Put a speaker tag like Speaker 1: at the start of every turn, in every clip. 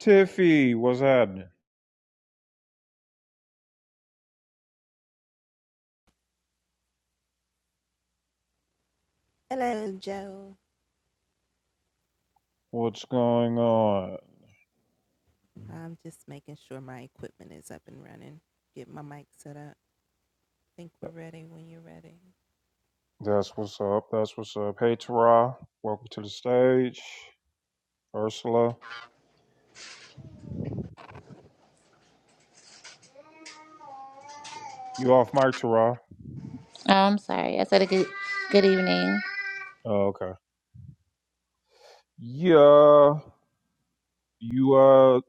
Speaker 1: Tiffy, what's happening?
Speaker 2: Hello, Joe.
Speaker 1: What's going on?
Speaker 2: I'm just making sure my equipment is up and running. Get my mic set up. Think we're ready when you're ready.
Speaker 1: That's what's up. That's what's up. Hey, Tara, welcome to the stage. Ursula, you off mic, Tara?
Speaker 3: Oh, I'm sorry. I said a good good evening.
Speaker 1: Oh, okay. Yeah, you uh,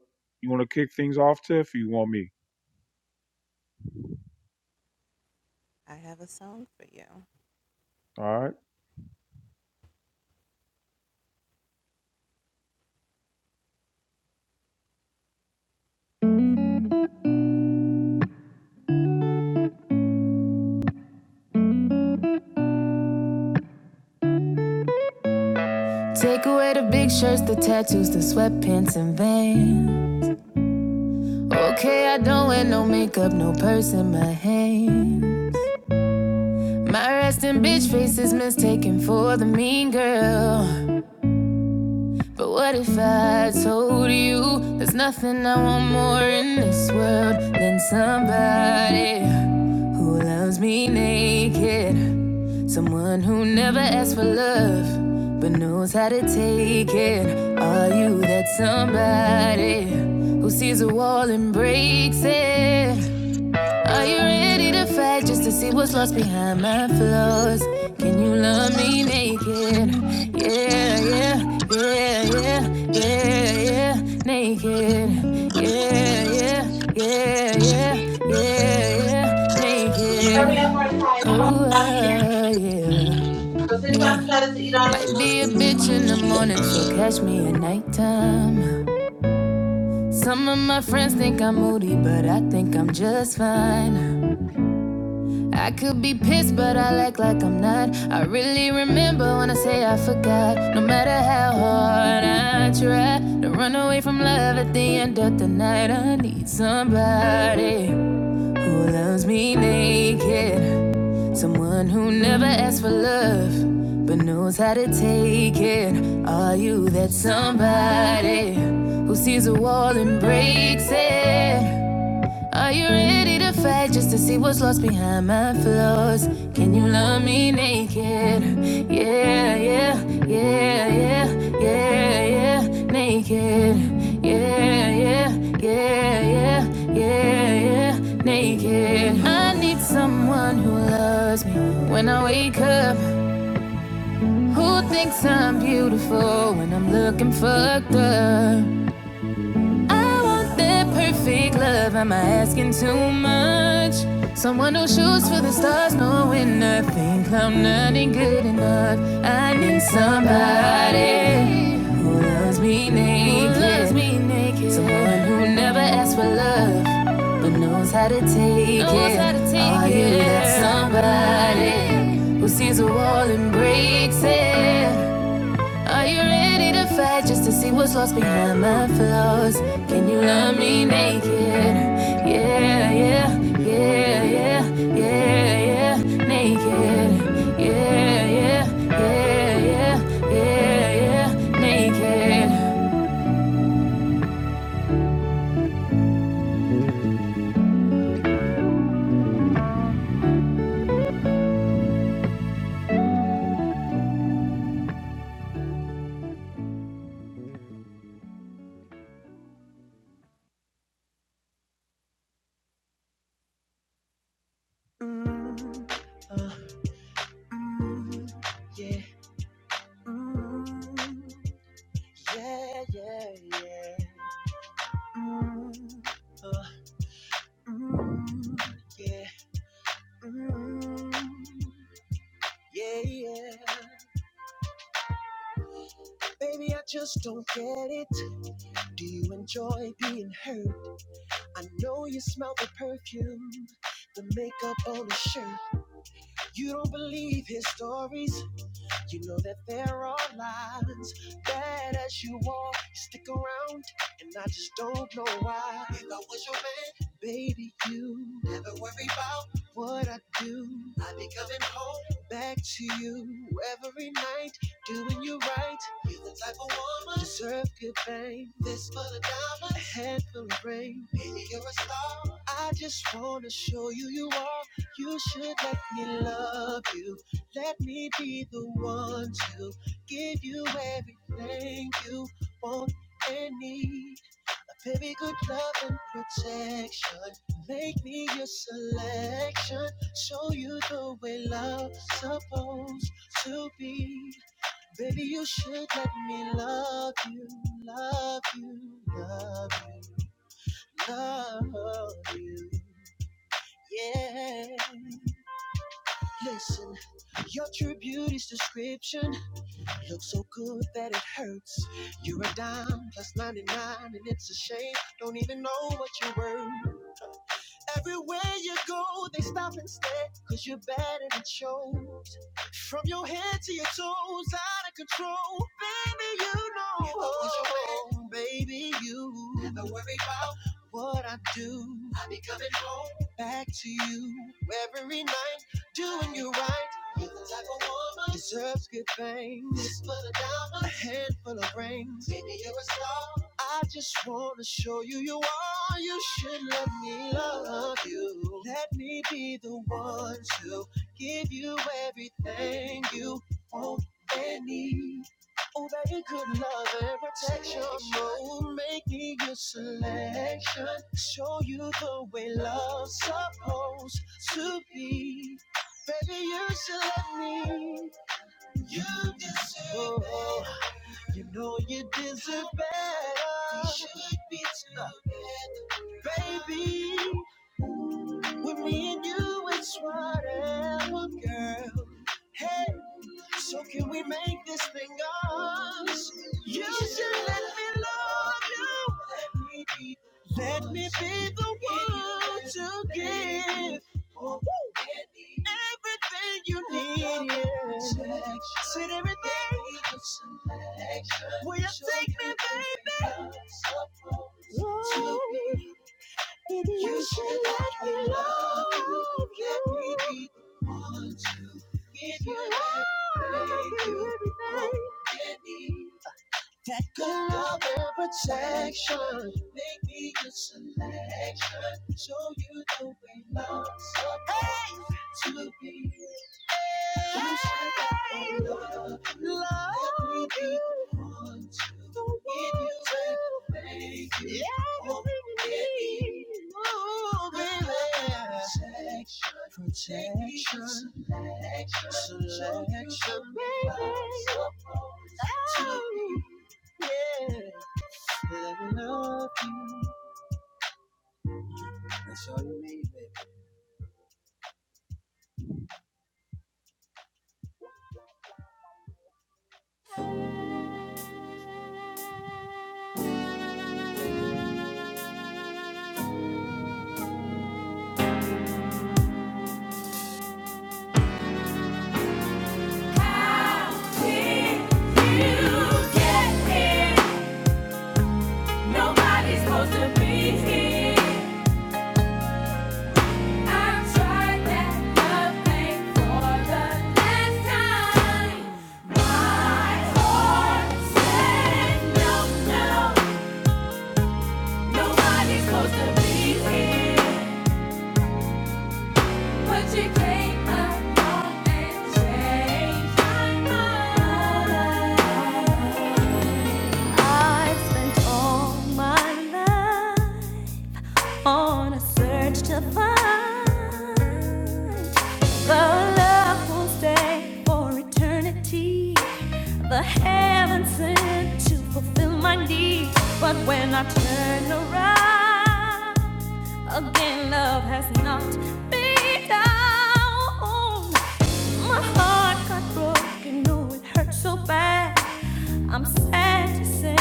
Speaker 1: you want to kick things off, Tiff? or You want me?
Speaker 2: I have a song for you.
Speaker 1: All right.
Speaker 2: Take away the big shirts, the tattoos, the sweatpants, and vain. Okay, I don't wear no makeup, no purse in my hand. My resting bitch face is mistaken for the mean girl. But what if I told you there's nothing I want more in this world than somebody who loves me naked? Someone who never asks for love but knows how to take it. Are you that somebody who sees a wall and breaks it? Are you ready to fight just to see what's lost behind my flaws? Can you love me naked? Yeah, yeah, yeah, yeah, yeah, yeah, naked. Yeah, yeah, yeah, yeah, yeah, yeah,
Speaker 3: Hurry up, Mordecai.
Speaker 2: naked.
Speaker 3: i
Speaker 2: Oh, uh, yeah,
Speaker 3: So since
Speaker 2: yeah.
Speaker 3: I'm excited to eat all this
Speaker 2: Might
Speaker 3: green-
Speaker 2: be a bitch in the morning, so catch me at nighttime. Some of my friends think I'm moody, but I think I'm just fine. I could be pissed, but I act like I'm not. I really remember when I say I forgot. No matter how hard I try to run away from love at the end of the night, I need somebody who loves me naked. Someone who never asks for love, but knows how to take it. Are you that somebody who sees a wall and breaks it? Are you ready to fight just to see what's lost behind my flaws? Can you love me naked? Yeah, yeah, yeah, yeah, yeah, yeah, naked. Yeah, yeah, yeah, yeah, yeah, yeah, naked. I need someone who loves me when I wake up. Who thinks I'm beautiful when I'm looking fucked up? I want that perfect love. Am I asking too much? Someone who shoots for the stars, knowing nothing. I'm not good enough. I need somebody who loves me naked. Who loves me naked. Someone who never asks for love, but knows how to take knows it. How to take Are it. you that somebody who sees a wall and breaks it? Are you ready to fight just to see what's lost behind my flaws? Can you love me naked? Yeah, yeah, yeah, yeah, yeah, yeah, naked. Yeah, yeah, yeah, yeah, yeah, yeah, naked.
Speaker 1: Mm, uh, mm, yeah, mm, yeah, yeah, yeah. Mm, uh, mm, yeah, mm. Yeah, yeah. Baby, I just don't get it. Do you enjoy being hurt? I know you smell the perfume, the makeup on his shirt. You don't believe his stories. You know that there are lines bad as you are. You stick around, and I just don't know why. If I was your man, baby, you never worry about what I do. I be coming home back to you every night, doing you right. You the type of woman deserve good fame. This full of diamonds, a handful of rain. Baby, you're a star. I just wanna show you you are. You should let me love you. Let me be the one to give you everything you want and need. A very good love and protection. Make me your selection. Show you the way love's supposed to be. Baby, you should let me love you, love you, love you, love you. Yeah. Listen, your true beauty's description Look so good that it hurts. You're a dime plus 99, and it's a shame. Don't even know what you're worth. Everywhere you go, they stop and stare, cause you're bad and it shows. From your head to your toes, out of control. Baby, you know. You know what Baby, you. Never worry about what I do. I be coming home. Back to you every night, doing you right. You're the type of woman deserves good things. This full of diamonds, a handful of rings. Baby, you're a star. I just wanna show you you are. You should let me love you. Let me be the one to give you everything you want and need. Oh, baby, good love and protection. Oh, make me your selection. Show you the way love's supposed to be. Baby, you should let me. You deserve oh, it. You know you deserve better. We should be together. Baby, with me and you, it's whatever, girl. Hey, so can we make this thing ours? You should let me love you. Let me be the one to give Oh, everything you need. yeah. Said everything. Will you take me, baby? Whoa. You should let me love you. Let me be the one to give you everything. Let me that good love and protection. Make me your selection. Show you the way love's supposed hey. to be. You should have love. you. Love Help me be the to give you everything you Yes, want and need. Oh, baby. Protection. Protection. Selection. Selection. Baby. Selection. Show you the way love's supposed to be. Yeah. That I love you. That's all you need, baby.
Speaker 2: You get here, nobody's supposed to be here. You came along and changed my mind. I've spent all my life on a search to find the love will stay for eternity. The heaven sent to fulfill my need, but when I turn around again, love has knocked me down. My heart got broken, oh it hurt so bad. I'm sad to say,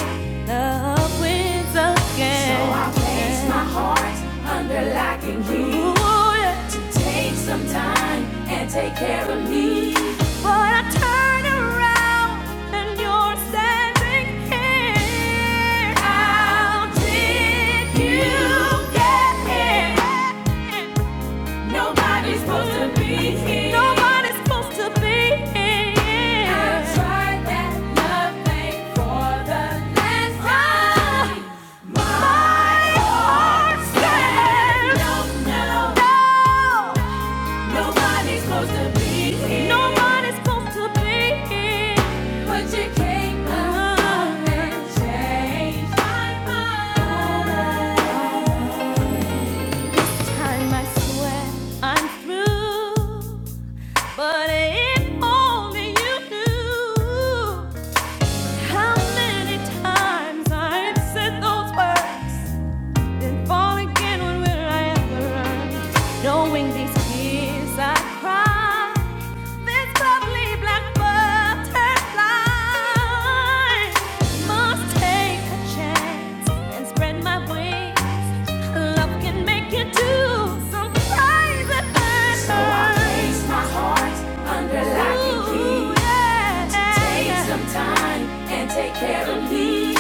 Speaker 2: love wins again. So I place yeah. To take some time and take care of me. But I turn around and you're standing here. How did you get here? Nobody's supposed to be here. Nobody's supposed to be here. I tried that love thing for the last time. My, heart says no, no, no. Nobody's supposed to be here. Nobody's supposed to be here. But you came along and changed my mind. I'm through, but if only you knew how many times I've said those words and fall again. When will I ever learn? Knowing these tears I cry, this lovely black butterfly must take a chance and spread my wings. Love can make you do some crazy things. So I under lock and key. Take some time and take care of me.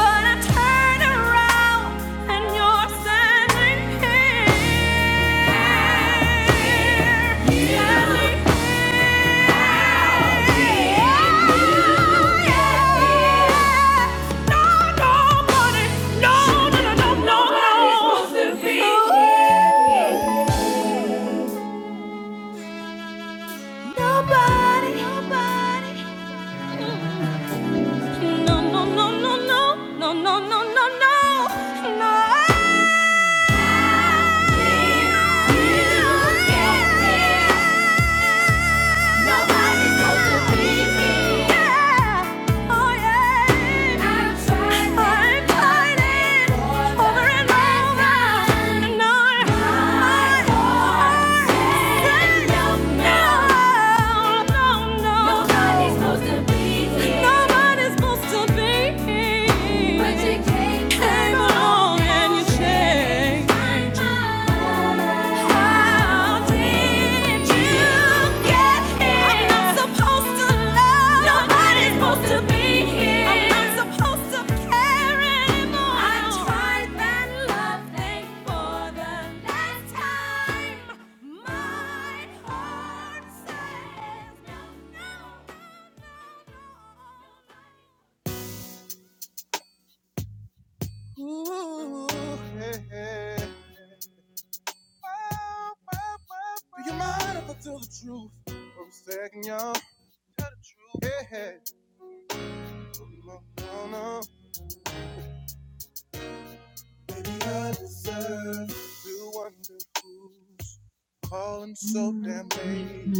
Speaker 2: But I turn around and you're standing here. You Standing here. No, nobody. No, no, no, no, no, no. Nobody's supposed to be no. here. Nobody. Nobody. No, no, no, no, no, no, no, no, no, no, no. no. Nobody's supposed to be here. But you came came along and you changed How did you get here? I'm not supposed to love. Nobody's supposed to be here. I'm not supposed to care anymore. I tried that love thing for the last time. My heart says no, no, no, no, no.
Speaker 1: Ooh, yeah, yeah. oh, oh. wow, Do you mind if I tell the truth? For a second, y'all. Tell the truth. Yeah, yeah. No, no, no. no. Baby, I deserve to wonder who's calling so
Speaker 4: Well,
Speaker 1: damn late.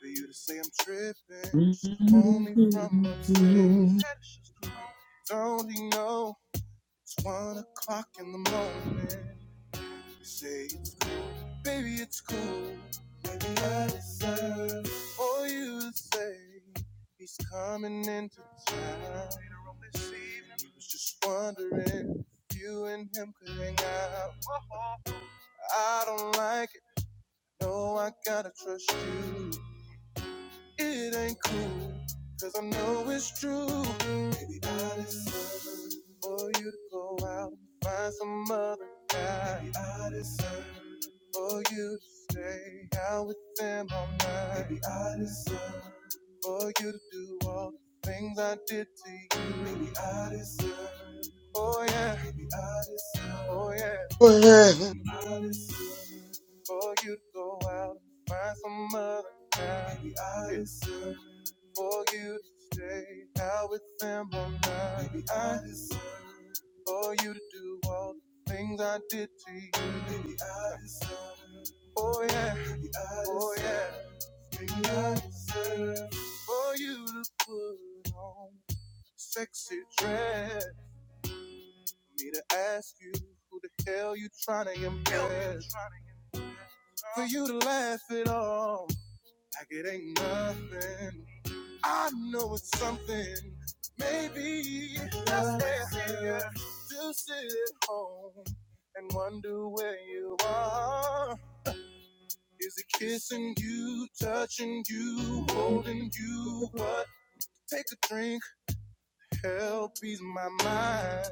Speaker 1: For you to say I'm tripping, just a homie from upstate. Don't you know? It's one o'clock in the morning. You say it's cool, baby, it's cool. Maybe I deserve for you to say he's coming into town later on this evening. He was just wondering if you and him could hang out. I don't like it, no, I gotta trust you. It ain't cool, cause I know it's true. Maybe I deserve for you to go out and find some other guy. Maybe I deserve for you to stay out with them all night. Maybe I deserve for you to do all the things I did to you. Maybe I deserve. Oh yeah, Maybe I deserve. Oh yeah, I deserve for you to go out and find some other guy. Maybe I deserve for you to stay out with them all night. Maybe I deserve for you to do all the things I did to you. Maybe I deserve. Oh yeah. Maybe I oh deserve. yeah. Maybe I deserve for you to put on sexy dress. For me to ask you who the hell you tryna impress. For you to laugh it off like it ain't nothing. I know it's something. Maybe that's there to sit at home and wonder where you are. Is it kissing you, touching you, holding you? What? Take a drink, help ease my mind.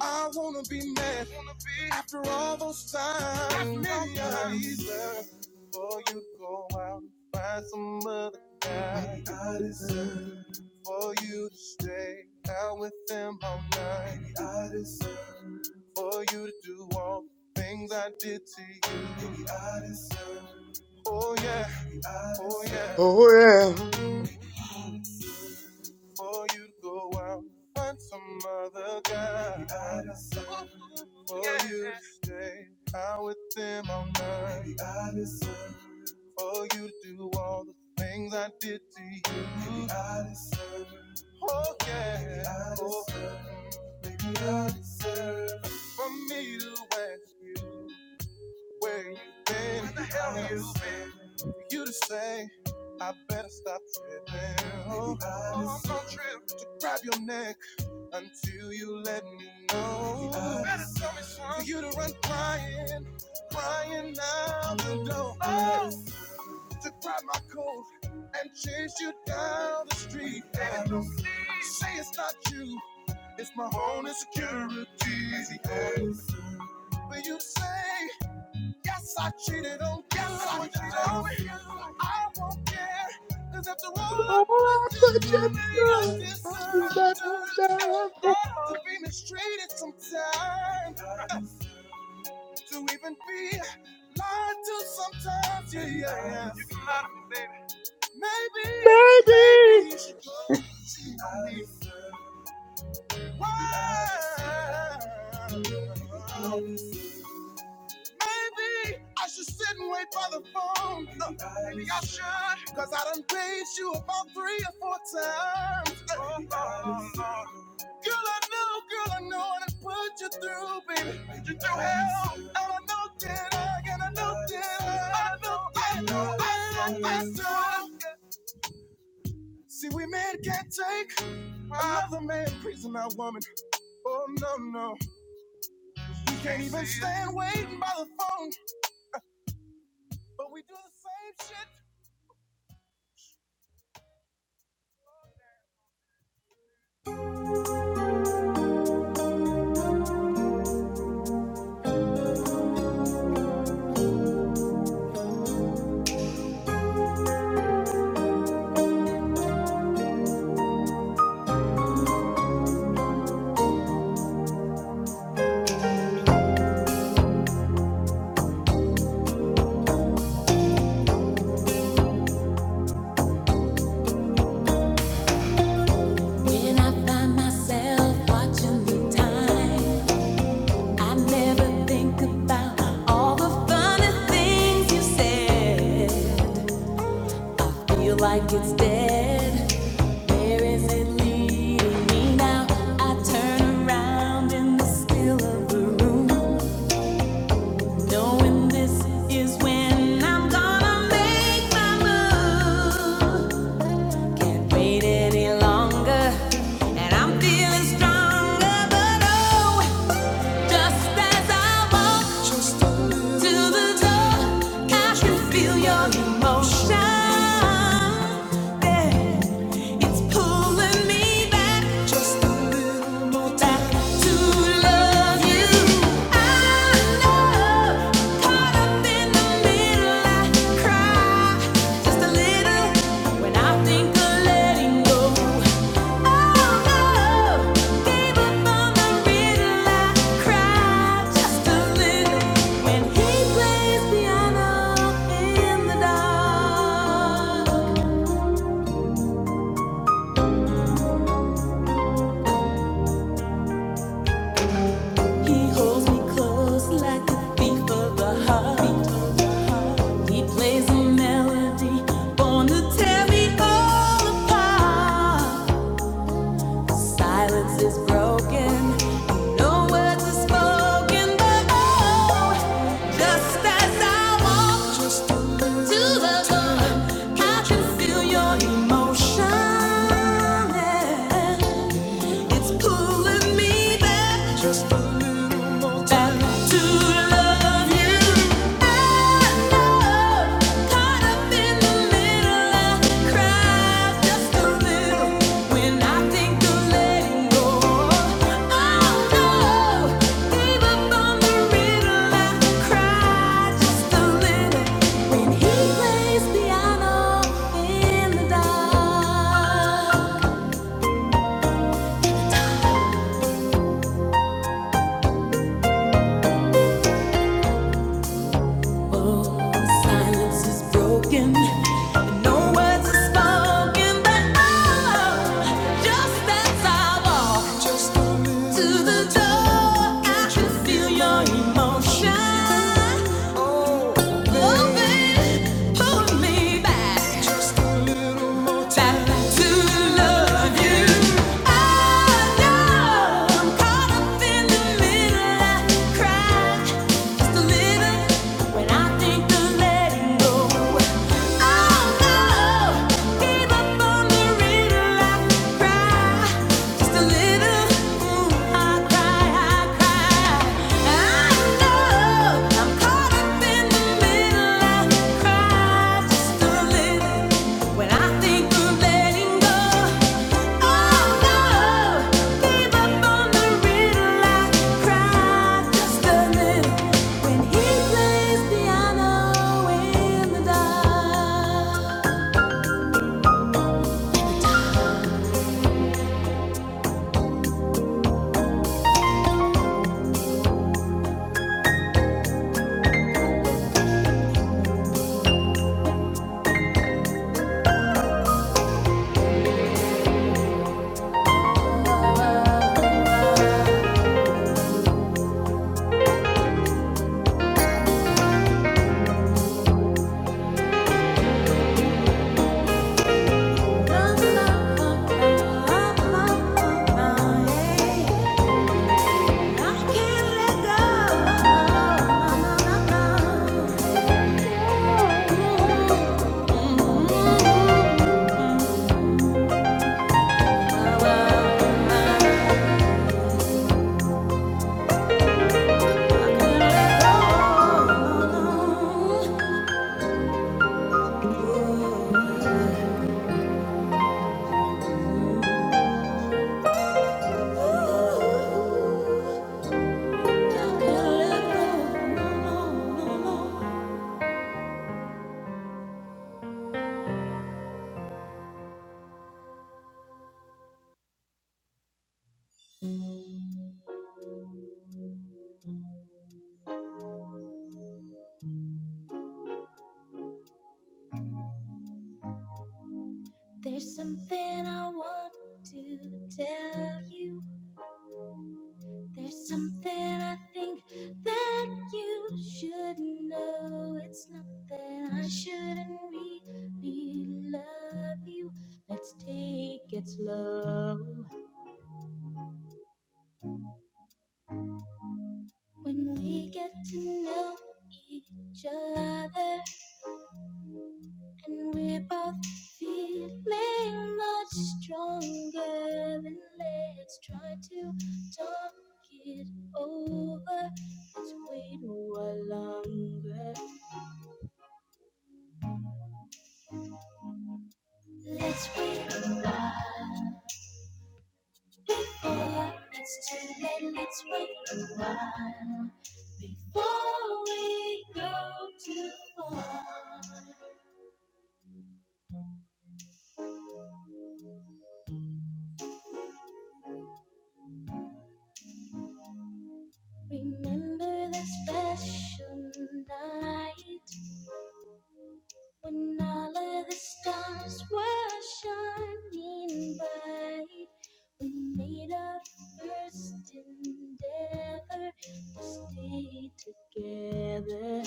Speaker 1: I wanna be mad wanna be after all those times. Maybe I deserve before you go out and find some other guy. I just for you to stay out with them all night. I deserve for you to do all the things I did to you. I deserve, oh yeah, oh yeah,
Speaker 4: oh well.
Speaker 1: for you to go out. and Find some other guy. I deserve for you to stay out with them all night. I deserve. for you to do all the things I did to you. Maybe I deserve it. Oh yeah. oh. Maybe I deserve it. For me to ask you where you been, where the hell you been? For you to say, I better stop tripping. Oh, I oh, I'm gonna trip to grab your neck until you let me know. I Better tell me something. For you to run crying, crying out the door to grab my coat and chase you down the street. And I say it's not you, it's my own insecurity. But you say, yes, I cheated on, yes, I cheated on you. I won't care, cause after all I put
Speaker 4: Oh,
Speaker 1: you
Speaker 4: put
Speaker 1: through, me, I deserve
Speaker 4: your
Speaker 1: to be mistreated sometimes, to even be lied to sometimes, yeah, yeah. yeah. You can lie to me, Maybe, maybe you should go see me. Why? Maybe I should sit and wait by the phone. Uh, Maybe I should, cause I done paged you about three or four times. Oh, oh, oh, Girl, I know, girl, I know I done put you through, baby. Put you through hell. And I know that I, and I know that I, I know that I, I know that I, know, I know. See, we men can't take Another man, praising our woman. Oh no no, we can't even stand waiting by the phone, but we do the same shit.
Speaker 2: When I find myself watching the time, I never think about all the funny things you said. I feel like it's dead. Where is it leading me now? I turn around in the still of the room, knowing this is when I'm gonna make my move. Can't wait any longer. I'm feeling stronger, but Just as I walk to the door, I can feel your emotion. Yeah, it's pulling me back, just a little more back to love you. I know, caught up in the middle, I cry just a little when I think of letting go. Silence is broken, no words are spoken, but oh, just as I walked to the door. I can feel your emotion. yeah. It's pulling me back just a little more time to love you. I love caught up in the middle. I cry just a little when I think of letting go. Oh no, gave up on the riddle. I cry just a little when he plays piano in the dark. Silence is broken. No words are spoken, but oh, just as I walk to the door, I can feel your emotion. Oh, baby, pull me back. Back to love you. I know I'm caught up in the middle. I cry just a little. When I think of letting go, oh no, give up on the riddle. I cry, just a little. I cry, I cry. I know I'm caught up in the middle. I cry, just a little. When I think of letting go. Oh
Speaker 1: There's something I want to tell you. There's something I think that you should know. It's not that I shouldn't really love you. Let's take it slow when we get to know each other. And we're both feeling much stronger. And let's try to talk it over. Let's wait a while longer. Let's wait a while before it's too late. Let's wait a while before we go too far. Remember that special night. When all of the stars were shining bright, we made our first endeavor to stay together.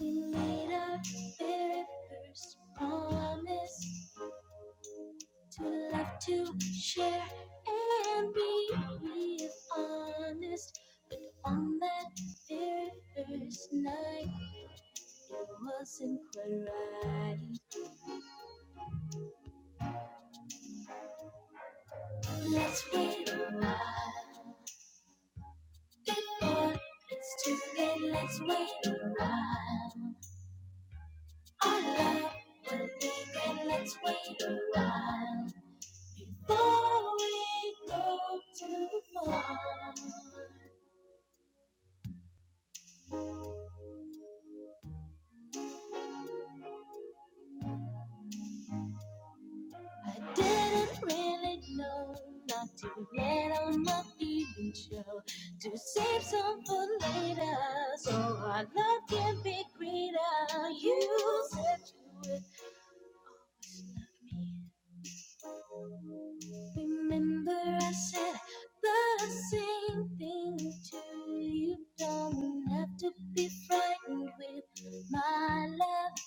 Speaker 1: We made our very first promise to love, to share, and be real honest. But on that very first night, it wasn't quite right. Let's wait a while before it's too late. Let's wait a while. Our love will be great. Let's wait a while before we go too far. I didn't really know not to let on my feelings show to save some for later, so our love can be greater. You said you would always love me. Remember I said the same thing to you. Don't have to be frightened with my love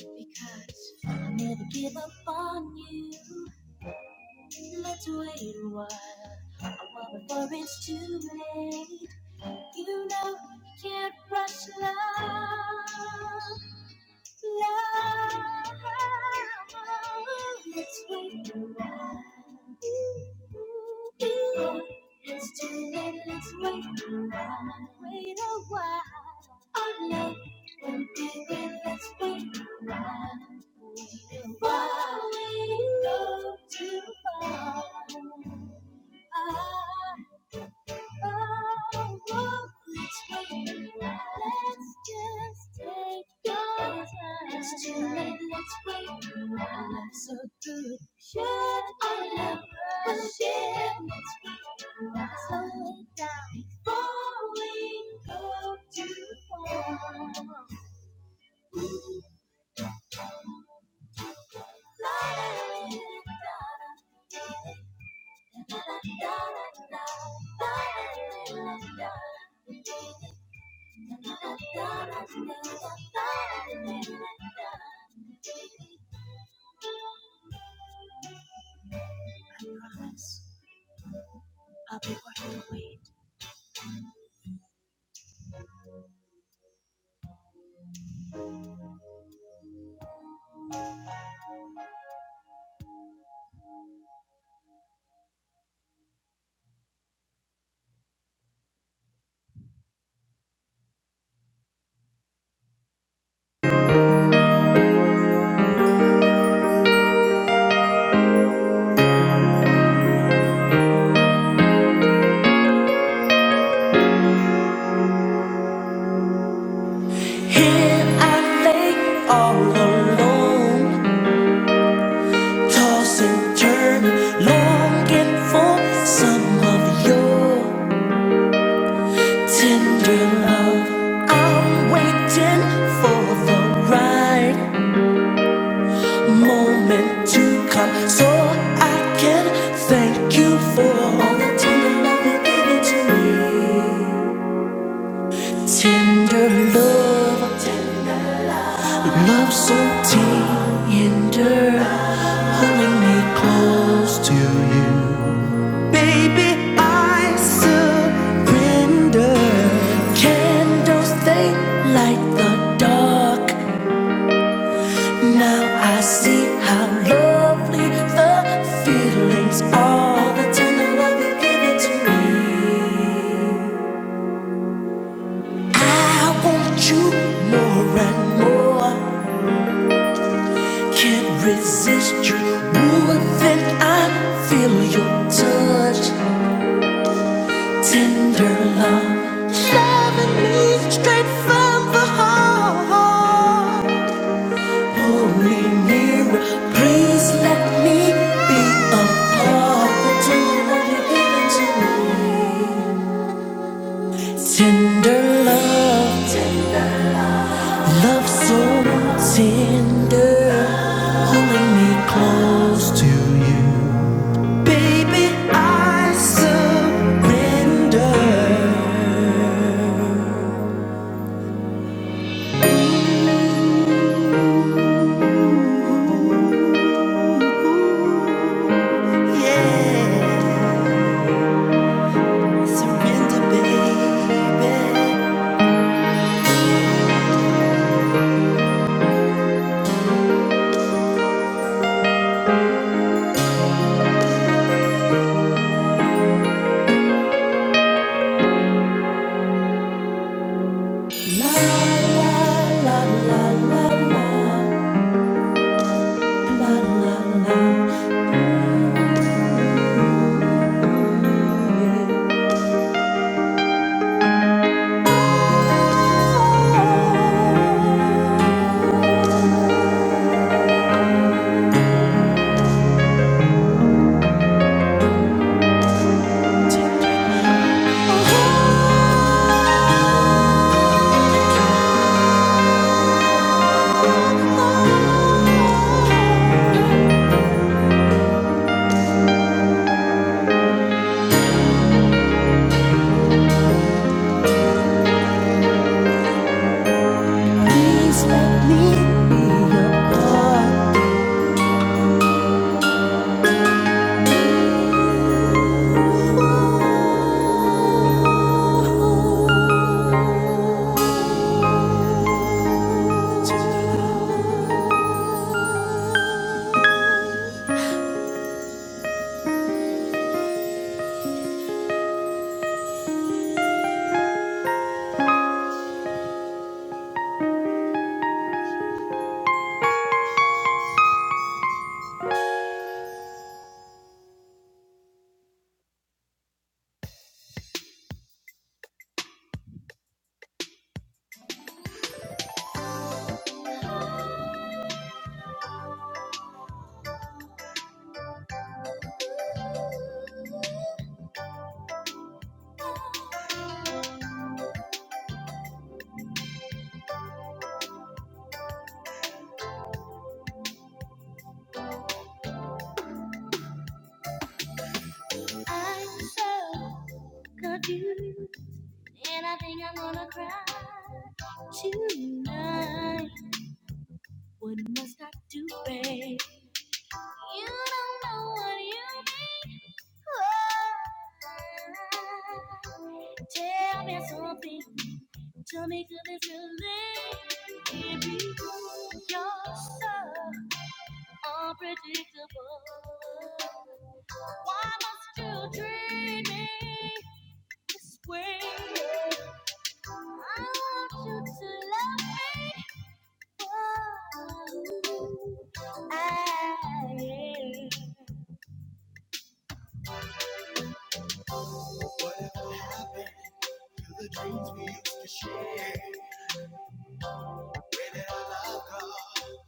Speaker 1: because I never give up on you. Let's wait a while, a while before it's too late. You know you can't rush love. Love, Let's wait a while. It's too late, let's wait a while. Wait a while. Our love will be real, let's wait around. Wait a while, we go too far. Ah. Oh, whoa, let's wait. Let's just take your time. It's too late, let's wait. Life's so good. Should I love rush in? Let's wait. Slow it down before we go too far. Promise, I'll be working the weed.
Speaker 2: Here I lay all alone, toss and longing for some of your tender love. I'm waiting for the right moment to come so I can thank you for all the tender love you gave to me. Tender love, love so tender, pulling me close to you. Baby, I surrender. Candles, they light the dark. Now I see how lovely the feelings are. The tender love you give it to me. I want you more and more. Can't resist you. Ooh, then I feel your touch. Tender love, loving me straight from the heart. Holy mirror, please let me be a part of the love you've given to me. Tender love, love so. La la la la la la la la la. Oh, tender love. Please let me
Speaker 1: I'm so confused, and I think I'm gonna cry tonight. What must I do, babe? You don't know what you need. Oh, tell me something. Tell me, could it really be true? You're so unpredictable. Why must you treat me this way? I want you to love me. Oh, I am. Whatever happened to the dreams we used to share? Give it I've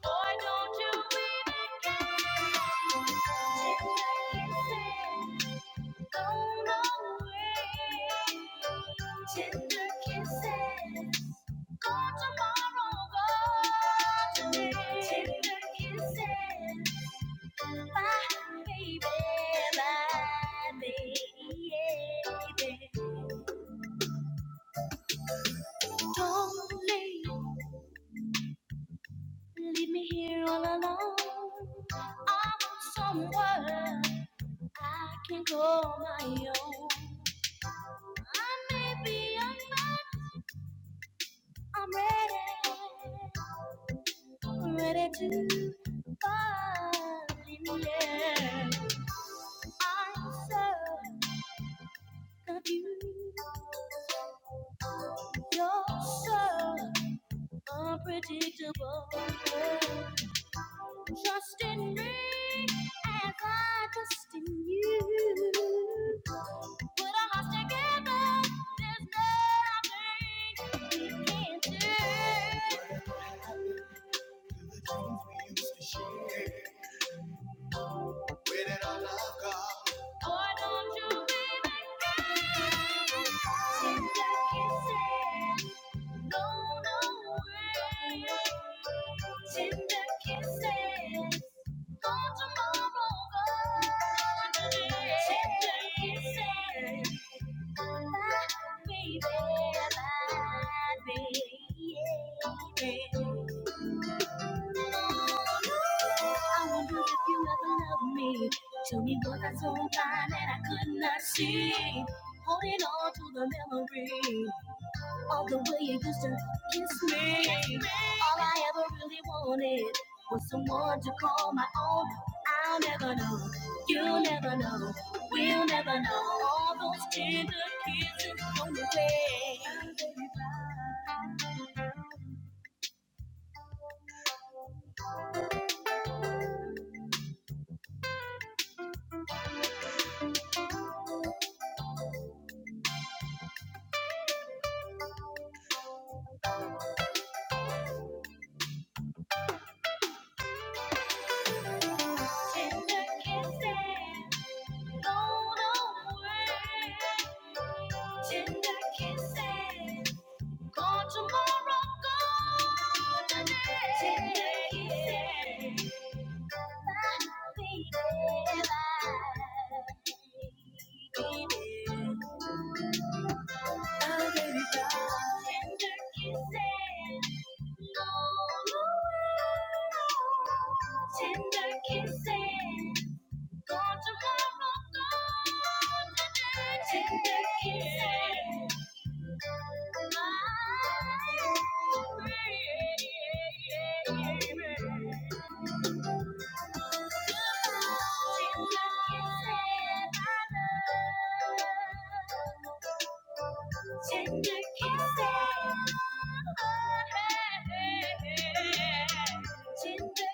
Speaker 1: Boy, don't you even care. Just like you said, gone away. Tender kisses, gone tomorrow, gone today. Tender kisses, bye, baby, bye, baby. Don't leave. Leave me here all alone. I want somewhere I can call my own. I may be young, but I'm ready, ready to fall in love. I'm so confused. You're so unpredictable. Trust in me and I trust in you. Put our hearts together, there's nothing we can't do. Why don't you be the guy? Seems like it's sad. No, no way. Tender kisses for tomorrow. Gone today. Tender kisses. Baby, baby, yeah. I wonder if you ever love me. Tell me what I so blind and I could not see. Holding on to the memory of the way you used to kiss me. All I ever really wanted was someone to call my own. I'll never know. You'll never know. We'll never know. All those tender kisses on the way. Tender kisses gone away. Tender kisses. God tomorrow, God today. Today is Tender kissing, gone tomorrow, gone today. Tender kissing. Tender kisses. Tender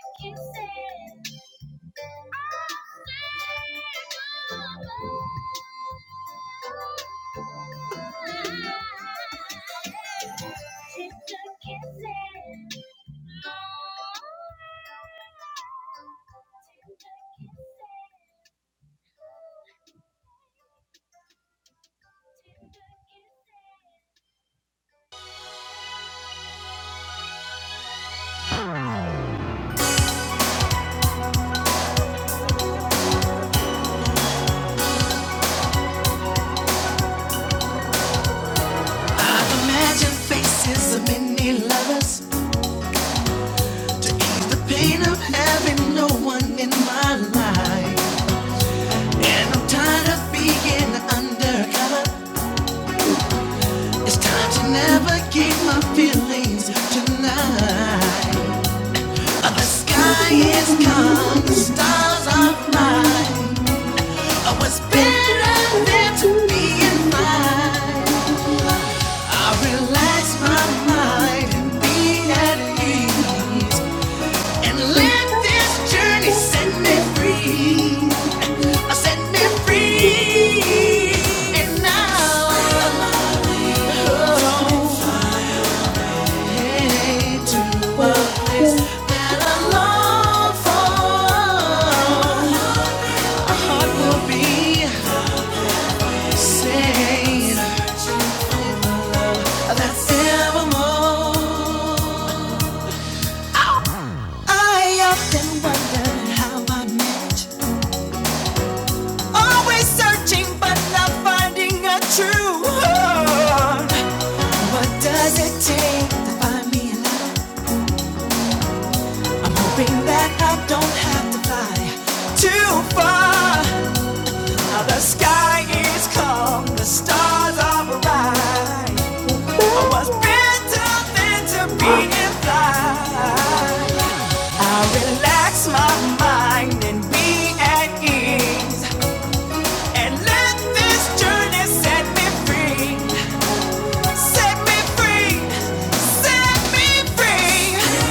Speaker 1: kisses,
Speaker 2: need lovers to ease the pain of having no one in my life. And I'm tired of being undercover. It's time to navigate my feelings tonight. Uh, The sky is calm, the stars are bright. Oh, it's better than to be in flight? I relax my mind and be at ease. And let this journey set me free. Uh, Set me free. And now oh, head to a place that I long for. A will be saved. That's evermore. I often wondered how I met. Always searching, but not finding a true heart. What does it take to find me alive? I'm hoping that I don't have to fly too far. Now the sky is calm, the stars are bright. I was better than to be in flight. I'll relax my mind and be at ease, and let this journey set me free. Set me free, set me free.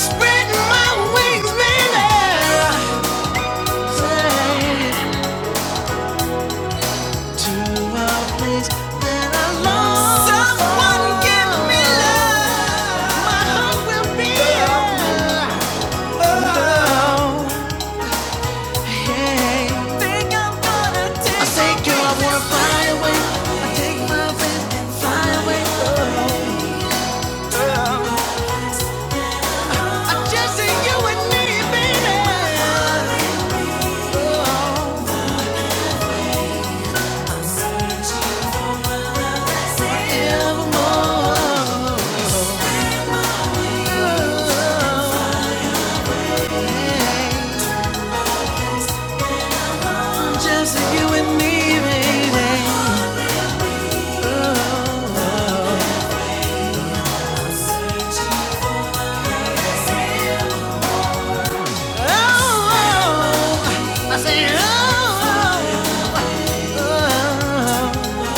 Speaker 2: Spread my wings and to a place that I long Someone give me love. My heart will be Oh, hey. Think I'm gonna take I say, girl, fly away. I take my wings and fly away. I just see you and me, baby. Forevermore. Just you and me, baby. Oh, I say, oh, oh, oh.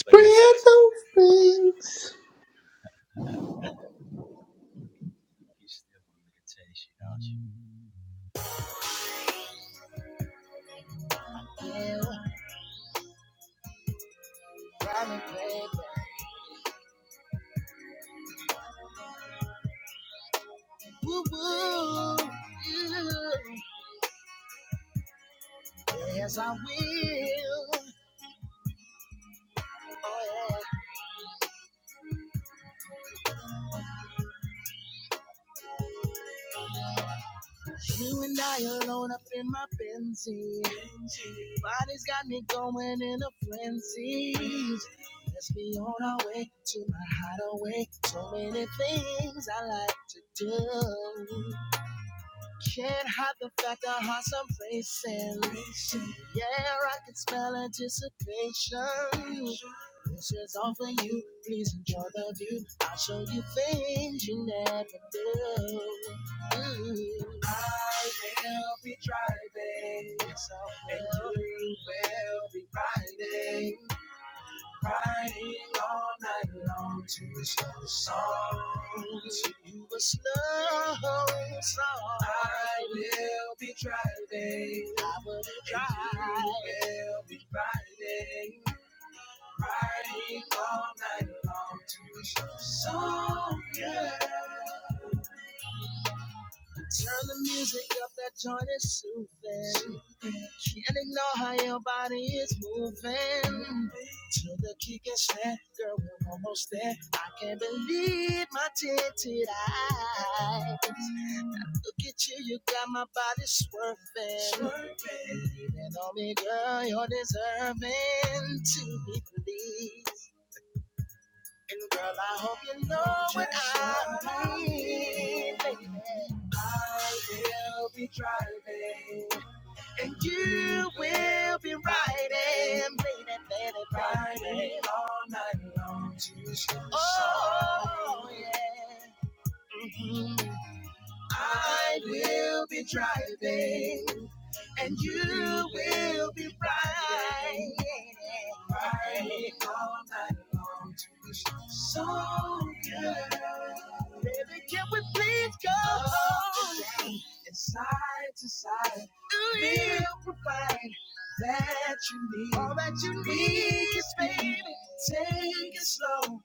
Speaker 4: Spread those things.
Speaker 1: Woo woo, you. Yes, I will. Oh yeah. You and I alone up in my Benzie. Body's got me going in a frenzy. Let's be on our way to my hideaway. So many things I like to do. Can't hide the fact I heart some racing. Yeah, I can smell anticipation. This is all for you. Please enjoy the view. I'll show you things you never knew. Mm. I will be driving, yes, and you will be riding. Riding all night long to a slow song. To a slow song. I will be driving. I will drive. driving. You will be riding. Riding all night long to a slow song. Yeah. Turn the music up, that joint is soothing. Can't ignore how your body is moving. To the kick and snap, girl, we're almost there. I can't believe my tinted eyes. Now Look at you, you got my body swerving. Leaning on me, girl, you're deserving to be believed. And girl, I hope you know what I mean, baby. I will be driving, and you will be riding, baby, baby, Riding all night long to the sunshine. Oh, yeah. I will be driving, and you will be riding, riding all night long to this song, girl. Baby, can we please go home? And side to side, we'll provide that you need. All that you need is baby. Take it slow,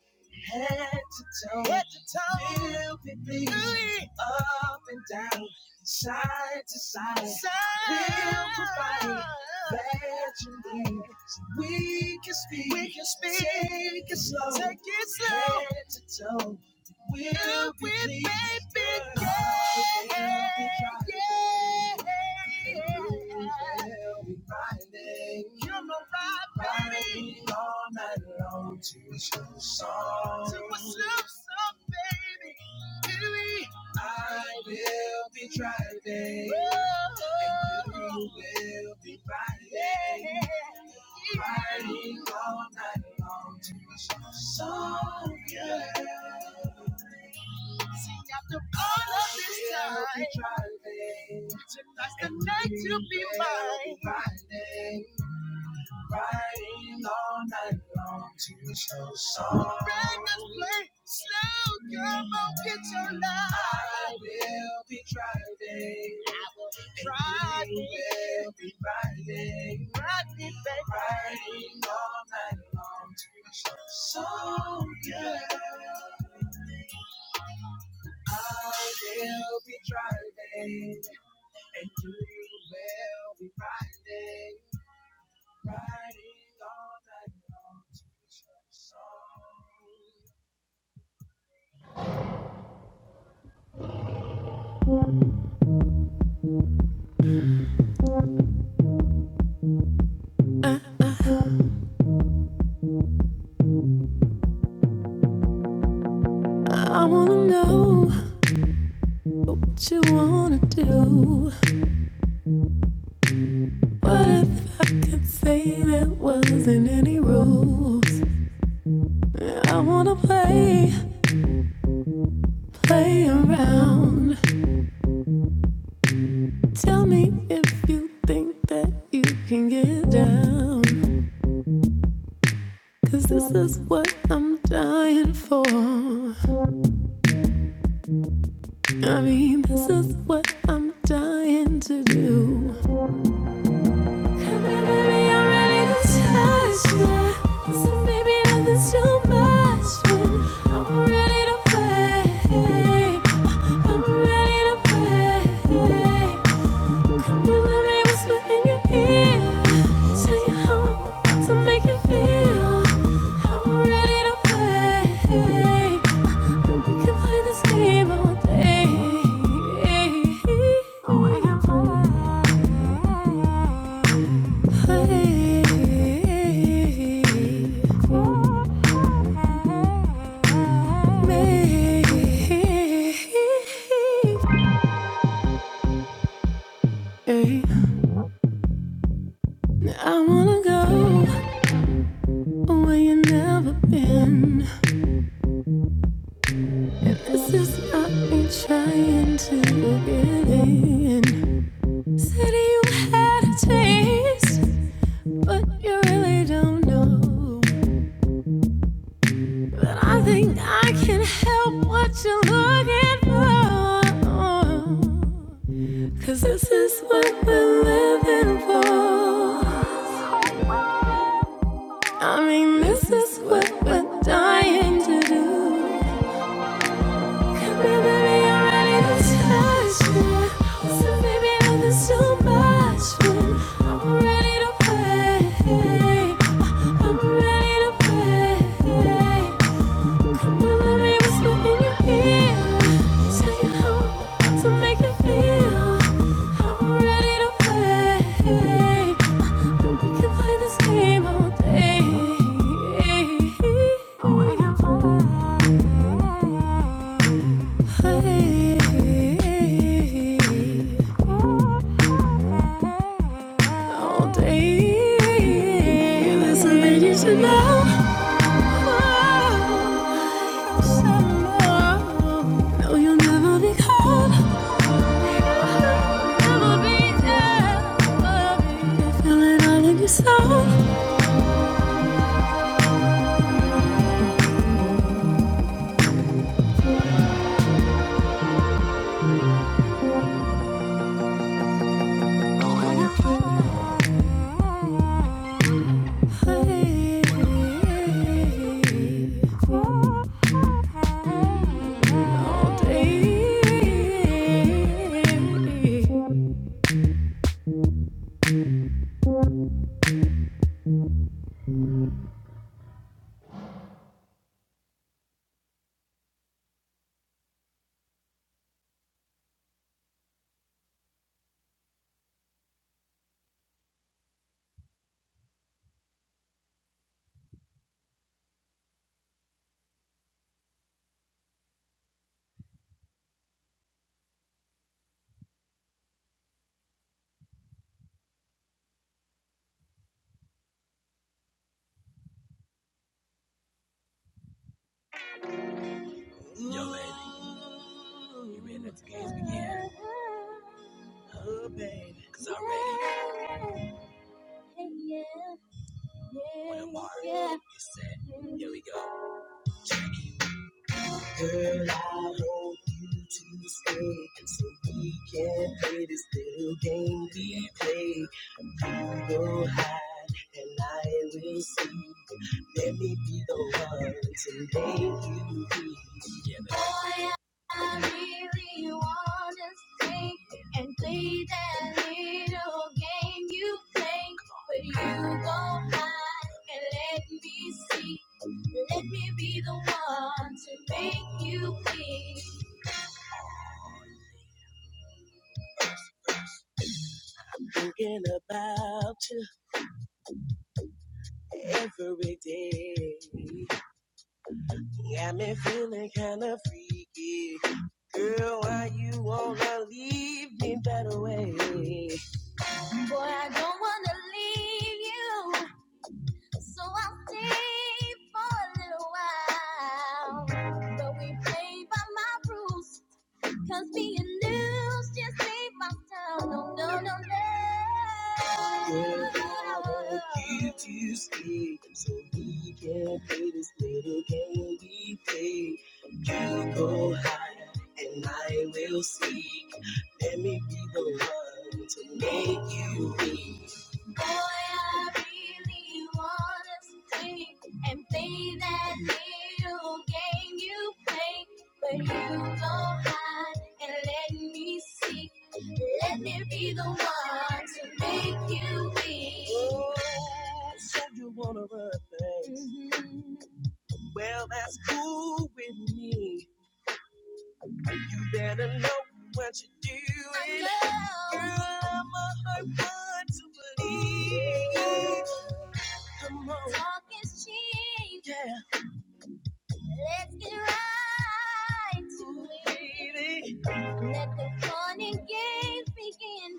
Speaker 1: head to toe. Head to toe. Feel the beat up and down, side to side. We'll provide that you need. So we can speak. We can speak. Take it slow. Take it slow. Head to toe. We'll be with pleased. baby yeah, yeah. We'll be riding. You're my ride, baby. all night long to a slow song. To a slow I will be driving. And you will be riding. Riding all night long to a song. song yeah. All of this time. I will be driving. Tonight's the night to be mine. Riding. Riding all night long to a song. song. Girl, do get your life. I will be driving. I will be driving. I will be riding. Riding, baby. Riding all night long. So, yeah. I will be driving, and you will be riding, riding all night long
Speaker 2: What you wanna do? What if I could say there wasn't any rules? I wanna play, play around. Tell me if you think that you can get down. Cause this is what I'm dying for. I mean, this is what I'm dying to do. And baby, I'm ready to touch you. So maybe nothing's too much. but I'm ready to play. I'm ready to play. Come on, let me whisper in your ear. Tell you how I'm about to make you feel. I'm ready to play. We can play this game all day. Oh my play, Maybe I wanna go where you've never been. And this is not me trying to get in. Said you had a taste. But you really don't know. But I think I can help what you're looking for. 'Cause this is what we're living for. I mean, this is dying to do. Come here, baby, I'm ready to touch you. So, baby, I'm just too much. for you. I'm ready to play. I'm ready to play. All day, there's something you should know. No, you'll never be cold. Never be there. Feel it all in your soul. All day.
Speaker 1: to your song. Yo, baby. Games begin. Cause I'm ready. Hey, yeah. What Yeah. Here we go. Girl, I want you to stay so we can play this little game we play. You will hide and I will see. Let me be the one to make you be. Yeah, Boy, I really wanna stay and play that little game you play. But you go hide and let me see. Let me be the one to make you feel. Girl, why you wanna leave me that way? Boy, I don't wanna leave you, so I'll stay for a little while. But we play by my rules, Cause being loose just ain't my style. No, no, no, no. Here to stay, so we can play this little game we play. You go higher, and I will seek. Let me be the one to make you weak. Boy, I really wanna stay and play that little game you play. But you go higher and let me see. Let me be the one to make you be. Oh, said you wanna run things. Mhm. Well, that's cool with me. You better know what you're doing. I know. Girl, I'm a hard one to believe. Come on. Talk is cheap. Yeah. Let's get right to it. Baby. Let the fun and games begin.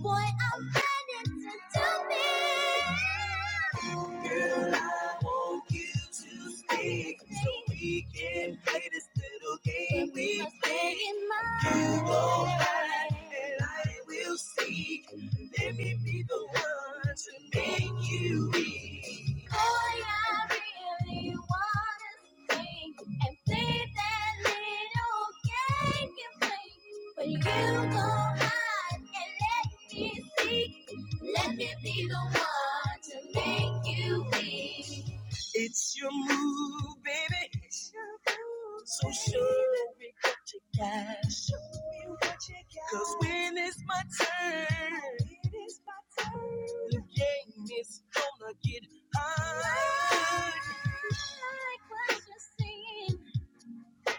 Speaker 1: Boy, I am ready to do me. Girl, I want you to stay so we can play this little game we play. You go hide and I will seek. Let me be the one to make you weak. All I really want is sing and play that little game you play. When you go hide and let me seek, let me be the one to make you weak. when it's turned, like what you're singing,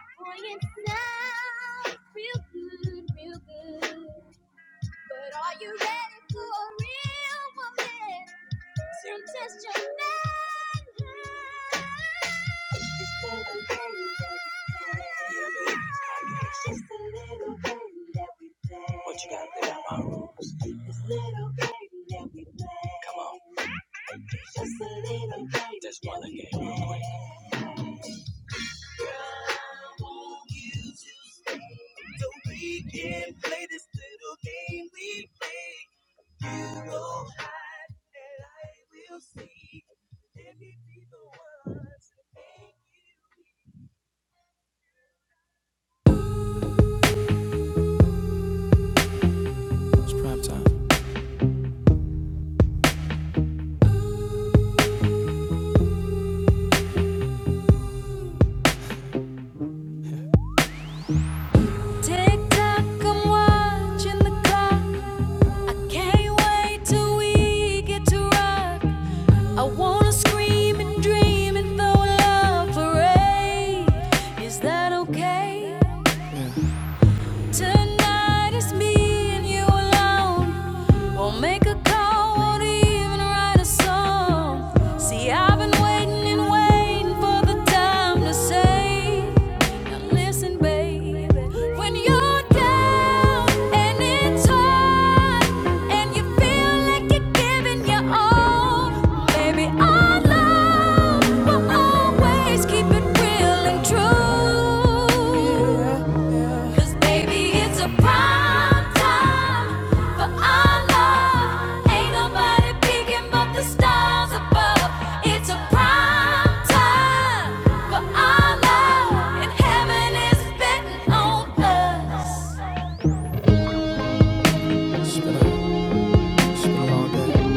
Speaker 1: boy, it sounds real good, real good. But are you ready for a real woman? So we can play this little game we play. You go hide and I will seek. Let me be the one to make
Speaker 2: Tick tock, I'm watching the clock. I can't wait we get to rock. I wanna scream and dream and throw love parade. Is that okay? Tonight it's me and you alone. Won't make a call, won't even write a song. See, I've been waiting and waiting for the time to say. Now listen, baby, when you're down and it's hard and you feel like you're giving your all, baby, our love will always keep it real and true. Cause baby, it's a prime time for our love. Ain't nobody peeking but the stars above. It's a prime time for our love. And heaven is betting on us. It's been a, it's been a long day.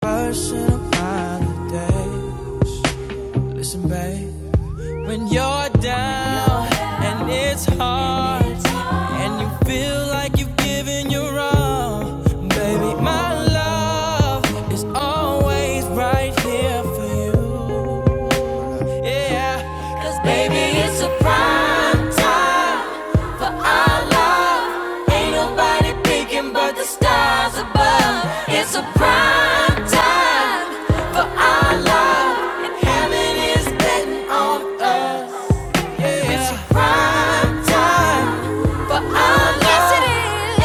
Speaker 2: Personal holidays. Listen, babe, When you're down and it's hard and you feel like you've given your all, baby, my love is always right here for you. Yeah, 'cause baby, it's a prime time. Our love ain't nobody peeking but the stars above. It's a prime time for our love, and heaven is yes it is.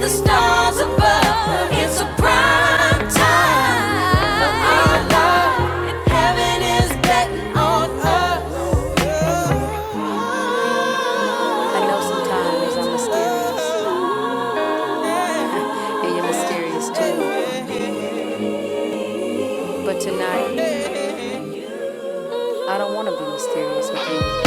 Speaker 2: the stars above. It's a prime time for our love, and heaven is betting on us. And you're mysterious too, but tonight I don't want to be mysterious with you.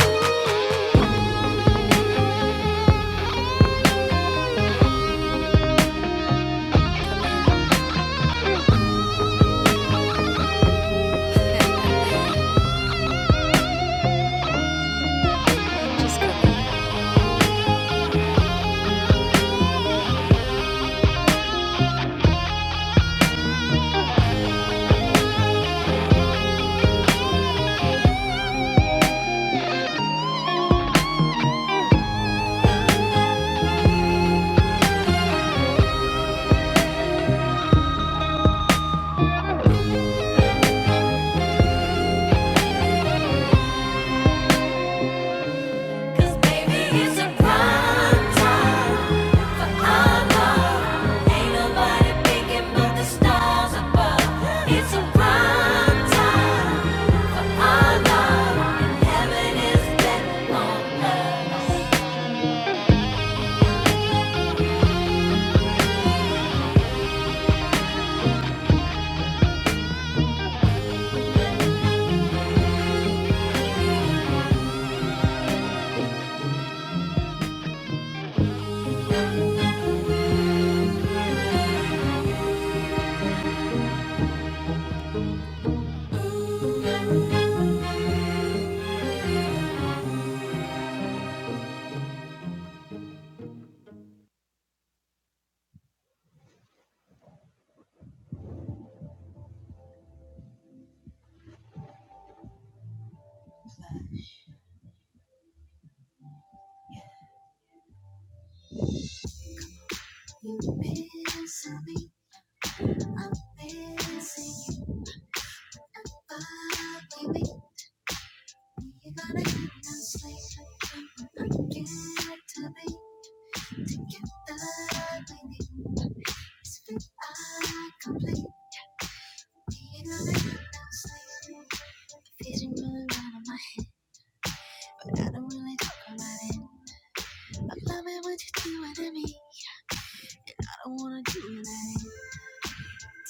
Speaker 2: 'Cause baby, it's a prime time for our love. Ain't nobody thinking about the stars above. It's a prime time.
Speaker 1: you fancy. Bye, baby, you gotta get no sleep. I can get to be together, baby. It's fit, I complete. Feeling really out of my head, but I don't really talk about it. I love it when you do it to me. I don't wanna do it like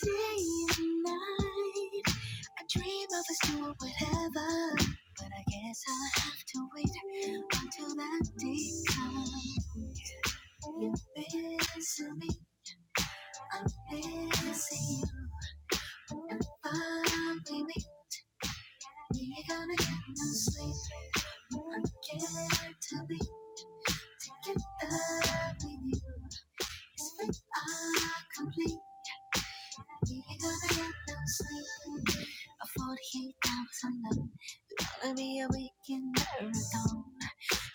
Speaker 1: day and night. I dream of us doing whatever, but I guess I'll have to wait until that day comes. You miss me, I miss you. And finally, me. You're gonna get no sleep. I can't tell me to get up with you. It's we are complete. You're gonna get no sleep. I 48 hours on love. Gonna be a weekend marathon.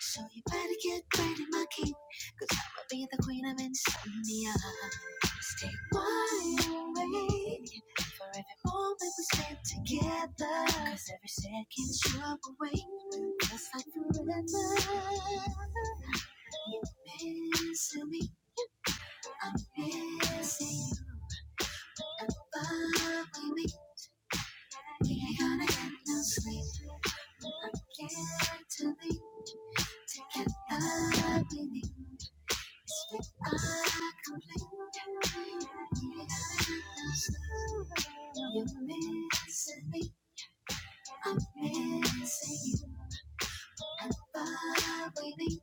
Speaker 1: So you better get ready, my king. Cause I'ma be the queen of insomnia. Stay wide awake for every moment we spend together. Cause every second's your awake. Just like forever. You're missing me, I'm missing you. Above me, we ain't gonna get no sleep. I can't to leave. To get back with you, it's me I'm complete. We're gonna get lost, you're missing me, I'm missing you. And by believing,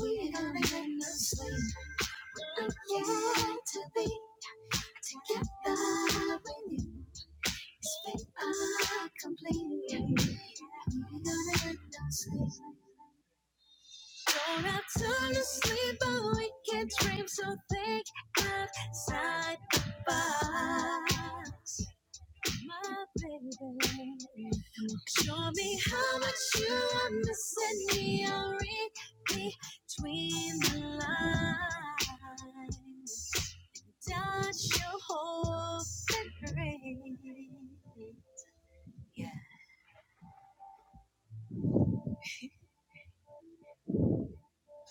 Speaker 1: we're gonna get lost. We're gonna get to be, to get back with you, it's me I'm complete. We're gonna get lost. Don't have time to sleep but we can dream. so think outside the box, my baby. Show me how much you are missing me. I'll read between the lines. Dodge your whole ring. Yeah,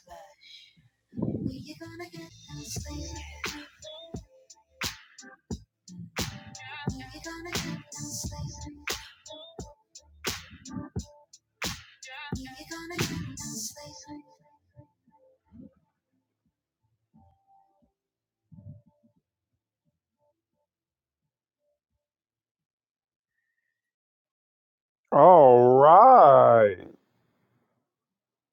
Speaker 1: blood. You're gonna get no sleep. You're gonna get no sleep. All right.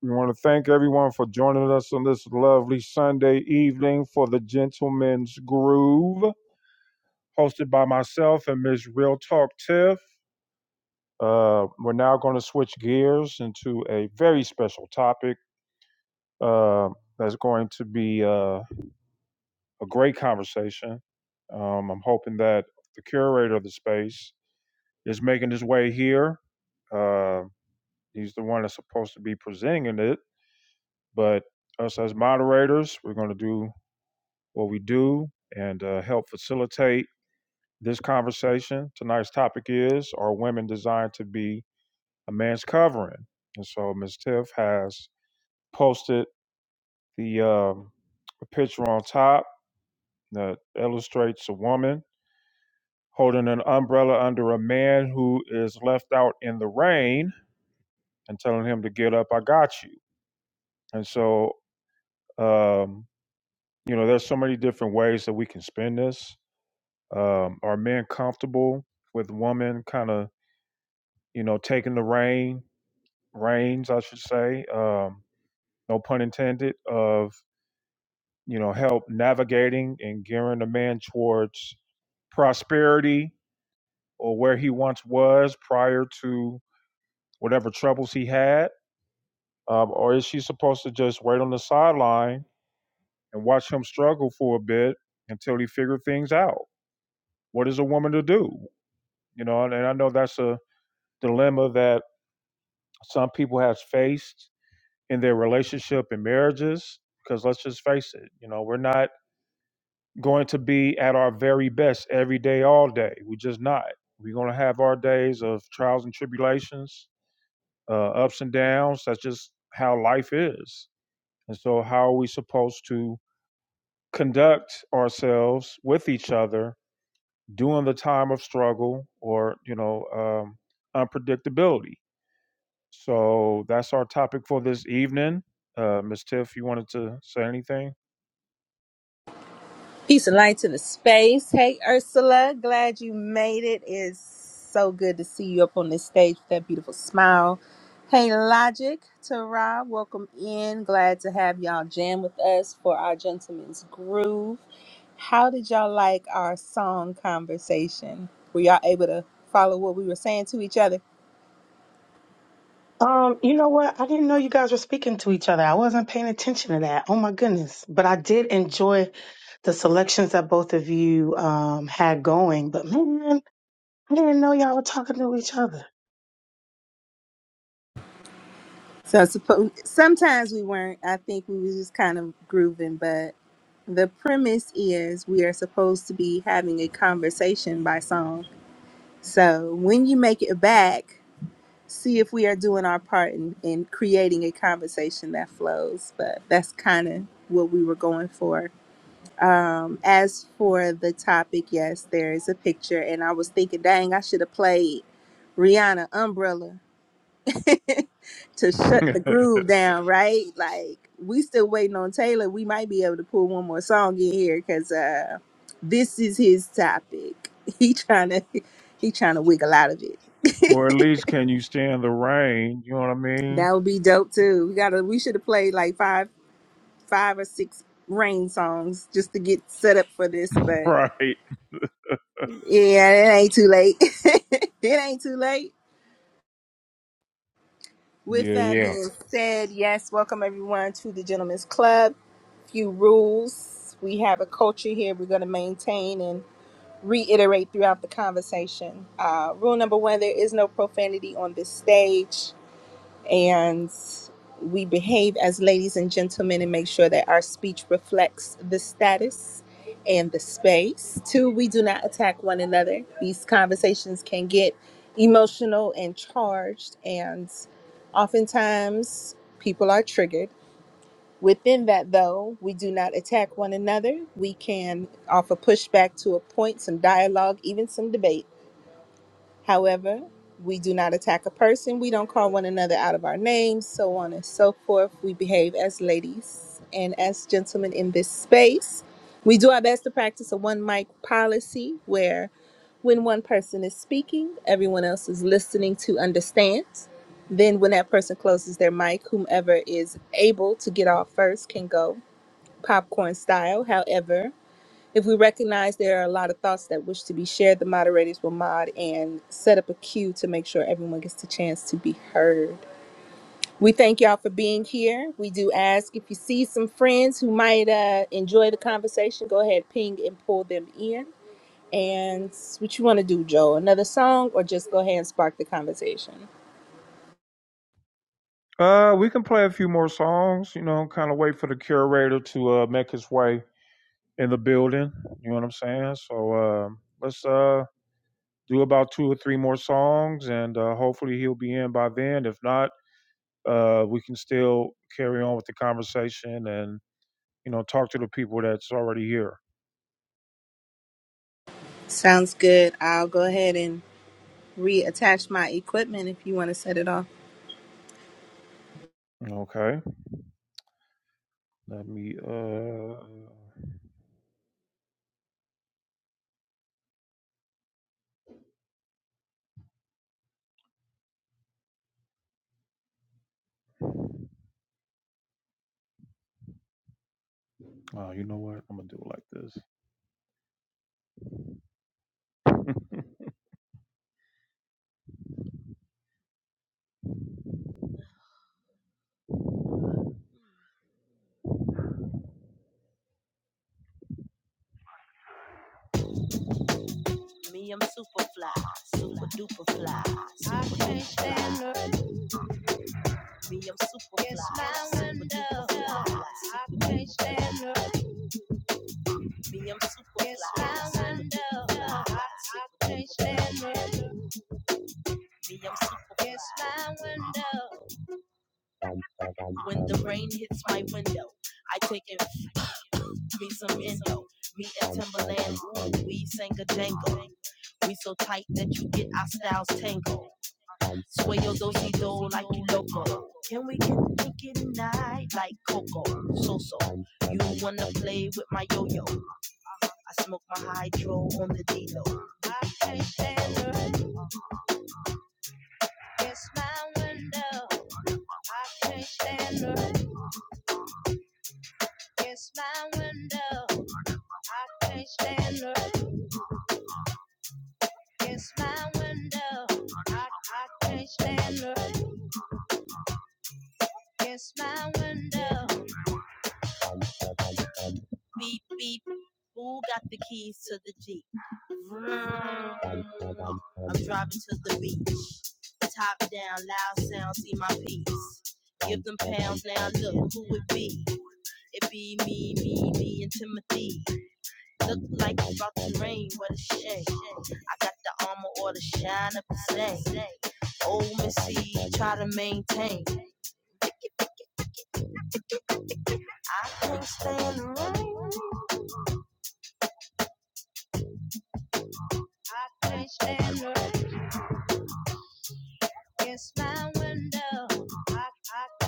Speaker 1: We want to thank everyone for joining us on this lovely Sunday evening for the Gentleman's Groove, hosted by myself and Miss Real Talk Tiff. Uh, we're now going to switch gears into a very special topic uh, that's going to be uh, a great conversation. Um, I'm hoping that the curator of the space is making his way here. Uh, He's the one that's supposed to be presenting it, but us as moderators, we're going to do what we do and uh, help facilitate this conversation. Tonight's topic is Are women designed to be a man's covering? And so Ms. Tiff has posted the um, picture on top that illustrates a woman holding an umbrella under a man who is left out in the rain and telling him to get up, I got you. And so um, you know there's so many different ways that we can spin this um are men comfortable with women kind of you know taking the rein reins i should say um no pun intended of you know help navigating and gearing a man towards prosperity or where he once was prior to whatever troubles he had um, or is she supposed to just wait on the sideline and watch him struggle for a bit until he figured things out what is a woman to do you know and, i know that's a dilemma that some people have faced in their relationship and marriages because let's just face it you know we're not going to be at our very best every day all day we're just not we're going to have our days of trials and tribulations uh, ups and downs that's just how life is and so how are we supposed to conduct ourselves with each other during the time of struggle or you know um, unpredictability So that's our topic for this evening. Uh, Ms. Tiff, you wanted to say anything?
Speaker 2: Peace and light to the space. Hey, Ursula, glad you made it. It's so good to see you up on this stage with that beautiful smile. Hey, Logic, Tara, welcome in. Glad to have y'all jam with us for our Gentleman's Groove. How did y'all like our song conversation? Were y'all able to follow what we were saying to each other?
Speaker 5: Um, you know what? I didn't know you guys were speaking to each other. I wasn't paying attention to that. Oh my goodness. But I did enjoy the selections that both of you um had going. But man, I didn't know y'all were talking to each other.
Speaker 2: So I suppose sometimes we weren't. I think we was just kind of grooving, but the premise is we are supposed to be having a conversation by song. So when you make it back, see if we are doing our part in, in creating a conversation that flows. But that's kind of what we were going for. Um, as for the topic, yes, there is a picture, and I was thinking, dang, I should have played Rihanna Umbrella to shut the groove down, right? Like we still waiting on Taylor. We might be able to pull one more song in here because uh, this is his topic. He trying to he trying to wiggle out of it.
Speaker 1: or at least can you stand the rain? You know what I mean?
Speaker 2: that would be dope too. We gotta we should have played like five five or six rain songs just to get set up for this, but
Speaker 1: Right.
Speaker 2: yeah, it ain't too late. it ain't too late. With
Speaker 1: Yeah,
Speaker 2: that
Speaker 1: yeah.
Speaker 2: being said, yes, welcome everyone to the Gentlemen's Club. few rules. We have a culture here we're going to maintain and reiterate throughout the conversation. Uh, rule number one there is no profanity on this stage, and we behave as ladies and gentlemen and make sure that our speech reflects the status and the space. Two, we do not attack one another. These conversations can get emotional and charged, and oftentimes people are triggered Within that, though, we do not attack one another. We can offer pushback to a point, some dialogue, even some debate. However, we do not attack a person, we don't call one another out of our names, so on and so forth. We behave as ladies and as gentlemen in this space. We do our best to practice a one mic policy where when one person is speaking, everyone else is listening to understand. Then, when that person closes their mic, whomever is able to get off first can go popcorn style. However, if we recognize there are a lot of thoughts that wish to be shared, the moderators will mod and set up a queue to make sure everyone gets the chance to be heard. We thank y'all for being here. We do ask if you see some friends who might uh, enjoy the conversation, go ahead, ping and pull them in. And what you want to do, Joe? Another song, or just go ahead and spark the conversation?
Speaker 1: Uh, we can play a few more songs, you know, kind of wait for the curator to uh, make his way in the building. You know what I'm saying? So uh, let's uh, do about two or three more songs, and uh, hopefully he'll be in by then. If not, uh, we can still carry on with the conversation and you know talk to the people that's already here.
Speaker 2: Sounds good. I'll go ahead and reattach my equipment if you want to set it off.
Speaker 1: Okay, let me. Uh, oh, you know what? I'm gonna do it like this. Me, I'm super fly, super duper fly, super I can't stand her. Me, I'm super Yes, fly, my super window. duper fly, I can't stand her. Me, I'm super Yes, fly, my super duper fly, I can't stand her. Me, I'm super Yes, fly. my window. When the rain hits my window, I take and f- me some endo. Me and Timberland, ooh, we sang a jangle. We so tight that you get our styles tangled. Sway your dosey do like you loco. Can we get naked tonight like Coco? So so, you wanna play with my yo yo? I smoke my hydro on the D-Lo. I can't stand the rain. It's my window. I can't stand the rain. It's my window. I can't stand the rain. Kiss my window. I, I can't stand her. Kiss my window. Beep, beep. Who got the keys to the Jeep? Mm. I'm driving to the beach. Top down, loud sound, see my piece. Give them pounds now, look who it be. It be me, me, me, and Timothy. Look like it's about to rain, what a shame. I got the armor or the shine of the same. Old Missy, try to maintain. I can't stand the rain. I can't stand the rain. It's my window. I, I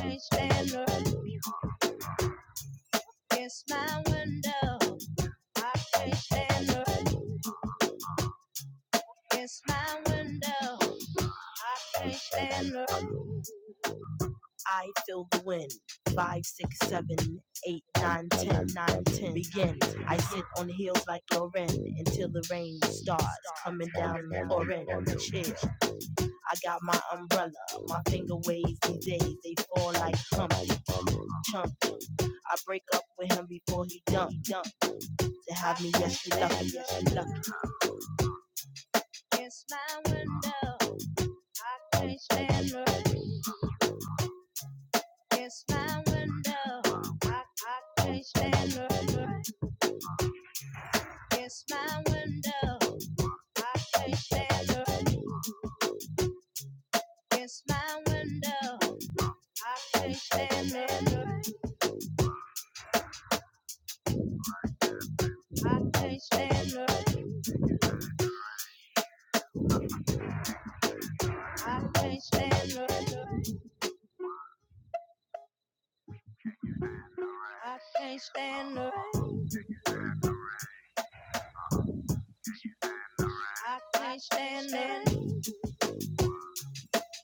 Speaker 1: can't stand the rain. It's my window. I can't stand the rain. It's my window. I can't stand the rain. Pouring until the rain starts coming down and pouring on the chair. I got my umbrella. My finger waves these days. They fall like Humpty Chump. I break up with him before he dump. Dump to have me. Yes, you lucky. Yes, you lucky. It's my window. I can't stand her. It's my window. I, I can't stand her. It's my window. I can't stand her. It's my window. I can't stand her. I can't stand her. I can't stand her. I can't stand her. I can't stand her.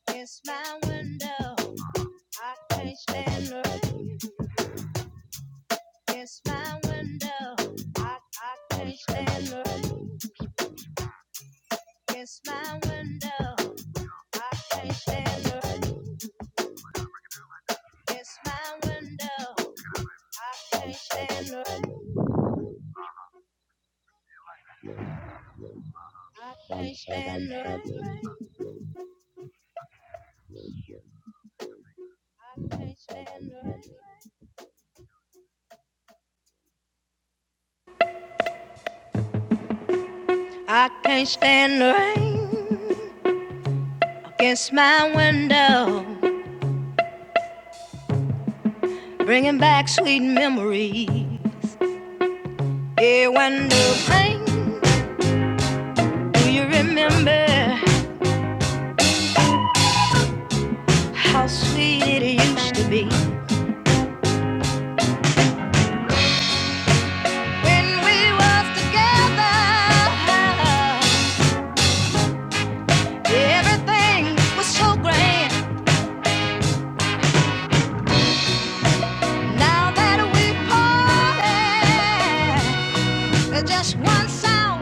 Speaker 1: It's my window. I can't stand her. Kiss my window. I, I can't stand her. Kiss my window. I can't stand her. Kiss my window. I can't stand her. I can't stand her. I can't stand her.
Speaker 2: I can't stand the rain. Everything was so grand. Now that we parted, there's just one sound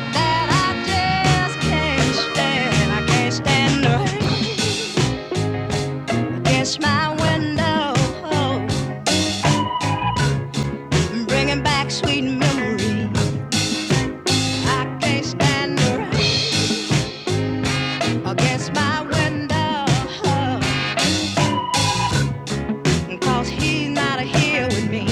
Speaker 2: that I just can't stand. I can't stand the against my window, bringing back sweet memories. I can't stand the against my window, 'cause he's not here with me.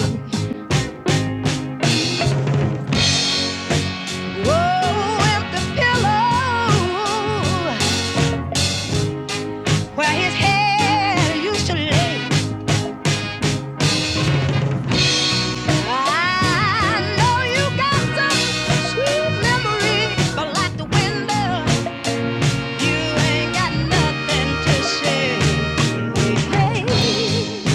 Speaker 2: Whoa, empty pillow. where his head used to lay. I know you got some sweet memory, but like the window, you ain't got nothing to say. Hey,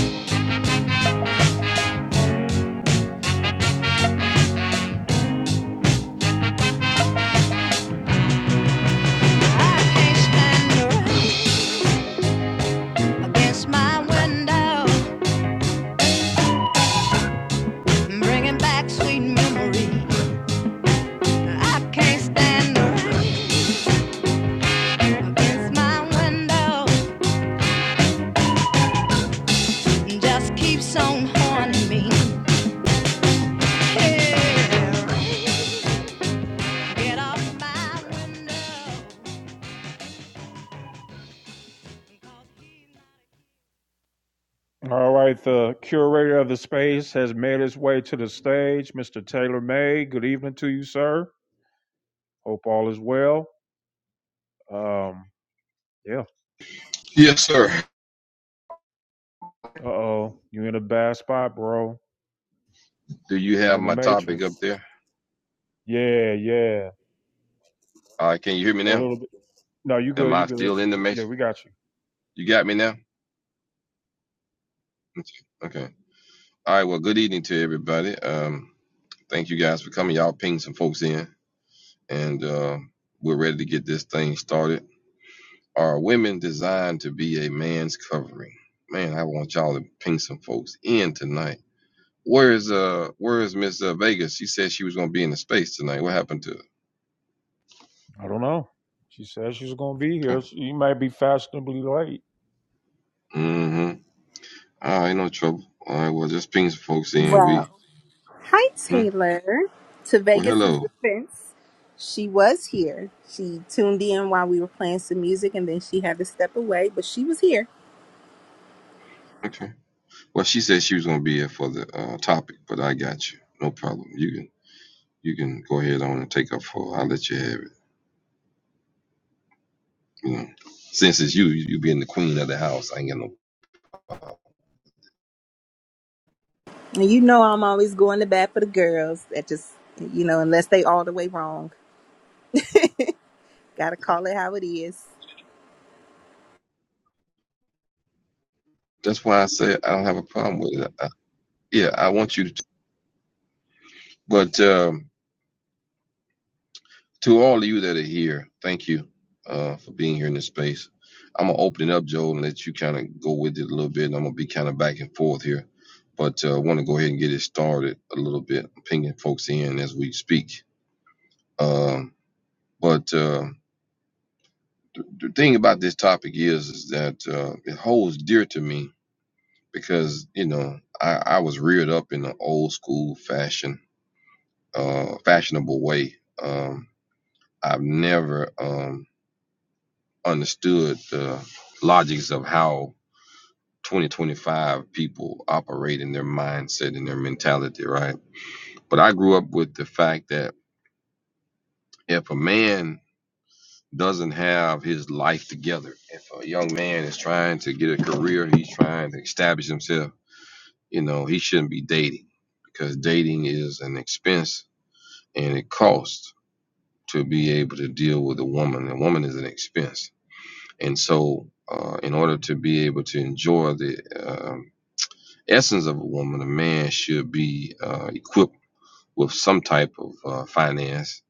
Speaker 2: I can't stand you right against my window, bringing back sweet memories. I can't stand you right against my window, just keeps on haunting me. Hey. Get off my window.
Speaker 1: All right, the curator of the space has made his way to the stage, Mr. Taylor May. Good evening to you, sir. Hope all is well. Um, yeah.
Speaker 6: Yes, sir.
Speaker 1: Uh oh, you are in a bad spot, bro.
Speaker 6: Do you
Speaker 1: You are
Speaker 6: have
Speaker 1: in the
Speaker 6: my topic up
Speaker 1: matrix.
Speaker 6: there?
Speaker 1: Yeah, yeah.
Speaker 6: Uh, can you hear me
Speaker 1: A
Speaker 6: now?
Speaker 1: little No, you
Speaker 6: Am
Speaker 1: good. You
Speaker 6: I
Speaker 1: good.
Speaker 6: still in the
Speaker 1: Yeah,
Speaker 6: matrix?
Speaker 1: we got you.
Speaker 6: You got me now? Okay. Okay. All right. Well, good evening to everybody. Um, thank you guys for coming. Y'all ping some folks in, and uh, we're ready to get this thing started. Are women designed to be a man's covering? Man, I want y'all to ping some folks in tonight. Where is uh Where is Miss uh, Vegas? She said she was gonna be in the space tonight. What happened to her?
Speaker 1: I don't know. She said she's gonna be here.
Speaker 6: Okay.
Speaker 1: She might be fashionably late.
Speaker 6: Mm-hmm. All right, no trouble. All right, well, just ping some folks in. We
Speaker 2: Well, hi
Speaker 6: Hmm?
Speaker 2: Taylor. To
Speaker 6: Well,
Speaker 2: Vegas's
Speaker 6: hello.
Speaker 2: defense, she was here. She tuned in while we were playing some music, and then she had to step away, but she was here.
Speaker 6: Okay. Well, she said she was going to be here for the uh, topic, but I got you. No problem. You can you can go ahead on and take up for. I'll let you have it. You know, since it's you, you you being the queen of the house, I ain't got no problem.
Speaker 2: And you know, I'm always going to bat for the girls. That just, you know, unless they all the way wrong, gotta call it how it is.
Speaker 6: That's why I said I don't have a problem with it. I, yeah, I want you to. But um, to all of you that are here, thank you uh, for being here in this space. I'm gonna open it up, Joel, and let you kind of go with it a little bit. And I'm gonna be kind of back and forth here, but uh, I want to go ahead and get it started a little bit. I'm pinging folks in as we speak. Um, but uh, the thing about this topic is, is that uh, it holds dear to me because you know I, I was reared up in an old school fashion, uh, fashionable way. Um, I've never um, understood the logics of how 2025 people operate in their mindset and their mentality, right? But I grew up with the fact that if a man doesn't have his life together, if a young man is trying to get a career, he's trying to establish himself, you know, he shouldn't be dating because dating is an expense and it costs to be able to deal with a woman. A woman is an expense. And so, uh, in order to be able to enjoy the uh, essence of a woman, a man should be uh, equipped with some type of uh, finance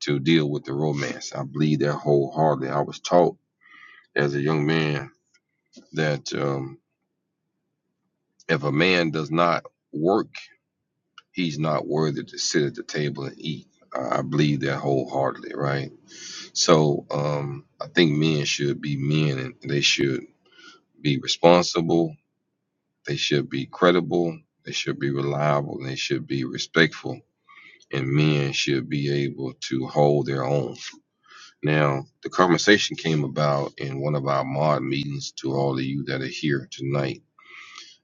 Speaker 6: to deal with the romance. I believe that wholeheartedly. I was taught as a young man that um, if a man does not work, he's not worthy to sit at the table and eat. I believe that wholeheartedly, right? So um, I think men should be men and they should be responsible, they should be credible, they should be reliable, and they should be respectful and men should be able to hold their own. Now, the conversation came about in one of our mod meetings to all of you that are here tonight.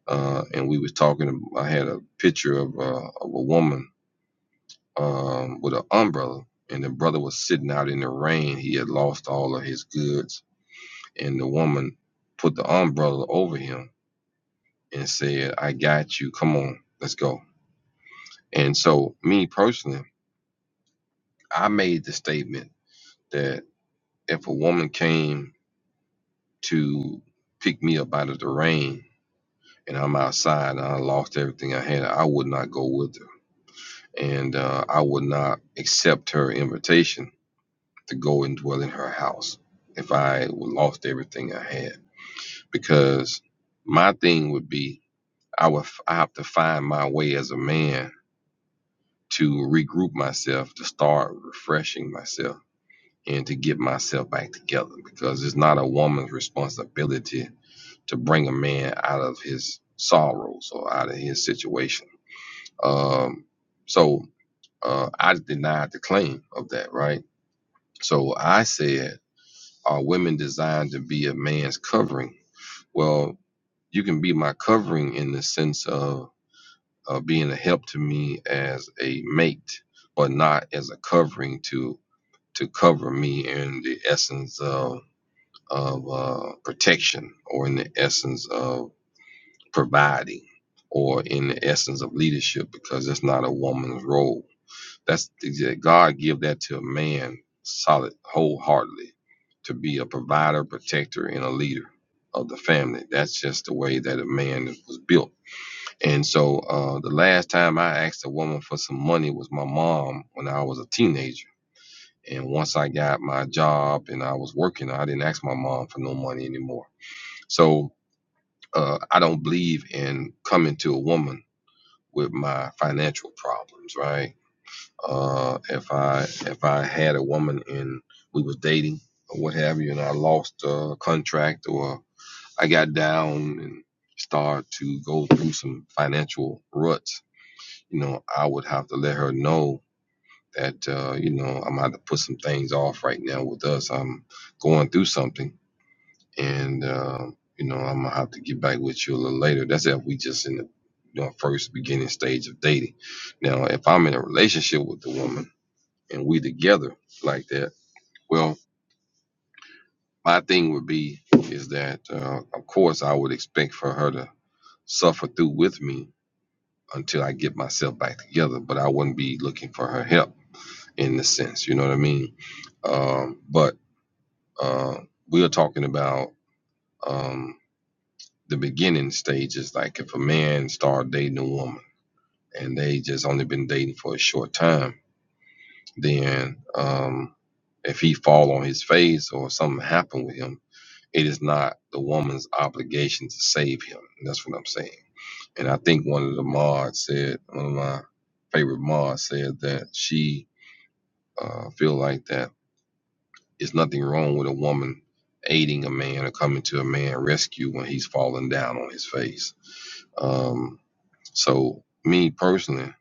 Speaker 6: Uh, and we was talking, I had a picture of, uh, of a woman um, with an umbrella and the brother was sitting out in the rain. He had lost all of his goods and the woman put the umbrella over him and said, I got you. Come on, let's go. And so me personally, I made the statement that if a woman came to pick me up out of the rain. And I'm outside and I lost everything I had. I would not go with her. And uh, I would not accept her invitation to go and dwell in her house if I lost everything I had. Because my thing would be I would f- I have to find my way as a man to regroup myself, to start refreshing myself, and to get myself back together. Because it's not a woman's responsibility to bring a man out of his sorrows or out of his situation. Um, so uh, I denied the claim of that, right? So I said, Are women designed to be a man's covering? Well, you can be my covering in the sense of uh, being a help to me as a mate, but not as a covering to to cover me in the essence of of uh, protection or in the essence of providing or in the essence of leadership because that's not a woman's role. That's yeah, God give that to a man solid wholeheartedly to be a provider, protector, and a leader of the family. That's just the way that a man was built. And so uh, the last time I asked a woman for some money was my mom when I was a teenager. And once I got my job and I was working, I didn't ask my mom for no money anymore. So uh, I don't believe in coming to a woman with my financial problems, right? Uh, if I if I had a woman and we was dating or what have you, and I lost a contract or I got down and started to go through some financial ruts, you know, I would have to let her know that uh, you know I'm gonna to put some things off right now with us. I'm going through something and um, you know I'm gonna have to get back with you a little later. That's if we just in the you know, first beginning stage of dating. Now, if I'm in a relationship with the woman and we together like that, well, my thing would be is that uh, of course I would expect for her to suffer through with me until I get myself back together, but I wouldn't be looking for her help in the sense, you know what I mean? Um, but uh, we are talking about. Um, the beginning stages. Like if a man start dating a woman and they just only been dating for a short time, then um, if he fall on his face or something happen with him, it is not the woman's obligation to save him. that's what I'm saying. And I think one of the mods said, one of my favorite mods said that she uh, feel like that it's nothing wrong with a woman aiding a man or coming to a man rescue when he's falling down on his face. Um, So me personally,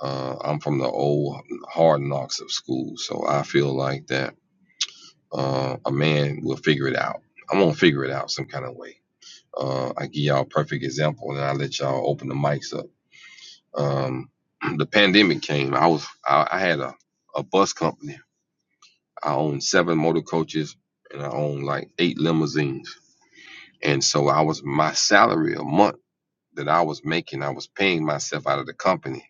Speaker 6: uh, I'm from the old hard knocks of school, so I feel like that uh, a man will figure it out. I'm gonna figure it out some kind of way. Uh, I give y'all a perfect example, and I let y'all open the mics up. Um, the pandemic came. I was I, I had a, a bus company. I owned seven motor coaches, and I owned like eight limousines. And so I was my salary a month that I was making. I was paying myself out of the company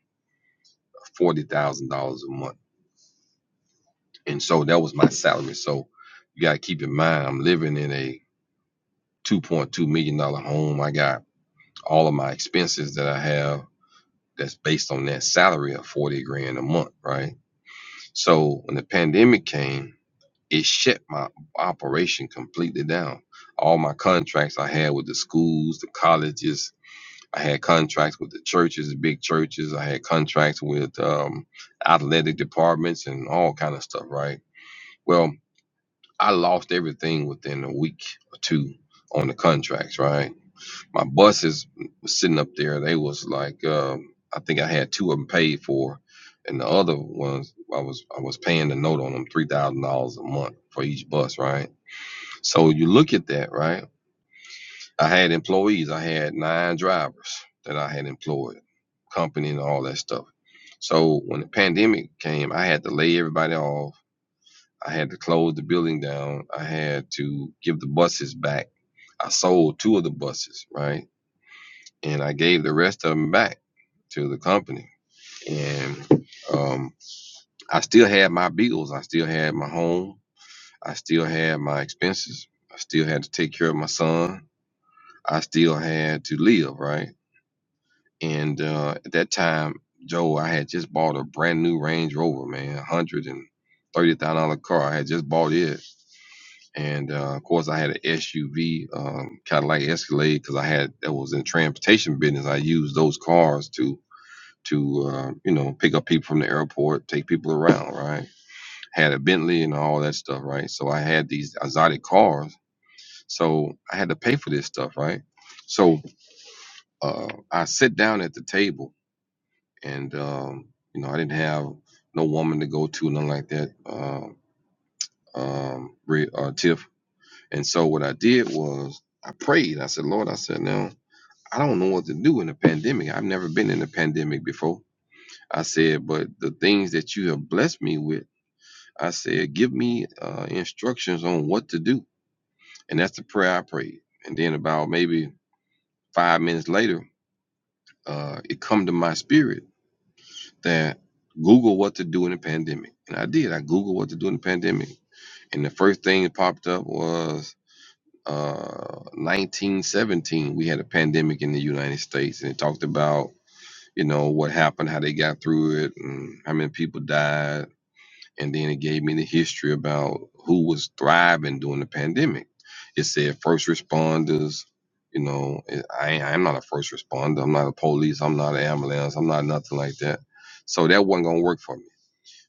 Speaker 6: forty thousand dollars a month And so that was my salary. So you got to keep in mind, I'm living in a $2.2 million dollars home. I got all of my expenses that I have that's based on that salary of 40 grand a month, right? So when the pandemic came, it shut my operation completely down. All my contracts I had with the schools, the colleges, I had contracts with the churches, the big churches. I had contracts with um, athletic departments and all kind of stuff, right? Well, I lost everything within a week or two on the contracts, right? My buses was sitting up there. They was like, um, I think I had two of them paid for, and the other ones I was I was paying the note on them three thousand dollars a month for each bus, right? So you look at that, right? I had employees. I had nine drivers that I had employed, company and all that stuff. So when the pandemic came, I had to lay everybody off I had to close the building down. I had to give the buses back. I sold two of the buses, right? And I gave the rest of them back to the company. And um, I still had my bills. I still had my home. I still had my expenses. I still had to take care of my son. I still had to live, right? And uh, at that time, Joe, I had just bought a brand new Range Rover, man, one hundred and thirty thousand dollar car. I had just bought it and uh, of course I had an SUV, um, Cadillac Escalade, because I had that was in transportation business. I used those cars to to uh, you know pick up people from the airport, take people around, right? Had a Bentley and all that stuff, right? So I had these exotic cars, so I had to pay for this stuff, right? So uh, I sit down at the table, and um, you know I didn't have no woman to go to, nothing like that. Uh, um, re- uh, Tiff. And so what I did was I prayed. I said, Lord, I said, now I don't know what to do in a pandemic. I've never been in a pandemic before. I said, but the things that you have blessed me with, I said, give me uh, instructions on what to do. And that's the prayer I prayed. And then about maybe five minutes later, uh, it come to my spirit that Google what to do in a pandemic. And I did. I Googled what to do in a pandemic. And the first thing that popped up was uh 1917 we had a pandemic in the united states and it talked about you know what happened how they got through it and how many people died and then it gave me the history about who was thriving during the pandemic it said first responders you know eh, i i'm not a first responder i'm not a police i'm not an ambulance i'm not nothing like that so that wasn't gonna work for me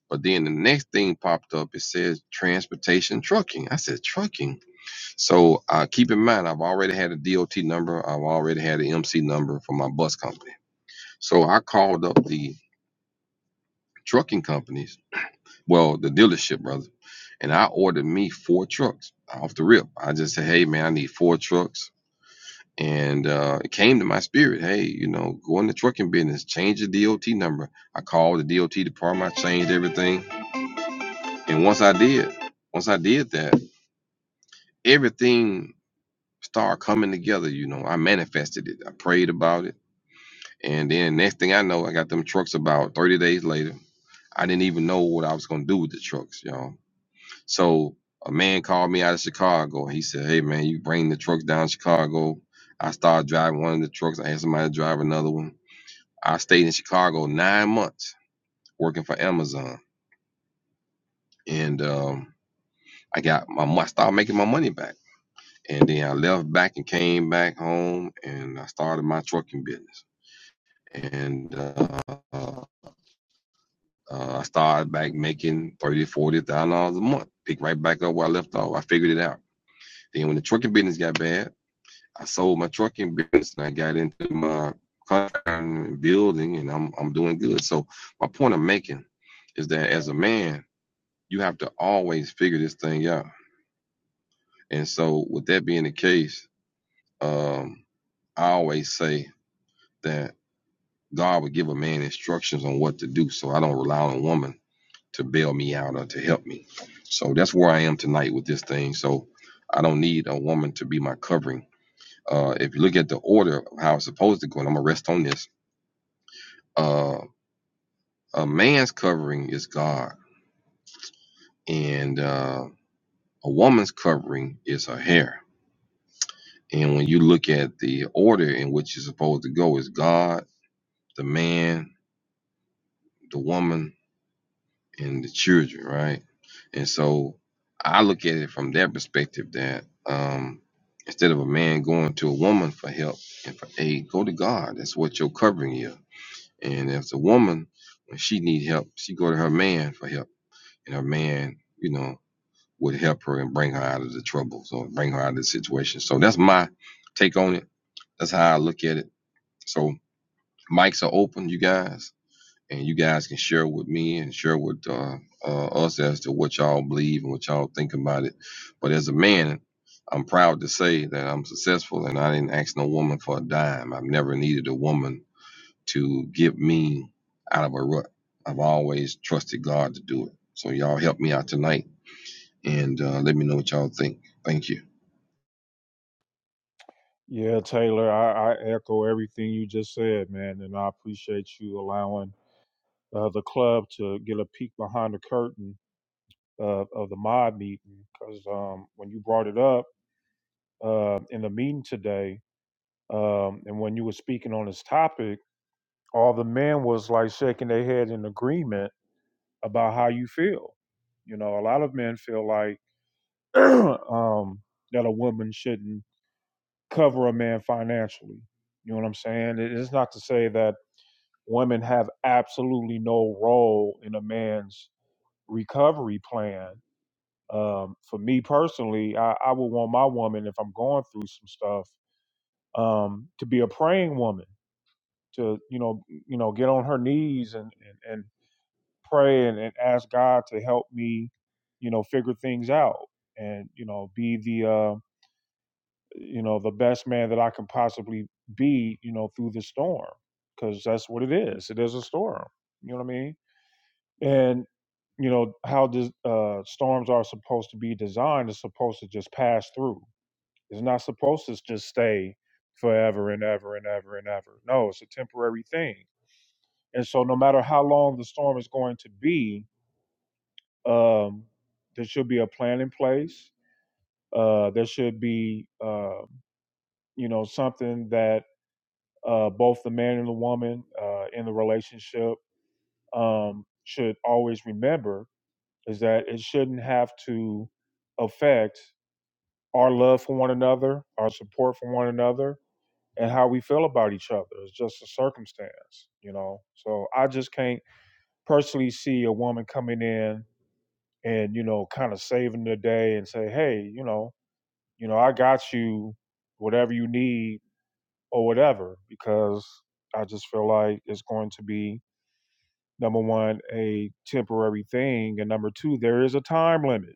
Speaker 6: but then the next thing popped up it says transportation trucking i said trucking so uh, keep in mind, I've already had a DOT number. I've already had an MC number for my bus company. So I called up the trucking companies, well, the dealership, brother, and I ordered me four trucks off the rip. I just said, hey, man, I need four trucks. And uh, it came to my spirit, hey, you know, go in the trucking business, change the DOT number. I called the DOT department, I changed everything. And once I did, once I did that, everything started coming together. You know, I manifested it, I prayed about it And then next thing I know, I got them trucks about 30 days later. I didn't even know what I was gonna do with the trucks, y'all. So a man called me out of Chicago. He said, Hey man, you bring the trucks down to Chicago. I started driving one of the trucks. I had somebody to drive another one. I stayed in Chicago nine months working for Amazon. And um, I got my mo- I started making my money back. And then I left back and came back home and I started my trucking business. And uh, Uh, I started back making thirty, thousand dollars, forty thousand dollars a month. Picked right back up where I left off. I figured it out. Then when the trucking business got bad, I sold my trucking business and I got into my contracting and building, and I'm I'm doing good. So my point I'm making is that as a man, you have to always figure this thing out. And so with that being the case, um, I always say that God would give a man instructions on what to do. So I don't rely on a woman. to bail me out or to help me. So that's where I am tonight with this thing. So I don't need a woman to be my covering. Uh, if you look at the order of how it's supposed to go, and I'm gonna rest on this. Uh, a man's covering is God, and uh, a woman's covering is her hair. And when you look at the order in which you're supposed to go, is God, the man, the woman, and the children, right? And so I look at it from that perspective that um, instead of a man going to a woman for help and for aid, go to God. That's what your covering is. And as a woman, when she need help, she go to her man for help, and her man, you know, would help her and bring her out of the trouble, so bring her out of the situation. So that's my take on it. That's how I look at it. So mics are open, you guys and you guys can share with me and share with uh, uh, us as to what y'all believe and what y'all think about it. But as a man, I'm proud to say that I'm successful and I didn't ask no woman for a dime. I've never needed a woman to get me out of a rut. I've always trusted God to do it. So y'all help me out tonight and uh, let me know what y'all think. Thank you.
Speaker 1: Yeah, Taylor, I, I echo everything you just said, man, and I appreciate you allowing uh, the club to get a peek behind the curtain of, of the mod meeting. Because um, when you brought it up uh, in the meeting today, um, and when you were speaking on this topic, all the men was like shaking their head in agreement about how you feel. You know, a lot of men feel like um, that a woman shouldn't cover a man financially. You know what I'm saying? It is not to say that women have absolutely no role in a man's recovery plan. Um, for me personally, I, I would want my woman, if I'm going through some stuff, um, to be a praying woman, to you know, you know, get on her knees and and, and pray and, and ask God to help me, you know, figure things out, and you know, be the uh, you know the best man that i can possibly be you know through the storm because that's what it is it is a storm you know what i mean and you know how dis- uh, storms are supposed to be designed is supposed to just pass through it's not supposed to just stay forever and ever and ever and ever no it's a temporary thing and so no matter how long the storm is going to be um, there should be a plan in place uh, there should be uh, you know something that uh, both the man and the woman uh, in the relationship um, should always remember is that it shouldn't have to affect our love for one another, our support for one another, and how we feel about each other. It's just a circumstance, you know. So I just can't personally see a woman coming in and you know kind of saving the day and say, hey, you know, you know, I got you, whatever you need or whatever, because I just feel like it's going to be number one, a temporary thing, and number two, there is a time limit,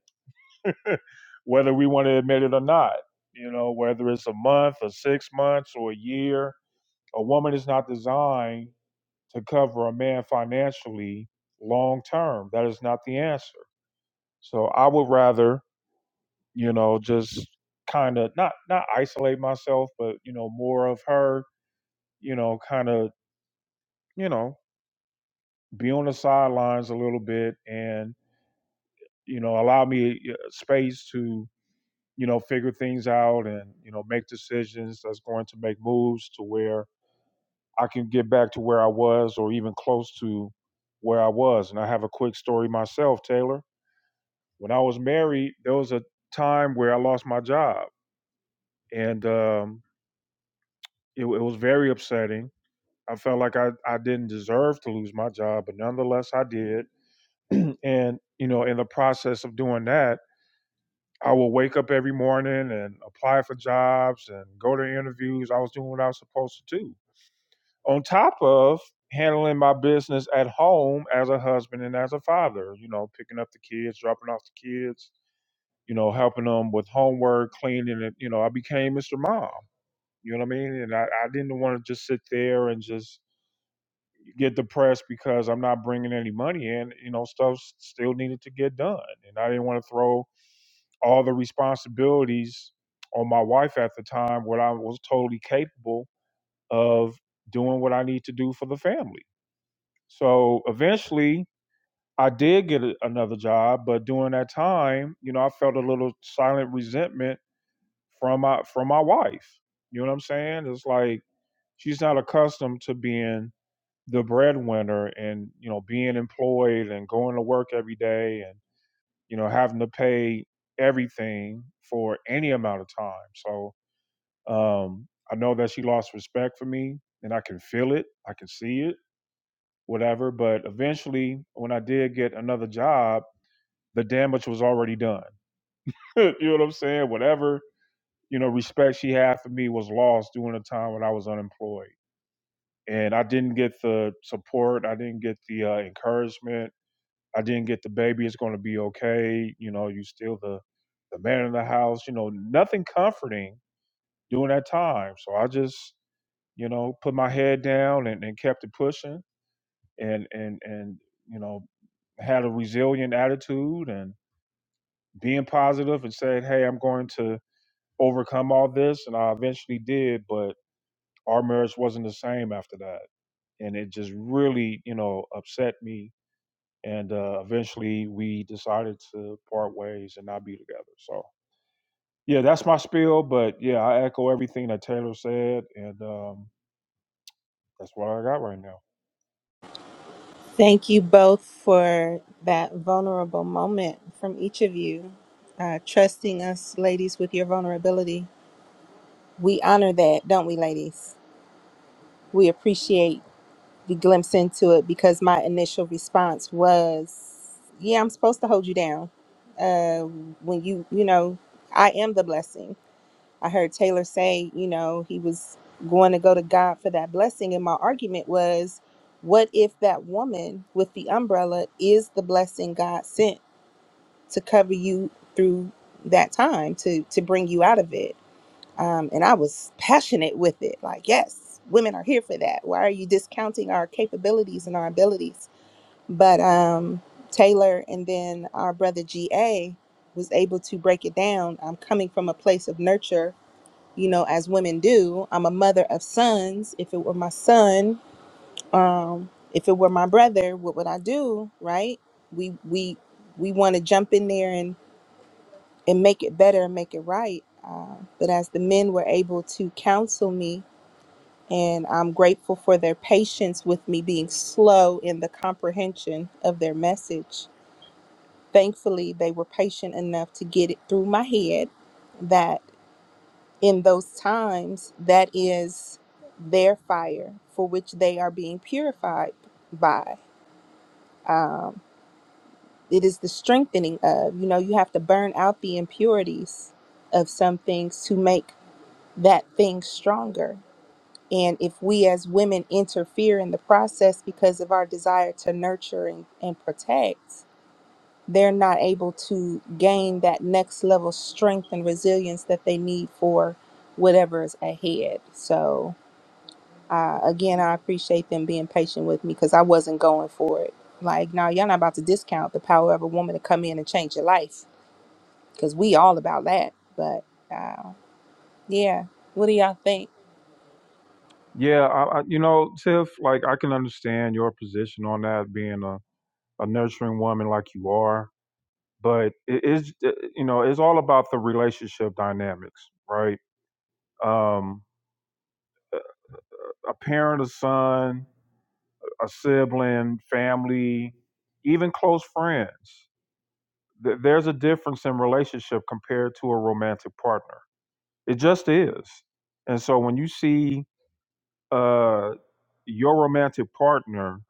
Speaker 1: whether we want to admit it or not. You know, whether it's a month or six months or a year, a woman is not designed to cover a man financially long term. That is not the answer. So I would rather, you know, just kind of not not isolate myself, but you know, more of her, you know, kind of, you know, be on the sidelines a little bit and you know allow me uh, space to you know figure things out and you know make decisions that's going to make moves to where i can get back to where i was or even close to where i was and i have a quick story myself taylor when i was married there was a time where i lost my job and um, it, it was very upsetting i felt like I, I didn't deserve to lose my job but nonetheless i did and you know in the process of doing that I would wake up every morning and apply for jobs and go to interviews. I was doing what I was supposed to do. On top of handling my business at home as a husband and as a father, you know, picking up the kids, dropping off the kids, you know, helping them with homework, cleaning it. You know, I became Mr. Mom. You know what I mean? And I, I didn't want to just sit there and just get depressed because I'm not bringing any money in. You know, stuff still needed to get done. And I didn't want to throw all the responsibilities on my wife at the time when I was totally capable of doing what I need to do for the family. So eventually I did get a, another job, but during that time, you know, I felt a little silent resentment from my from my wife. You know what I'm saying? It's like she's not accustomed to being the breadwinner and, you know, being employed and going to work every day and you know, having to pay everything for any amount of time. So um, I know that she lost respect for me, and I can feel it, I can see it, whatever. But eventually, when I did get another job, the damage was already done. you know what I'm saying? Whatever you know, respect she had for me was lost during the time when I was unemployed, and I didn't get the support, I didn't get the uh, encouragement I didn't get the baby. It's going to be okay. You know, you still the the man in the house. You know, nothing comforting during that time. So I just, you know, put my head down and, and kept it pushing, and and and you know, had a resilient attitude and being positive and said, hey, I'm going to overcome all this, and I eventually did. But our marriage wasn't the same after that, and it just really, you know, upset me and uh, eventually we decided to part ways and not be together. So yeah, that's my spiel. But yeah, I echo everything that Taylor said, and um, that's what I got right now.
Speaker 2: Thank you both for that vulnerable moment from each of you, uh, trusting us, ladies, with your vulnerability. We honor that, don't we, ladies? we appreciate the glimpse into it because my initial response was, yeah, I'm supposed to hold you down. Uh, when you, you know, I am the blessing. I heard Taylor say, you know, he was going to go to God for that blessing. And my argument was, what if that woman with the umbrella is the blessing God sent to cover you through that time to to bring you out of it? um, and I was passionate with it. Like, yes, women are here for that. Why are you discounting our capabilities and our abilities? But um, Taylor and then our brother GA was able to break it down. I'm coming from a place of nurture, you know, as women do. I'm a mother of sons. If it were my son, um, if it were my brother, what would I do? Right? We we we want to jump in there and and make it better and make it right. Uh, but as the men were able to counsel me and I'm grateful for their patience with me being slow in the comprehension of their message. Thankfully, they were patient enough to get it through my head that in those times, that is their fire for which they are being purified by. It is the strengthening of, you know, you have to burn out the impurities of some things to make that thing stronger And if we as women interfere in the process because of our desire to nurture and, and protect, they're not able to gain that next level strength and resilience that they need for whatever is ahead. So, uh, again, I appreciate them being patient with me because I wasn't going for it. Like, no, y'all not about to discount the power of a woman to come in and change your life because we all about that. But uh, yeah, what do y'all think?
Speaker 1: Yeah, I, I, you know, Tiff, like I can understand your position on that, being a, a nurturing woman like you are, but it is, uh, you know, it's all about the relationship dynamics, right? Um, a parent, a son, a sibling, family, even close friends Th- there's a difference in relationship compared to a romantic partner. It just is. And so when you see uh, your romantic partner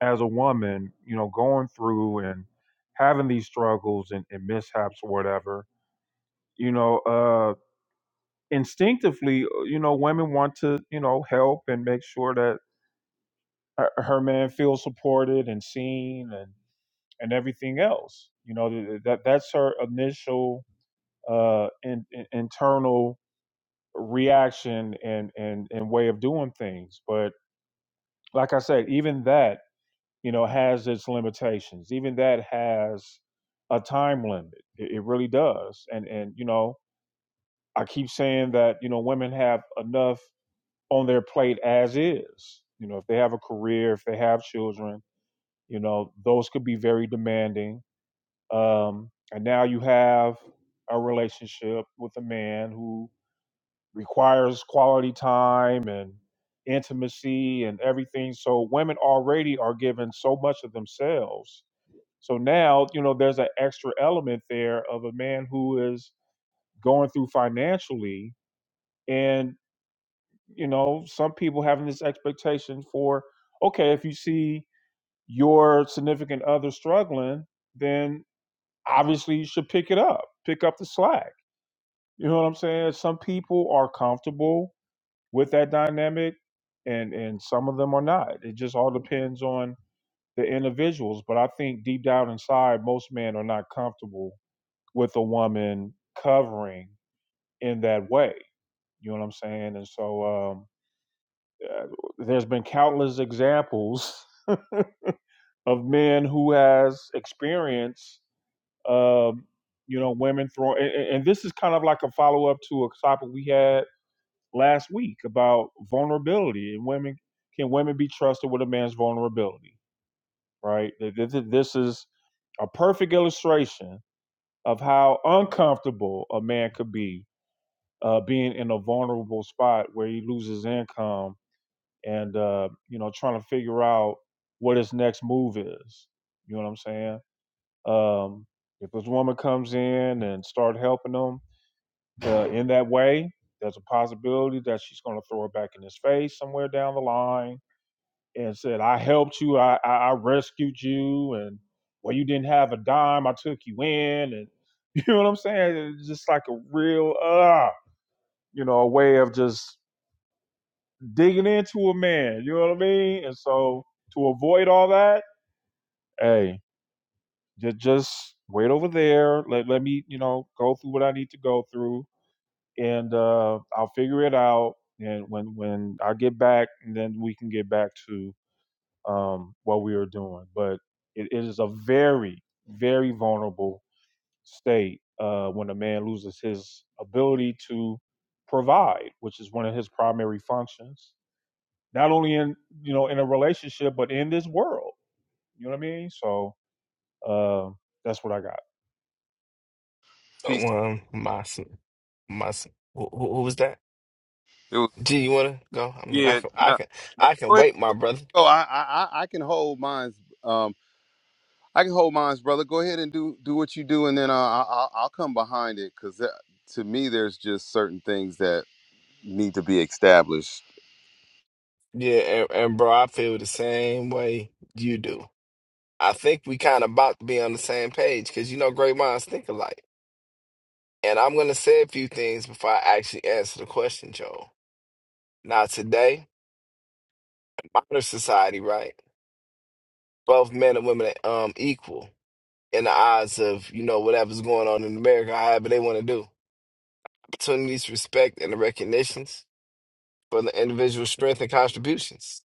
Speaker 1: as a woman, you know, going through and having these struggles and, and mishaps or whatever, you know, uh, instinctively, uh, you know, women want to, you know, help and make sure that her, her man feels supported and seen and and everything else. You know, th- that that's her initial uh, in, in- internal reaction and, and and way of doing things. But like I said, even that you know has its limitations. Even that has a time limit. It, it really does. And and you know I keep saying that you know women have enough on their plate as is. You know if they have a career, if they have children, you know those could be very demanding. Um, and now you have a relationship with a man who requires quality time and intimacy and everything. So women already are given so much of themselves. So now, you know, there's an extra element there of a man who is going through financially and, you know, some people having this expectation for, okay, if you see your significant other struggling, then obviously you should pick it up, pick up the slack. You know what I'm saying? Some people are comfortable with that dynamic and and some of them are not it just all depends on the individuals but i think deep down inside most men are not comfortable with a woman covering in that way you know what i'm saying and so um uh, there's been countless examples of men who has experience um you know women throwing and, and and this is kind of like a follow-up to a topic we had last week about vulnerability and women can women be trusted with a man's vulnerability right this is a perfect illustration of how uncomfortable a man could be uh, being in a vulnerable spot where he loses income and uh, you know trying to figure out what his next move is you know what i'm saying um, if this woman comes in and start helping him uh, in that way. There's a possibility that she's going to throw it back in his face somewhere down the line and said, "I helped you. I, I, I rescued you, and well, you didn't have a dime. I took you in, and you know what I'm saying? It's just like a real, uh, you know, a way of just digging into a man. You know what I mean? And so to avoid all that, hey, just just wait over there. Let let me, you know, go through what I need to go through and uh, I'll figure it out. And when when I get back, and then we can get back to um, what we are doing. But it, it is a very very vulnerable state uh, when a man loses his ability to provide, which is one of his primary functions, not only in you know in a relationship but in this world. You know what I mean? So uh, that's what I got.
Speaker 4: Peace.
Speaker 7: One, my, s- my, s- who, who who was that?
Speaker 4: It was
Speaker 7: G, you wanna go? I mean, I
Speaker 4: Yeah,
Speaker 7: can, I
Speaker 4: no,
Speaker 7: can,
Speaker 4: no.
Speaker 7: I can
Speaker 4: Go ahead.
Speaker 7: wait, my
Speaker 4: Go, ahead.
Speaker 7: brother.
Speaker 4: go. I, I, I I can hold mines. Um, I can hold mines, brother. Go ahead and do do what you do, and then uh, I, I'll, I'll come behind it because to me, there's just certain things that need to be established.
Speaker 7: Yeah, and, and bro, I feel the same way you do. I think we kind of about to be on the same page because you know great minds think alike. And I'm gonna say a few things before I actually answer the question, Joel. Now, today, modern society, right? Both men and women are um equal in the eyes of you know whatever's going on in America, however they want to do. Opportunities, respect, and the recognitions for the individual strength and contributions.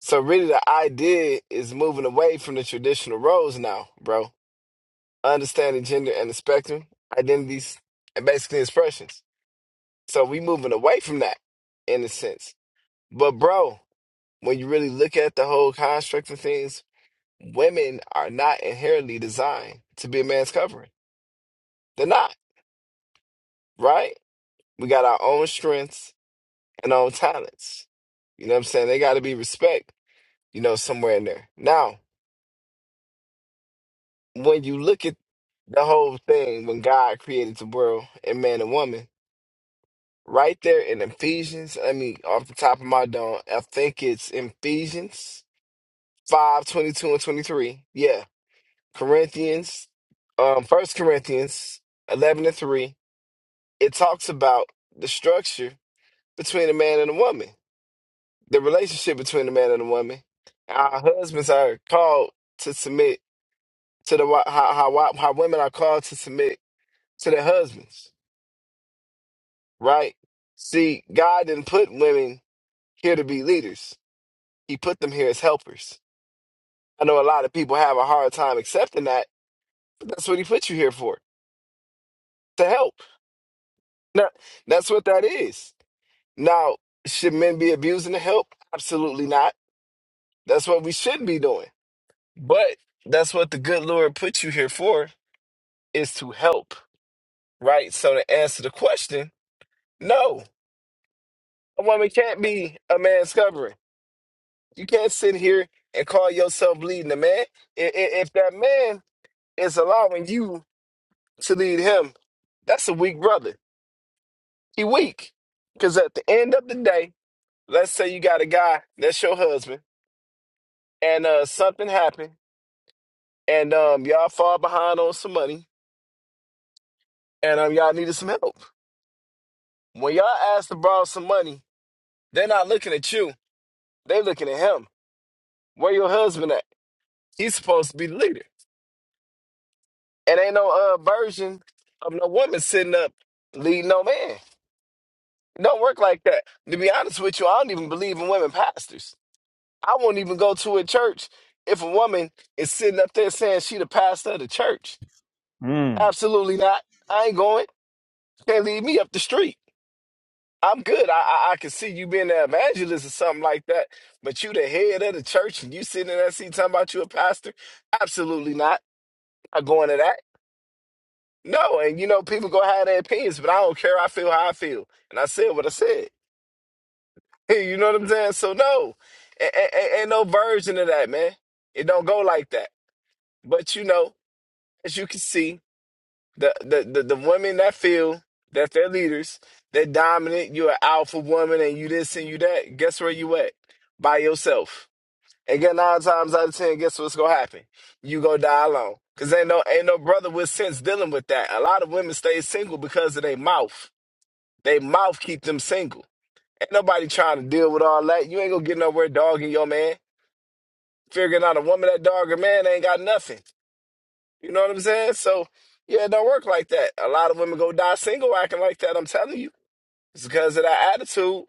Speaker 7: So really the idea is moving away from the traditional roles now, bro. Understanding gender and the spectrum, identities, and basically expressions. So we moving away from that in a sense. But bro, when you really look at the whole construct of things, women are not inherently designed to be a man's covering. They're not, right? We got our own strengths and our own talents. You know what I'm saying? They gotta be respect, you know, somewhere in there. Now, when you look at the whole thing, when God created the world and man and woman, right there in Ephesians, I mean, off the top of my dome, I think it's Ephesians 5 22 and 23. Yeah. Corinthians, um, First Corinthians 11 and 3. It talks about the structure between a man and a woman, the relationship between a man and a woman. Our husbands are called to submit to the, wi- how, how, how women are called to submit to their husbands right? See, God didn't put women here to be leaders. He put them here as helpers. I know a lot of people have a hard time accepting that. That's what he put you here for, to help. Now, that's what that is. Now, should men be abusing the help? Absolutely not. That's what we should be doing. But that's what the good Lord put you here for, is to help, right? So to answer the question, no, a woman can't be a man's covering You can't sit here and call yourself leading the man. I- i- If that man is allowing you to lead him, that's a weak brother. He weak. Because at the end of the day, let's say you got a guy that's your husband, and uh, something happened, and um, y'all fall behind on some money, and um, y'all needed some help. When y'all ask to borrow some money, they're not looking at you. They looking at him. Where your husband at? He's supposed to be the leader. It ain't no uh version of no woman sitting up leading no man. It don't work like that. To be honest with you, I don't even believe in women pastors. I won't even go to a church if a woman is sitting up there saying she the pastor of the church.
Speaker 1: Mm.
Speaker 7: Absolutely not. I ain't going. Can't lead me up the street. I'm good. I, I I can see you being an evangelist or something like that, but you the head of the church and you sitting in that seat talking about you a pastor? Absolutely not. i not going to that. No, and you know, people go have their opinions, but I don't care. I feel how I feel, and I said what I said. you know what I'm saying? So no, a- a- a- ain't no version of that, man. It don't go like that. But you know, as you can see, the the the, the women that feel that they're leaders, they're dominant. You're an alpha woman, and you this and you that. Guess where you at? By yourself. And get nine times out of ten, guess what's gonna happen? You gonna die alone. Cause ain't no ain't no brother with sense dealing with that. A lot of women stay single because of their mouth. They mouth keep them single. Ain't nobody trying to deal with all that. You ain't gonna get nowhere dogging your man. Figuring out a woman that dog a man ain't got nothing. You know what I'm saying? So yeah, it don't work like that. A lot of women go die single acting like that. I'm telling you, it's because of that attitude.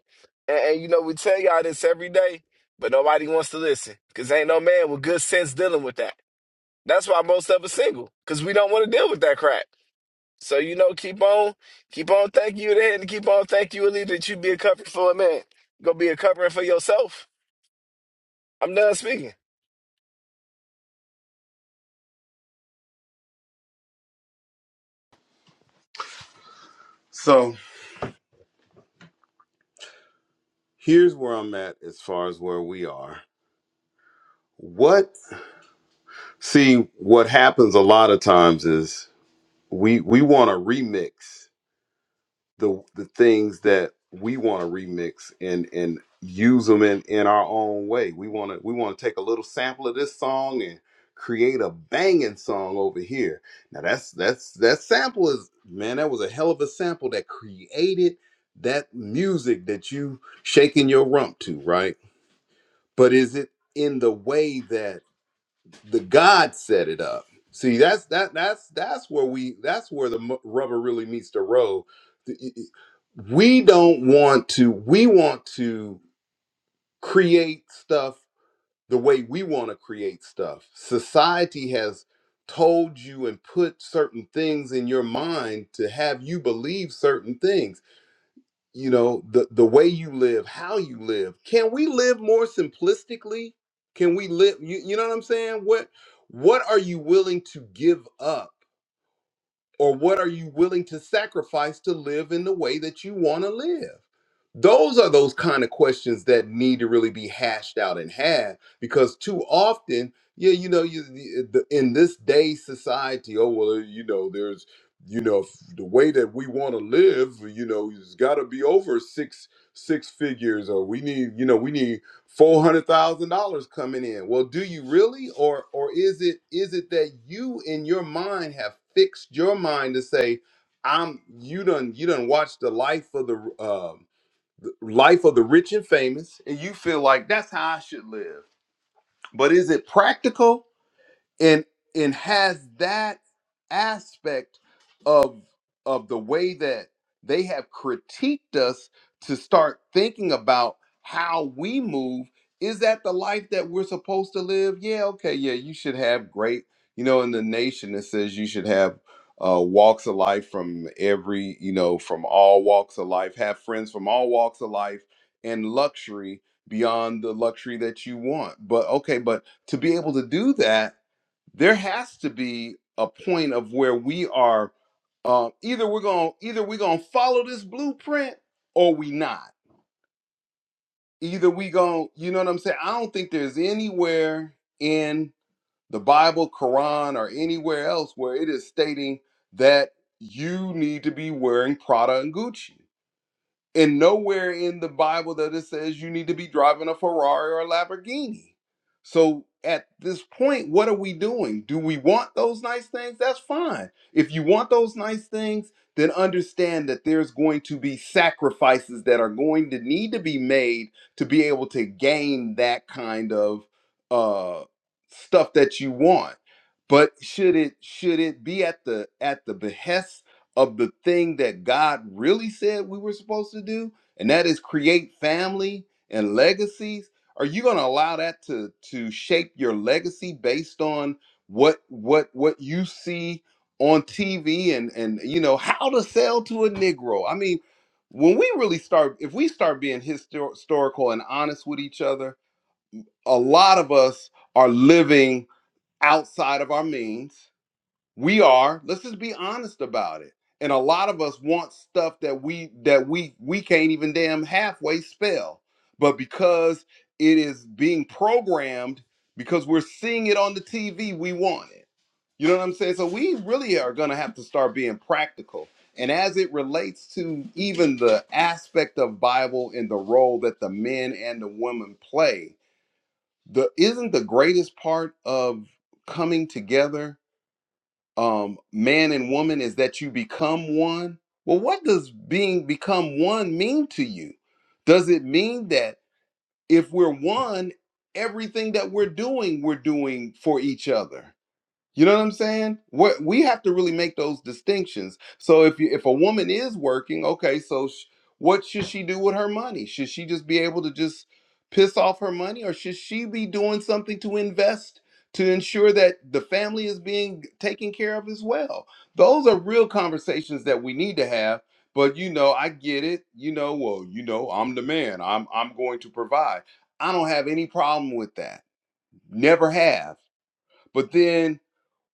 Speaker 7: And, and you know we tell y'all this every day, but nobody wants to listen because ain't no man with good sense dealing with that. That's why most of us single because we don't want to deal with that crap. So you know, keep on, keep on thanking you then, and keep on thanking you, Ali, that you be a covering for a man. Go be a covering for yourself. I'm done speaking.
Speaker 4: So here's where I'm at as far as where we are. What? See, what happens a lot of times is we we want to remix the the things that we want to remix and and use them in in our own way. We want to we want to take a little sample of this song and create a banging song over here. Now that's that's that sample is man, that was a hell of a sample that created that music that you shaking your rump to, right? But is it in the way that the God set it up. See, that's that that's that's where we that's where the mu- rubber really meets the road. The- y- y- We don't want to. We want to create stuff the way we want to create stuff. Society has told you and put certain things in your mind to have you believe certain things you know the the way you live how you live can we live more simplistically can we live you, you know what i'm saying what what are you willing to give up or what are you willing to sacrifice to live in the way that you want to live? Those are those kind of questions that need to really be hashed out and had because too often, yeah, you know, you the, eh, the- in this day society, oh well, you know, there's you know f- the way that we want to live, you know, it's got to be over six six figures, or we need, you know, we need four hundred thousand dollars coming in. Well, do you really, or or is it is it that you in your mind have fixed your mind to say, I'm you done you done watched the life of the um life of the rich and famous, and you feel like that's how I should live. But is it practical? and and has that aspect of of the way that they have critiqued us to start thinking about how we move is that the life that we're supposed to live yeah okay yeah you should have great you know in the nation it says you should have uh, walks of life from every you know from all walks of life have friends from all walks of life and luxury beyond the luxury that you want but okay but to be able to do that there has to be a point of where we are um, either we're gonna either we're gonna follow this blueprint or we not either we gonna you know what i'm saying i don't think there's anywhere in the bible quran or anywhere else where it is stating that you need to be wearing prada and gucci and nowhere in the Bible that it says you need to be driving a Ferrari or a Lamborghini. So at this point, what are we doing? Do we want those nice things? That's fine. If you want those nice things, then understand that there's going to be sacrifices that are going to need to be made to be able to gain that kind of uh, stuff that you want. But should it should it be at the at the behest of the thing that God really said we were supposed to do, and that is create family and legacies? Are you going to allow that to to shape your legacy based on what what what you see on TV and and you know how to sell to a Negro? I mean, when we really start, if we start being histor- historical and honest with each other, a lot of us are living outside of our means we are let's just be honest about it and a lot of us want stuff that we that we we can't even damn halfway spell but because it is being programmed because we're seeing it on the tv we want it you know what i'm saying so we really are going to have to start being practical and as it relates to even the aspect of bible and the role that the men and the women play the isn't the greatest part of coming together um, man and woman is that you become one. Well, what does being become one mean to you? Does it mean that if we're one, everything that we're doing, we're doing for each other? You know what I'm saying? What we have to really make those distinctions. So if you, if a woman is working, okay, so sh- what should she do with her money? Should she just be able to just piss off her money, or should she be doing something to invest to ensure that the family is being taken care of as well? Those are real conversations that we need to have. But you know, I get it. You know, well, you know, I'm the man. I'm I'm going to provide. I don't have any problem with that. Never have. But then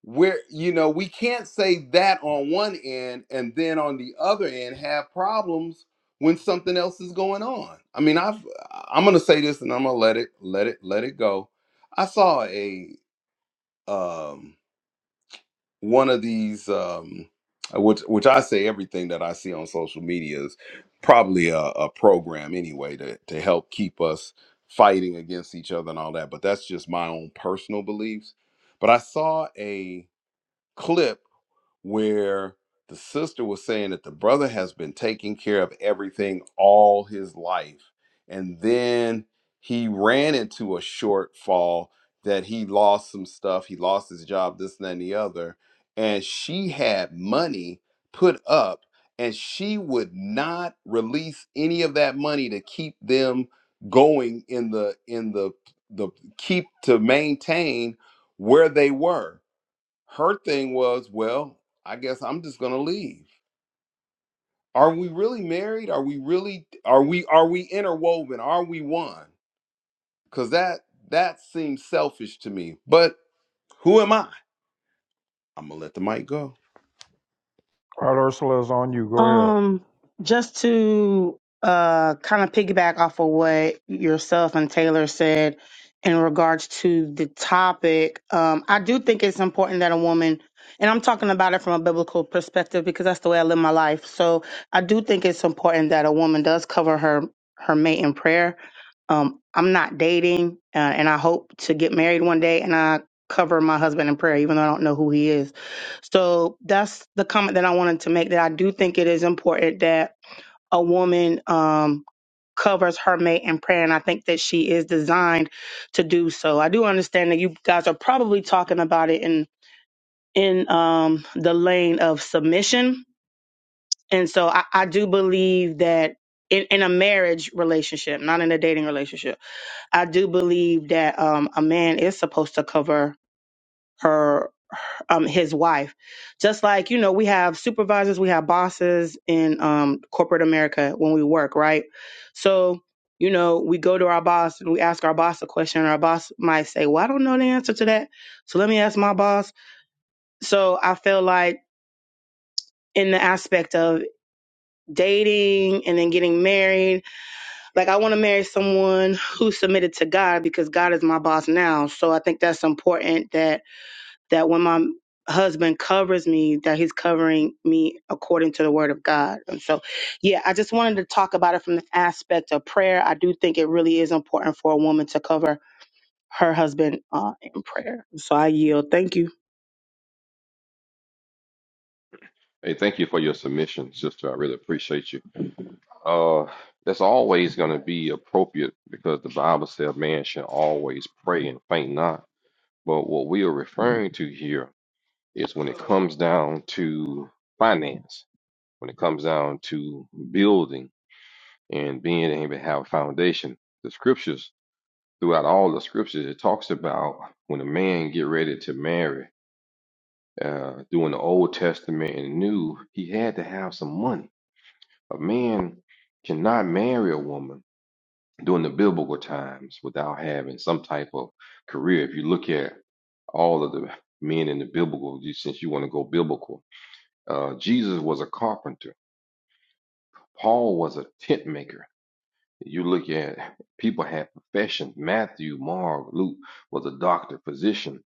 Speaker 4: where you know we can't say that on one end and then on the other end have problems when something else is going on i mean i've i'm gonna say this and i'm gonna let it let it let it go i saw a um one of these um which which i say everything that i see on social media is probably a, a program anyway to to help keep us fighting against each other and all that but that's just my own personal beliefs but i saw a clip where the sister was saying that the brother has been taking care of everything all his life. And then he ran into a shortfall that he lost some stuff. He lost his job, this and that, and the other. And she had money put up, and she would not release any of that money to keep them going in the in the the keep to maintain where they were her thing was, well, I guess I'm just gonna leave. Are we really married? Are we really are we are we interwoven? Are we one? Cause that that seems selfish to me. But who am I? I'm gonna let the mic go.
Speaker 1: All right, Ursula is on you. Go ahead.
Speaker 5: Um, just to uh kind of piggyback off of what yourself and Taylor said in regards to the topic, um, I do think it's important that a woman, and I'm talking about it from a biblical perspective because that's the way I live my life. So I do think it's important that a woman does cover her her mate in prayer. Um, I'm not dating, uh, and I hope to get married one day, and I cover my husband in prayer, even though I don't know who he is so that's the comment that I wanted to make that I do think it is important that a woman um, covers her mate in prayer. And I think that she is designed to do so. I do understand that you guys are probably talking about it in, in um, the lane of submission. And so I, I do believe that in, in a marriage relationship, not in a dating relationship, I do believe that um, a man is supposed to cover her um his wife just like you know we have supervisors we have bosses in um corporate america when we work right so you know we go to our boss and we ask our boss a question and our boss might say well i don't know the answer to that so let me ask my boss so i feel like in the aspect of dating and then getting married like i want to marry someone who's submitted to god because god is my boss now so i think that's important that that when my husband covers me, that he's covering me according to the word of God. And so, yeah, I just wanted to talk about it from the aspect of prayer. I do think it really is important for a woman to cover her husband uh, in prayer. So I yield. Thank you.
Speaker 6: Hey, thank you for your submission, sister. I really appreciate you. Uh, that's always going to be appropriate because the Bible says man should always pray and faint not. But what we are referring to here is when it comes down to finance, when it comes down to building and being able to have a foundation. The scriptures, throughout all the scriptures, it talks about when a man get ready to marry. Uh, during the Old Testament and New, he had to have some money. A man cannot marry a woman during the biblical times without having some type of career. If you look at all of the men in the biblical, since you want to go biblical, uh, Jesus was a carpenter. Paul was a tent maker. You look at people had professions. Matthew, Mark, Luke was a doctor, physician.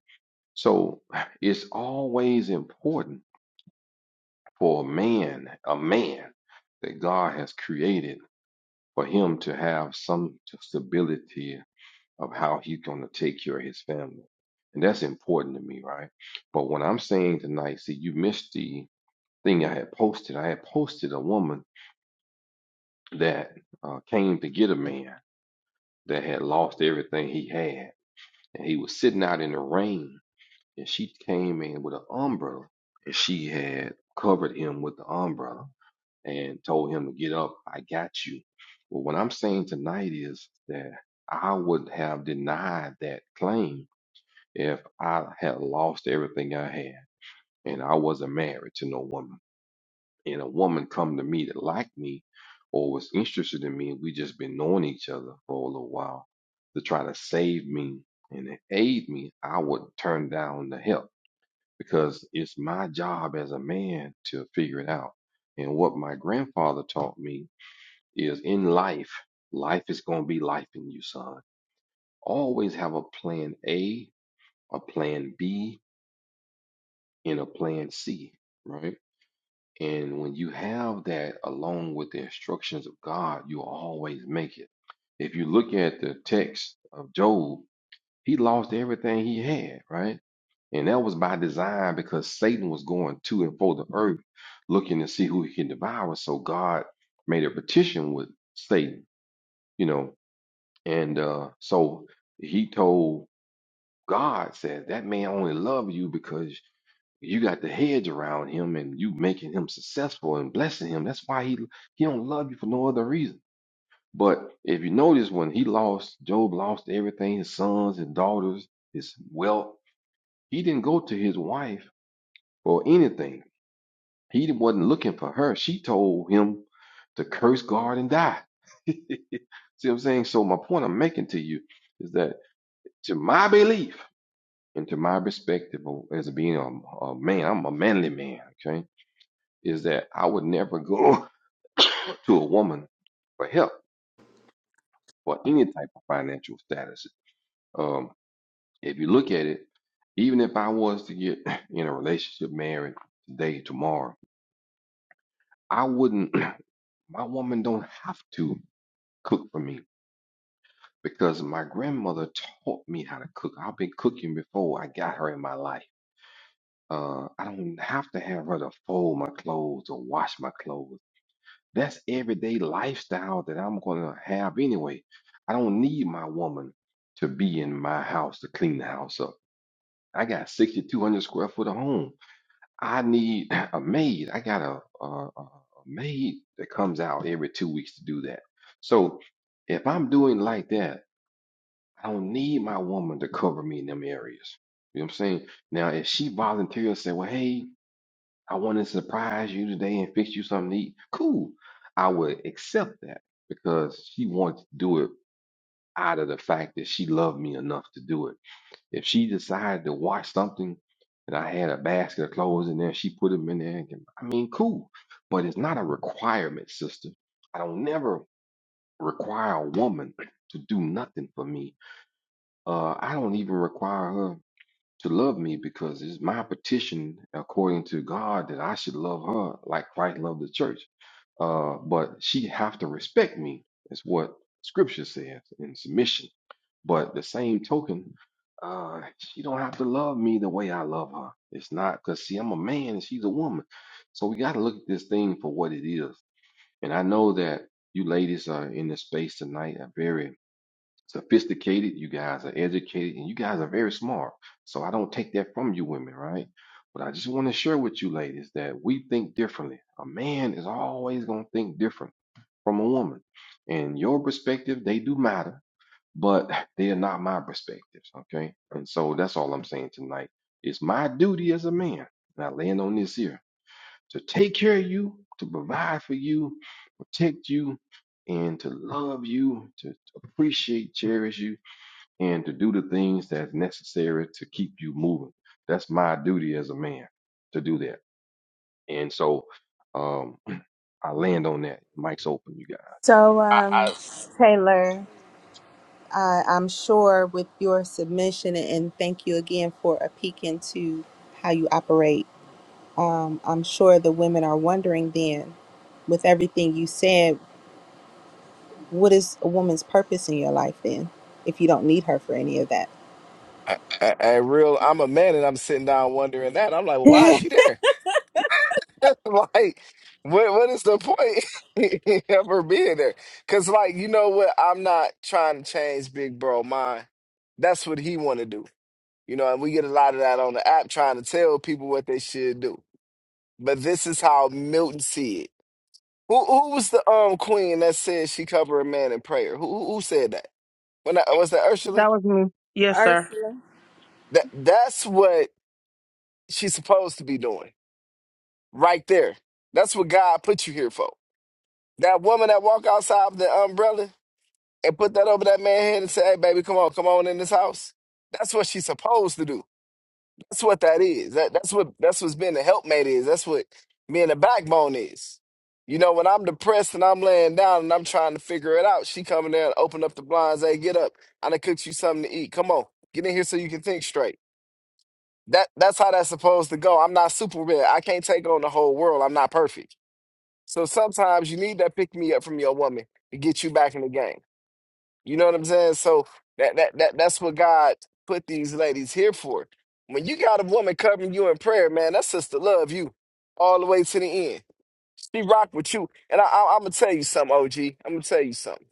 Speaker 6: So it's always important for a man, a man that God has created, for him to have some stability of how he's going to take care of his family. And that's important to me, right? But what I'm saying tonight, see, you missed the thing I had posted. I had posted a woman that uh, came to get a man that had lost everything he had. And he was sitting out in the rain. And she came in with an umbrella. And she had covered him with the umbrella and told him to get up. I got you. Well, what I'm saying tonight is that I would have denied that claim if I had lost everything I had and I wasn't married to no woman, and a woman come to me that liked me or was interested in me, and we just been knowing each other for a little while to try to save me and to aid me, I would turn down the help because it's my job as a man to figure it out. And what my grandfather taught me is in life, life is going to be life in you, son. Always have a plan A, a plan B, in a plan C, right? And when you have that along with the instructions of God, you'll always make it. If you look at the text of Job, he lost everything he had, right? And that was by design because Satan was going to and fro the earth looking to see who he can devour. So God made a petition with Satan, you know, and uh, so he told God, said, That man only loved you because you got the hedge around him and you making him successful and blessing him. That's why he he don't love you for no other reason. But if you notice when he lost, Job lost everything, his sons, his daughters, his wealth. He didn't go to his wife for anything. He wasn't looking for her. She told him to curse God and die. See what I'm saying? So my point I'm making to you is that to my belief and to my perspective of- as being a, a man, I'm a manly man, okay? is that I would never go to a woman for help for any type of financial status. Um, if you look at it, even if I was to get in a relationship, married today, tomorrow, I wouldn't. My woman don't have to cook for me because my grandmother taught me how to cook. I've been cooking before I got her in my life. Uh, I don't have to have her to fold my clothes or wash my clothes. That's everyday lifestyle that I'm going to have anyway. I don't need my woman to be in my house to clean the house up. I got 6,200 square foot of home. I need a maid. I got a, a, a a maid that comes out every two weeks to do that. So if I'm doing like that, I don't need my woman to cover me in them areas. You know what I'm saying? Now, if she voluntarily say, well, hey, I want to surprise you today and fix you something to eat. Cool. I would accept that because she wants to do it out of the fact that she loved me enough to do it. If she decided to wash something and I had a basket of clothes in there, she put them in there. And, I mean, cool. But it's not a requirement, sister. I don't never require a woman to do nothing for me. Uh, I don't even require her to love me because it's my petition according to God that I should love her like Christ loved the church. Uh, but she have to respect me. That's what Scripture says in submission. But the same token, uh, she don't have to love me the way I love her. It's not because see, I'm a man and she's a woman. So we got to look at this thing for what it is. And I know that you ladies are in this space tonight, are very sophisticated, you guys are educated, and you guys are very smart. So I don't take that from you women, right? But I just want to share with you ladies that we think differently. A man is always going to think different from a woman. And your perspective, they do matter, but they are not my perspectives, okay? And so that's all I'm saying tonight. It's my duty as a man, and I land on this here, to take care of you, to provide for you, protect you, and to love you, to appreciate, cherish you, and to do the things that's necessary to keep you moving. That's my duty as a man to do that. And so um, I land on that. Mike's open, you guys.
Speaker 2: So,
Speaker 7: I,
Speaker 2: um,
Speaker 7: I, s-
Speaker 2: Taylor. I, I'm sure with your submission, and thank you again for a peek into how you operate. Um, I'm sure the women are wondering then, with everything you said, what is a woman's purpose in your life then, if you don't need her for any of that?
Speaker 7: I, I- I real, I'm a man, and I'm sitting down wondering that. I'm like, well, why is she there? like, what, what is the point of her being there? Because, like, you know what? I'm not trying to change Big Bro mind. That's what he want to do. You know, and we get a lot of that on the app trying to tell people what they should do. But this is how Milton see it. Who who was the um queen that said she covered a man in prayer? Who who, who said that? When I, was that Ursula?
Speaker 5: That was me. Yes, sir.
Speaker 7: That that's what she's supposed to be doing right there. That's what God put you here for. That woman that walk outside of the umbrella and put that over that man's head and say, "Hey, baby, come on, come on in this house." That's what she's supposed to do. That's what that is. That, that's what that's what's being a helpmate is. That's what being a backbone is. You know, when I'm depressed and I'm laying down and I'm trying to figure it out, she coming there and open up the blinds. Hey, get up! I done cooked you something to eat. Come on, get in here so you can think straight. That that's how that's supposed to go. I'm not Superman. I can't take on the whole world. I'm not perfect. So sometimes you need that pick me up from your woman to get you back in the game. You know what I'm saying? So that that that that's what God put these ladies here for. When you got a woman covering you in prayer, man, that sister love you all the way to the end. She rock with you, and I, I, I'm gonna tell you something, OG. I'm gonna tell you something.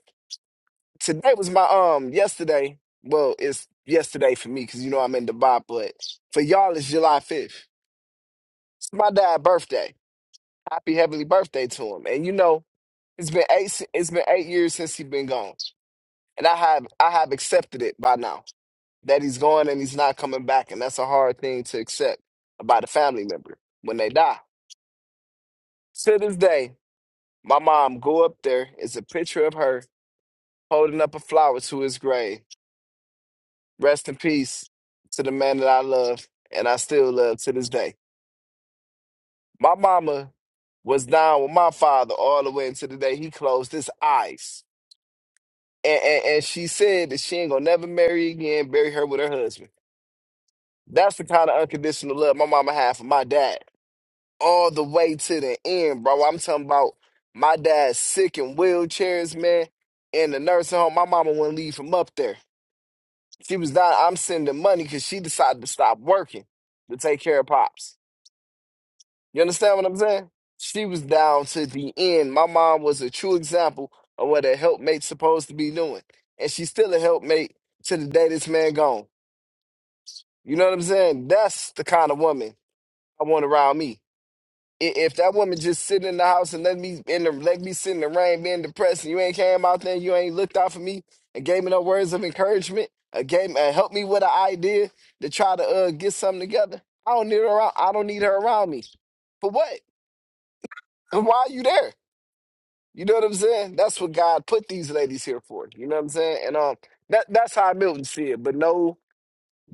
Speaker 7: Today was my um yesterday. Well, it's yesterday for me because you know I'm in Dubai, but for y'all it's July 5th. It's my dad's birthday. Happy heavenly birthday to him. And you know it's been eight it's been eight years since he been gone, and I have I have accepted it by now. that he's going and he's not coming back. And that's a hard thing to accept about a family member when they die. To this day, my mom go up there, it's a picture of her holding up a flower to his grave. Rest in peace to the man that I love and I still love to this day. My mama was down with my father all the way until the day he closed his eyes. And, and, and she said that she ain't gonna never marry again, bury her with her husband. That's the kind of unconditional love my mama had for my dad all the way to the end, bro. I'm talking about my dad's sick in wheelchairs, man. In the nursing home, my mama wouldn't leave him up there. She was not. I'm sending money because she decided to stop working to take care of pops. You understand what I'm saying? She was down to the end. My mom was a true example of what a helpmate's supposed to be doing, and she's still a helpmate to the day this man gone. You know what I'm saying? That's the kind of woman I want around me. i- if that woman just sitting in the house and let me in the let me sit in the rain being depressed and you ain't came out there and you ain't looked out for me and gave me no words of encouragement, a game and helped me with an idea to try to uh, get something together. I don't need her around I don't need her around me. For what? And why are you there? You know what I'm saying? That's what God put these ladies here for. You know what I'm saying? And um that that's how Milton see it. But no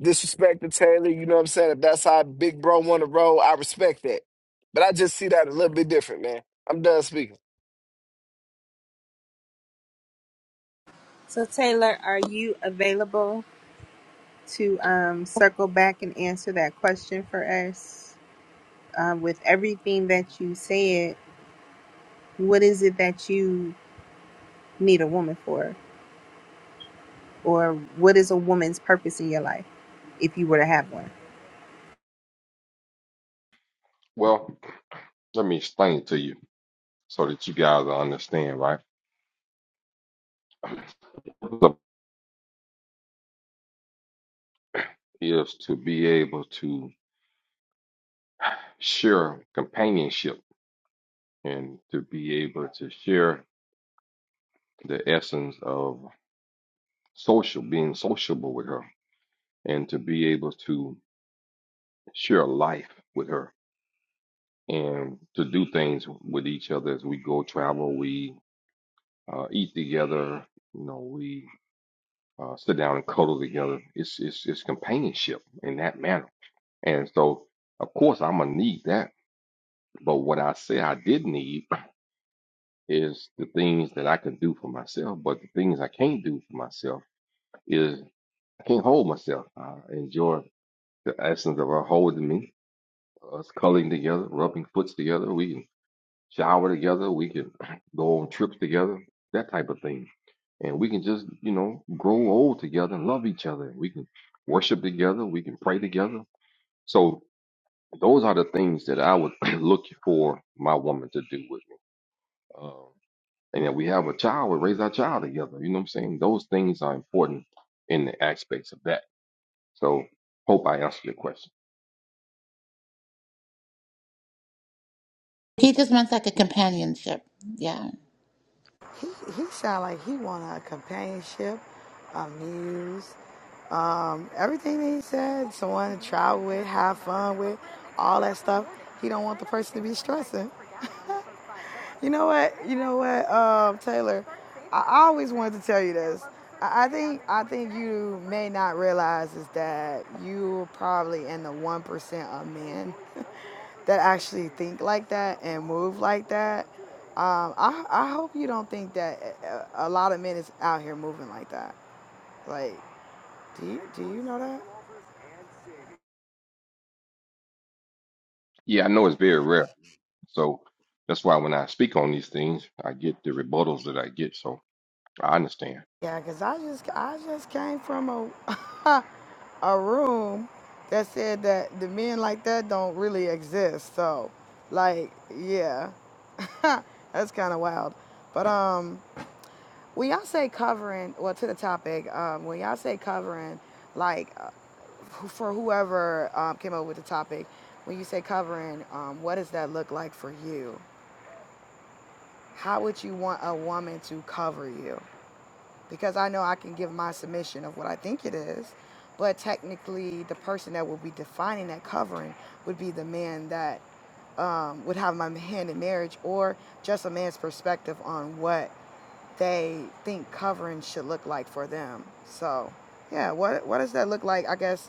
Speaker 7: disrespect to Taylor, you know what I'm saying? If that's how Big Bro wanna roll, I respect that. But I just see that a little bit different, man. I'm done speaking.
Speaker 2: so, Taylor, are you available to um, circle back and answer that question for us? Um, with everything that you said, what is it that you need a woman for? Or what is a woman's purpose in your life if you were to have one?
Speaker 6: Well, let me explain it to you so that you guys will understand, right? The is to be able to share companionship and to be able to share the essence of social, being sociable with her, and to be able to share life with her. and to do things with each other as we go travel. We uh, eat together. You know, we uh, sit down and cuddle together. It's it's it's companionship in that manner. And so, of course, I'm gonna need that. But what I say I did need is the things that I can do for myself. But the things I can't do for myself is I can't hold myself. I enjoy the essence of her holding me, us cuddling together, rubbing foots together. We shower together. We can go on trips together, that type of thing. And we can just, you know, grow old together and love each other. We can worship together. We can pray together. So those are the things that I would look for my woman to do with me. Um, and if we have a child, we raise our child together. You know what I'm saying? Those things are important in the aspects of that. So hope I answered your question.
Speaker 3: He just wants like a companionship. Yeah.
Speaker 8: He he sound like he want a companionship, a muse, um, everything that he said, someone to travel with, have fun with, all that stuff. He don't want the person to be stressing. You know what? You know what, um, Taylor? I always wanted to tell you this. I think I think you may not realize is that you are probably in the one percent of men that actually think like that and move like that. Um, I I hope you don't think that uh, a lot of men is out here moving like that. Like, do you do you know that?
Speaker 6: Yeah, I know it's very rare. So that's why when I speak on these things, I get the rebuttals that I get. So I understand.
Speaker 8: Yeah, 'cause I just I just came from a a room that said that the men like that don't really exist. So, like, yeah, that's kind of wild. But um, when y'all say covering, well, to the topic, um, when y'all say covering, like, uh, wh- for whoever um, came up with the topic, when you say covering, um, what does that look like for you? How would you want a woman to cover you? because I know I can give my submission of what I think it is. But technically, the person that will be defining that covering would be the man that um, would have my hand in marriage, or just a man's perspective on what they think covering should look like for them. So, yeah, what what does that look like? I guess,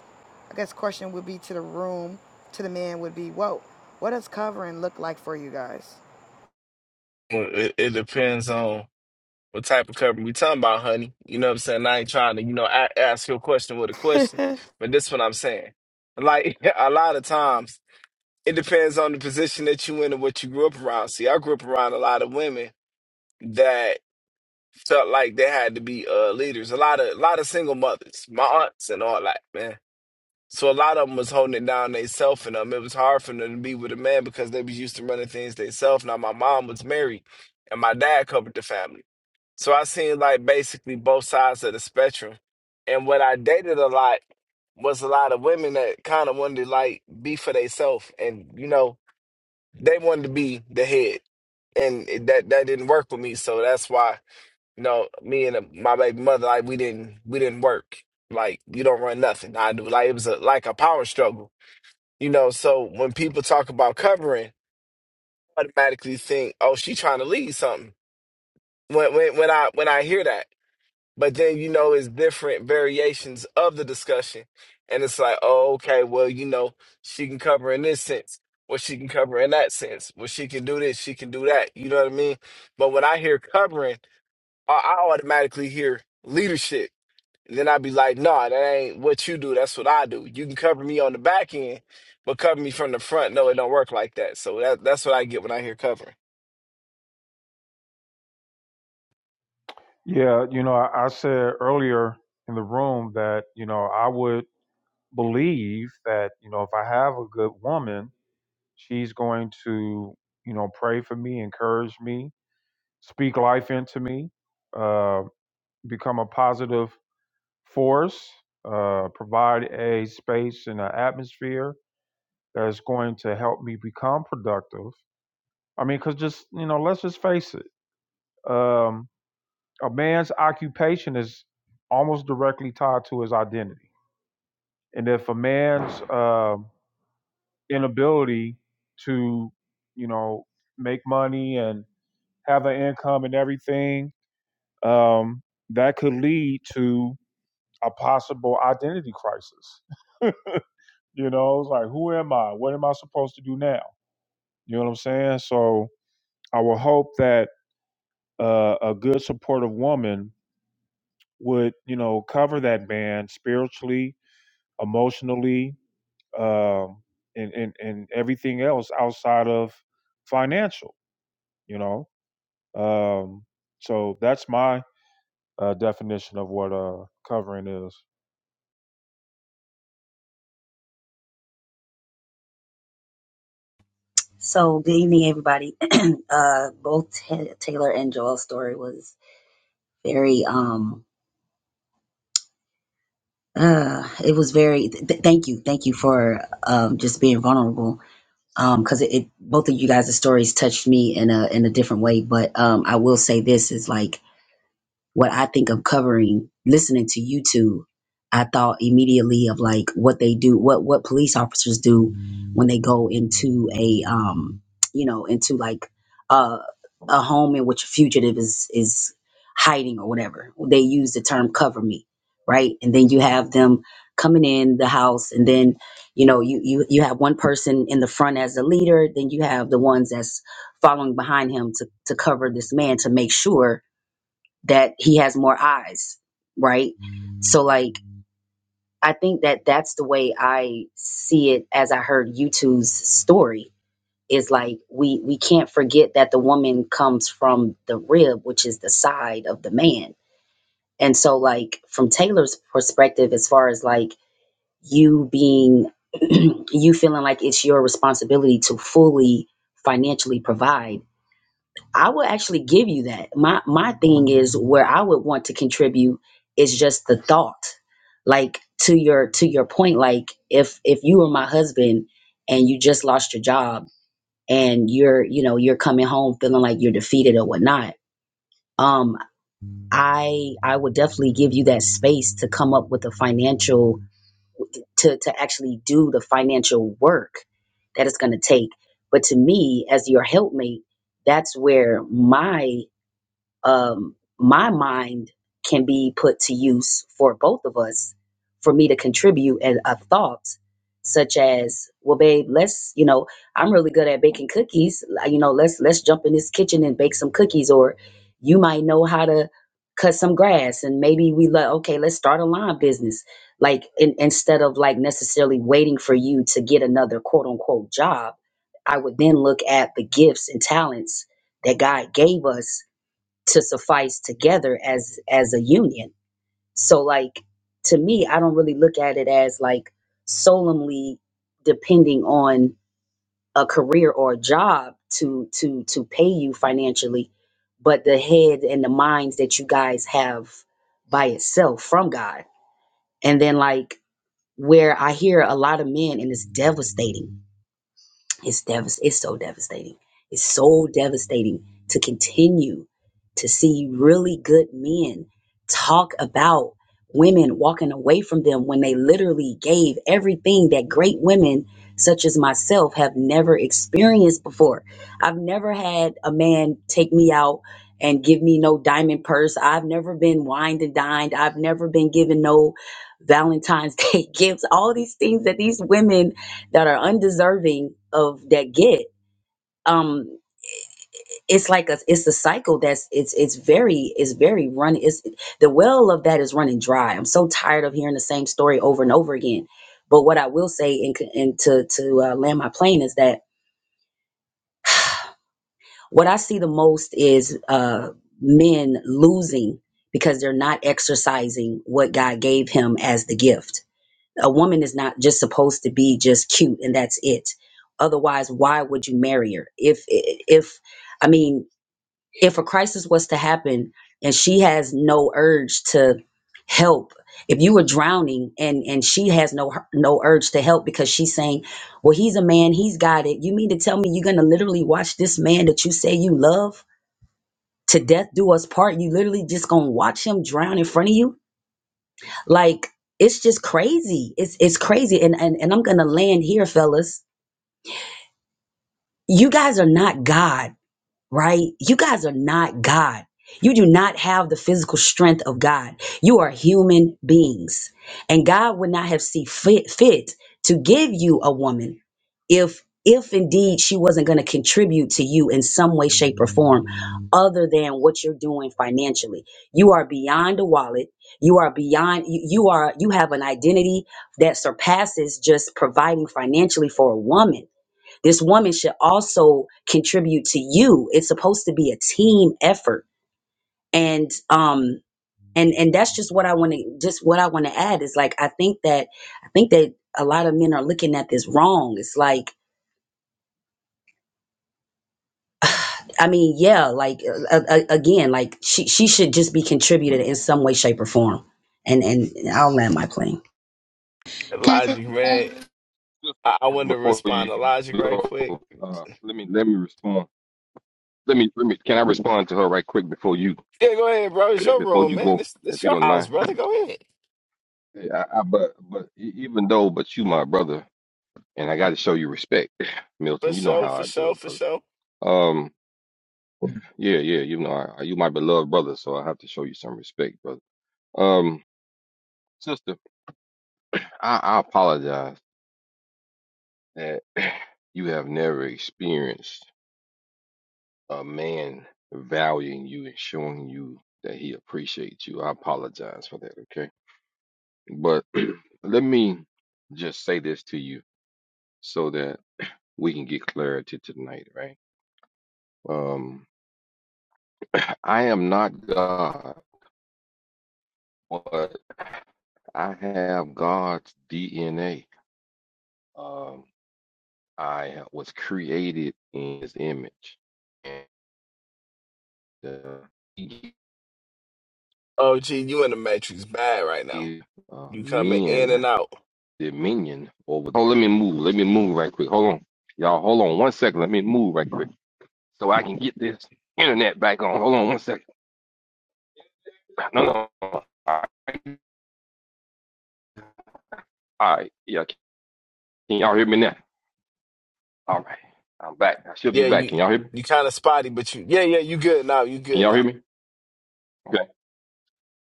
Speaker 8: I guess question would be to the room, to the man would be, whoa, what does covering look like for you guys?
Speaker 7: Well, it, it depends on what type of cover we talking about, honey. You know what I'm saying? I ain't trying to, you know, a- ask your question with a question, but this what I'm saying. Like a lot of times, it depends on the position that you in and what you grew up around. See, I grew up around a lot of women that felt like they had to be uh, leaders. A lot of, a lot of single mothers, my aunts and all that, man. So a lot of them was holding it down themselves, and um, it was hard for them to be with a man because they was used to running things themselves. Now my mom was married and my dad covered the family. So I seen like basically both sides of the spectrum. And what I dated a lot was a lot of women that kind of wanted to like be for themselves and you know, they wanted to be the head. And it- that that didn't work with me. So that's why, you know, me and uh, my baby mother, like we didn't we didn't work. Like you don't run nothing. I do like it was a like a power struggle. You know, so when people talk about covering, automatically think, oh, she trying to lead something. When when when I when I hear that. But then, you know, it's different variations of the discussion. And it's like, oh, okay, well, you know, she can cover in this sense, or she can cover in that sense. or she can do this, she can do that. You know what I mean? But when I hear covering, I I automatically hear leadership. And then I'd be like, no, nah, that ain't what you do. That's what I do. You can cover me on the back end, but cover me from the front. No, it don't work like that. So that, that's what I get when I hear covering.
Speaker 1: Yeah, you know, I, I said earlier in the room that, you know, I would believe that, you know, if I have a good woman, she's going to, you know, pray for me, encourage me, speak life into me, uh, become a positive force, uh, provide a space and an atmosphere that is going to help me become productive. I mean, because just, you know, let's just face it. Um, a man's occupation is almost directly tied to his identity. And if a man's uh, inability to, you know, make money and have an income and everything, um, that could lead to a possible identity crisis. you know, it's like, who am I? What am I supposed to do now? You know what I'm saying? So I would hope that uh, a good supportive woman would, you know, cover that man spiritually, emotionally, um, and, and and everything else outside of financial. You know, um, so that's my uh, definition of what uh, covering is.
Speaker 9: So good evening, everybody. uh, both Ta Taylor and Joel's story was very, um, uh, it was very. Th- th- thank you, thank you for um, just being vulnerable. Um, because it, it both of you guys' stories touched me in a in a different way. But um, I will say this is like what I think of covering listening to YouTube, I thought immediately of like what they do, what what police officers do when they go into a um, you know, into like a a home in which a fugitive is is hiding or whatever. They use the term cover me, right? And then you have them coming in the house and then you know you you you have one person in the front as the leader then you have the ones that's following behind him to to cover this man to make sure that he has more eyes, right? So like I think that that's the way I see it as I heard you two's story is like we we can't forget that the woman comes from the rib, which is the side of the man. And so like from Taylor's perspective as far as like you being you feeling like it's your responsibility to fully financially provide I would actually give you that. My my thing is where I would want to contribute is just the thought. Like to your to your point, like if if you were my husband and you just lost your job and you're you know you're coming home feeling like you're defeated or whatnot, um, I I would definitely give you that space to come up with a financial to to actually do the financial work that it's going to take. But to me, as your helpmate, that's where my um, my mind can be put to use for both of us for me to contribute and a thought such as well babe let's you know i'm really good at baking cookies like, you know let's let's jump in this kitchen and bake some cookies or you might know how to cut some grass and maybe we like okay let's start a lawn business like in, instead of like necessarily waiting for you to get another quote unquote job i would then look at the gifts and talents that god gave us to suffice together as as a union so like to me i don't really look at it as like solemnly depending on a career or a job to to to pay you financially but the head and the minds that you guys have by itself from god and then like where i hear a lot of men and it's devastating it's devast- it's so devastating. It's so devastating to continue to see really good men talk about women walking away from them when they literally gave everything that great women such as myself have never experienced before. I've never had a man take me out and give me no diamond purse. I've never been wined and dined. I've never been given no Valentine's Day gifts. All these things that these women that are undeserving of that gift. um it's like a it's a cycle that's it's it's very it's very run it's the well of that is running dry i'm so tired of hearing the same story over and over again but what i will say and, c- and to to uh, land my plane is that what i see the most is uh men losing because they're not exercising what god gave him as the gift a woman is not just supposed to be just cute and that's it otherwise why would you marry her if if i mean if a crisis was to happen and she has no urge to help if you were drowning and and she has no hu- no urge to help because she's saying well he's a man he's got it you mean to tell me you're gonna literally watch this man that you say you love to death do us part you literally just gonna watch him drown in front of you like it's just crazy. It's it's crazy. And and, and I'm gonna land here, fellas. You guys are not God right? You guys are not God. You do not have the physical strength of God. You are human beings. And God would not have seen fit, fit to give you a woman if if indeed she wasn't going to contribute to you in some way shape or form other than what you're doing financially you are beyond a wallet you are beyond you, you are you have an identity that surpasses just providing financially for a woman this woman should also contribute to you it's supposed to be a team effort and um and and that's just what i want to just what i want to add is like i think that i think that a lot of men are looking at this wrong it's like i mean yeah like uh, uh, uh, again like she she should just be contributed in some way shape or form and and i'll land my plane
Speaker 3: Can I say
Speaker 7: Logic, man.
Speaker 3: something?
Speaker 7: I,
Speaker 6: Sister,
Speaker 7: I wanted to
Speaker 6: before
Speaker 7: respond
Speaker 6: you
Speaker 7: to Logic right
Speaker 6: go,
Speaker 7: quick.
Speaker 6: uh, let me let me respond. Let me let me. Can I respond to her right quick before you
Speaker 7: Yeah, go ahead, bro. It's your
Speaker 6: before
Speaker 7: room,
Speaker 6: you
Speaker 7: man.
Speaker 6: go,
Speaker 7: This this
Speaker 6: if you
Speaker 7: your
Speaker 6: don't
Speaker 7: house,
Speaker 6: mind?
Speaker 7: brother. Go ahead.
Speaker 6: Hey, I, I, but but e- even though, but you my brother, and I got to show you respect,
Speaker 7: For
Speaker 6: Milton. You know
Speaker 7: sure,
Speaker 6: how
Speaker 7: for
Speaker 6: I do
Speaker 7: sure,
Speaker 6: it,
Speaker 7: for
Speaker 6: brother.
Speaker 7: sure.
Speaker 6: Um, yeah, yeah. You know, I, I- you my beloved brother, so I have to show you some respect, brother. Um, sister, I, I apologize that you have never experienced. a man valuing you and showing you that he appreciates you. I apologize for that, okay? But let me just say this to you so that we can get clarity tonight, right? Um, I am not God, but I have God's DNA. Um, I was created in His image, and uh, He
Speaker 7: Oh, gee, you in the matrix bad right now.
Speaker 6: gave uh,
Speaker 7: You coming in
Speaker 6: men
Speaker 7: and out.
Speaker 6: dominion over. Oh, let me move. Let me move right quick. Hold on, y'all. Hold on one second. Let me move right quick so I can get this internet back on. Hold on one second. No, no. no. All right. All right. Yeah. Can y'all hear me now? All right. I'm back. I should be
Speaker 7: Yeah,
Speaker 6: back. Can
Speaker 7: you
Speaker 6: y'all hear me?
Speaker 7: you kind of spotty, but you yeah yeah you good now. You
Speaker 6: Can
Speaker 7: good
Speaker 6: y'all hear
Speaker 7: now.
Speaker 6: me? Okay.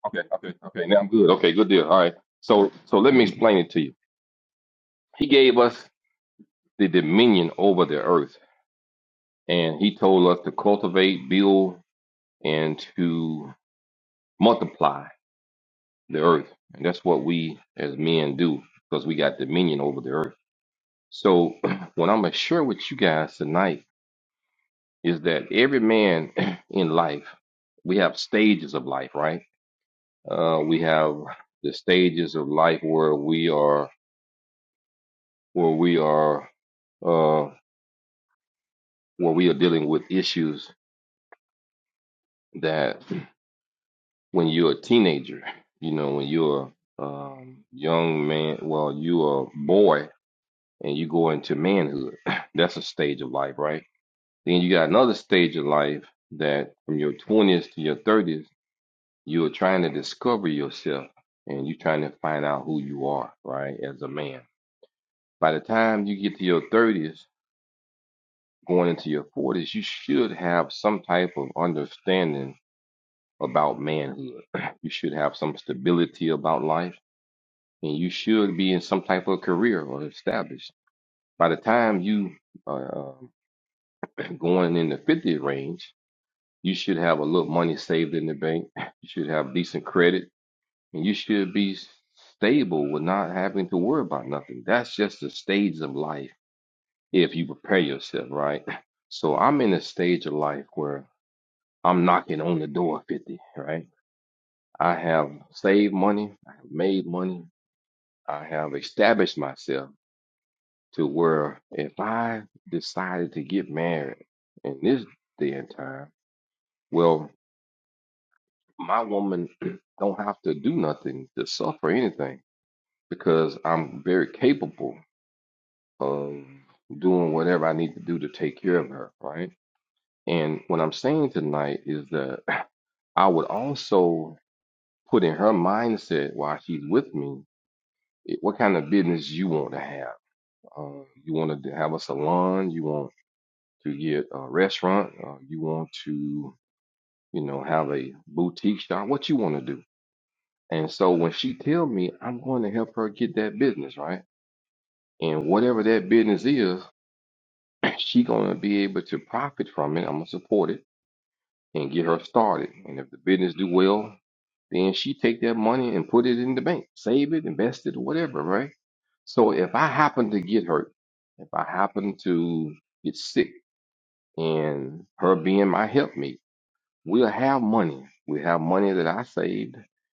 Speaker 6: Okay. Okay. Okay. Now I'm good. Okay. Good deal. All right. So, so let me explain it to you. He gave us the dominion over the earth, and he told us to cultivate, build, and to multiply the earth. And that's what we as men do because we got dominion over the earth. So, what I'm going to share with you guys tonight is that every man in life, we have stages of life, right? Uh, we have the stages of life where we are, where we are, uh, where we are dealing with issues that when you're a teenager, you know, when you're a um, young man, well, you're a boy, and you go into manhood. That's a stage of life, right? Then you got another stage of life that from your 20s to your 30s, you're trying to discover yourself and you're trying to find out who you are, right, as a man. By the time you get to your 30s, going into your 40s, you should have some type of understanding about manhood. You should have some stability about life and you should be in some type of career or established. By the time you uh, um, going in the 50 range, you should have a little money saved in the bank. You should have decent credit and you should be stable with not having to worry about nothing. That's just the stage of life if you prepare yourself, right? So I'm in a stage of life where I'm knocking on the door of 50, right? I have saved money, I have made money, I have established myself to where if I decided to get married in this day and time, well, my woman don't have to do nothing to suffer anything because I'm very capable of doing whatever I need to do to take care of her, right? And what I'm saying tonight is that I would also put in her mindset while she's with me, eh, what kind of business you want to have. Uh, you want to have a salon, you want to get a restaurant, uh, you want to, you know, have a boutique shop, what you want to do And so when she tell me I'm going to help her get that business, right? And whatever that business is, she gonna be able to profit from it. I'm gonna support it and get her started. And if the business do well, then she take that money and put it in the bank, save it, invest it, whatever, right? So if I happen to get hurt, if I happen to get sick and her being my helpmate, We'll have money. We have money that I saved.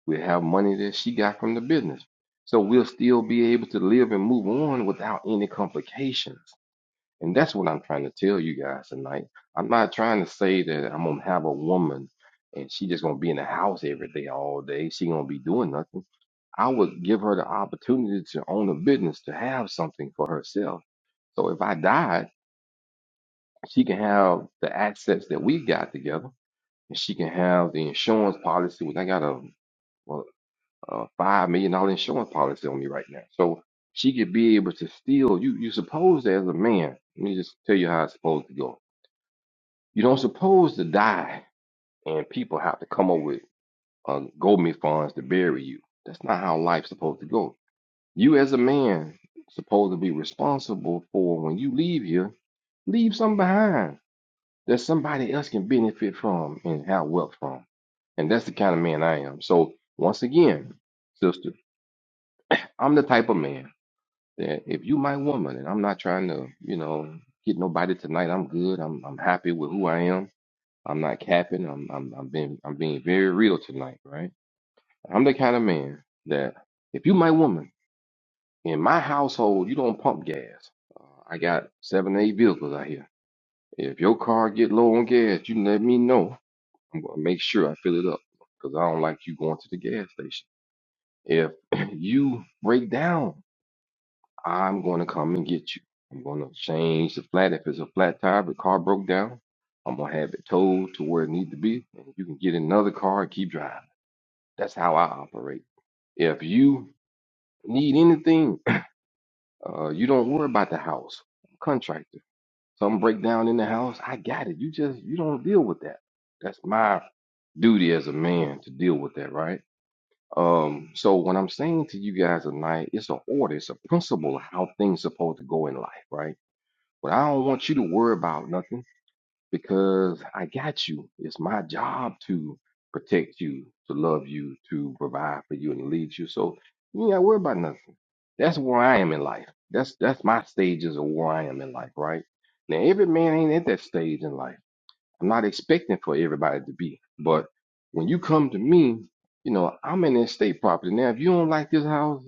Speaker 6: We have money that she got from the business. So we'll still be able to live and move on without any complications. And that's what I'm trying to tell you guys tonight. I'm not trying to say that I'm gonna have a woman and she just gonna be in the house every day, all day. She gonna be doing nothing. I would give her the opportunity to own a business, to have something for herself. So if I died, she can have the assets that we got together and she can have the insurance policy. Which I got a, well, a five million dollar insurance policy on me right now, so she could be able to steal. You you supposed to, as a man, let me just tell you how it's supposed to go. You don't supposed to die, and people have to come up with uh, GoMe funds to bury you. That's not how life's supposed to go. You as a man supposed to be responsible for when you leave here, leave something behind that somebody else can benefit from and have wealth from. And that's the kind of man I am. So once again, sister, I'm the type of man that if you my woman and I'm not trying to, you know, get nobody tonight, I'm good. I'm I'm happy with who I am. I'm not capping. I'm I'm I'm being I'm being very real tonight, right? I'm the kind of man that if you my woman in my household, you don't pump gas. Uh, I got seven, eight vehicles out here. If your car get low on gas, you let me know. I'm gonna make sure I fill it up because I don't like you going to the gas station. If you break down, I'm going to come and get you. I'm going to change the flat. If it's a flat tire, the car broke down, I'm going to have it towed to where it needs to be, and you can get in another car and keep driving. That's how I operate. If you need anything, uh, you don't worry about the house. I'm a contractor. Something break down in the house, I got it. You just you don't deal with that. That's my duty as a man to deal with that, right? Um, so what I'm saying to you guys tonight, it's an order, it's a principle of how things supposed to go in life, right? But I don't want you to worry about nothing because I got you. It's my job to protect you, to love you, to provide for you and lead you. So you ain't gotta worry about nothing. That's where I am in life. That's that's my stages of where I am in life, right? Now every man ain't at that stage in life. I'm not expecting for everybody to be. But when you come to me, you know, I'm in estate property. Now, if you don't like this house,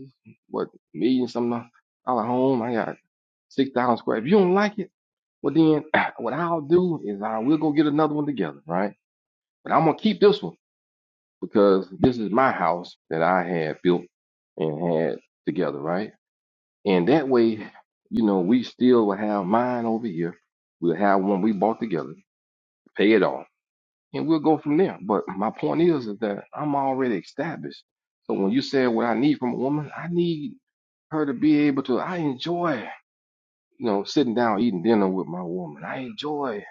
Speaker 6: what, million something dollar home, I got 6,000 square. If you don't like it, well, then what I'll do is I will go get another one together, right? But I'm going to keep this one because this is my house that I had built and had together, right? And that way, you know, we still will have mine over here. We'll have one we bought together, pay it off and we'll go from there. But my point is, is that I'm already established. So when you said what I need from a woman, I need her to be able to. I enjoy, you know, sitting down eating dinner with my woman. I enjoy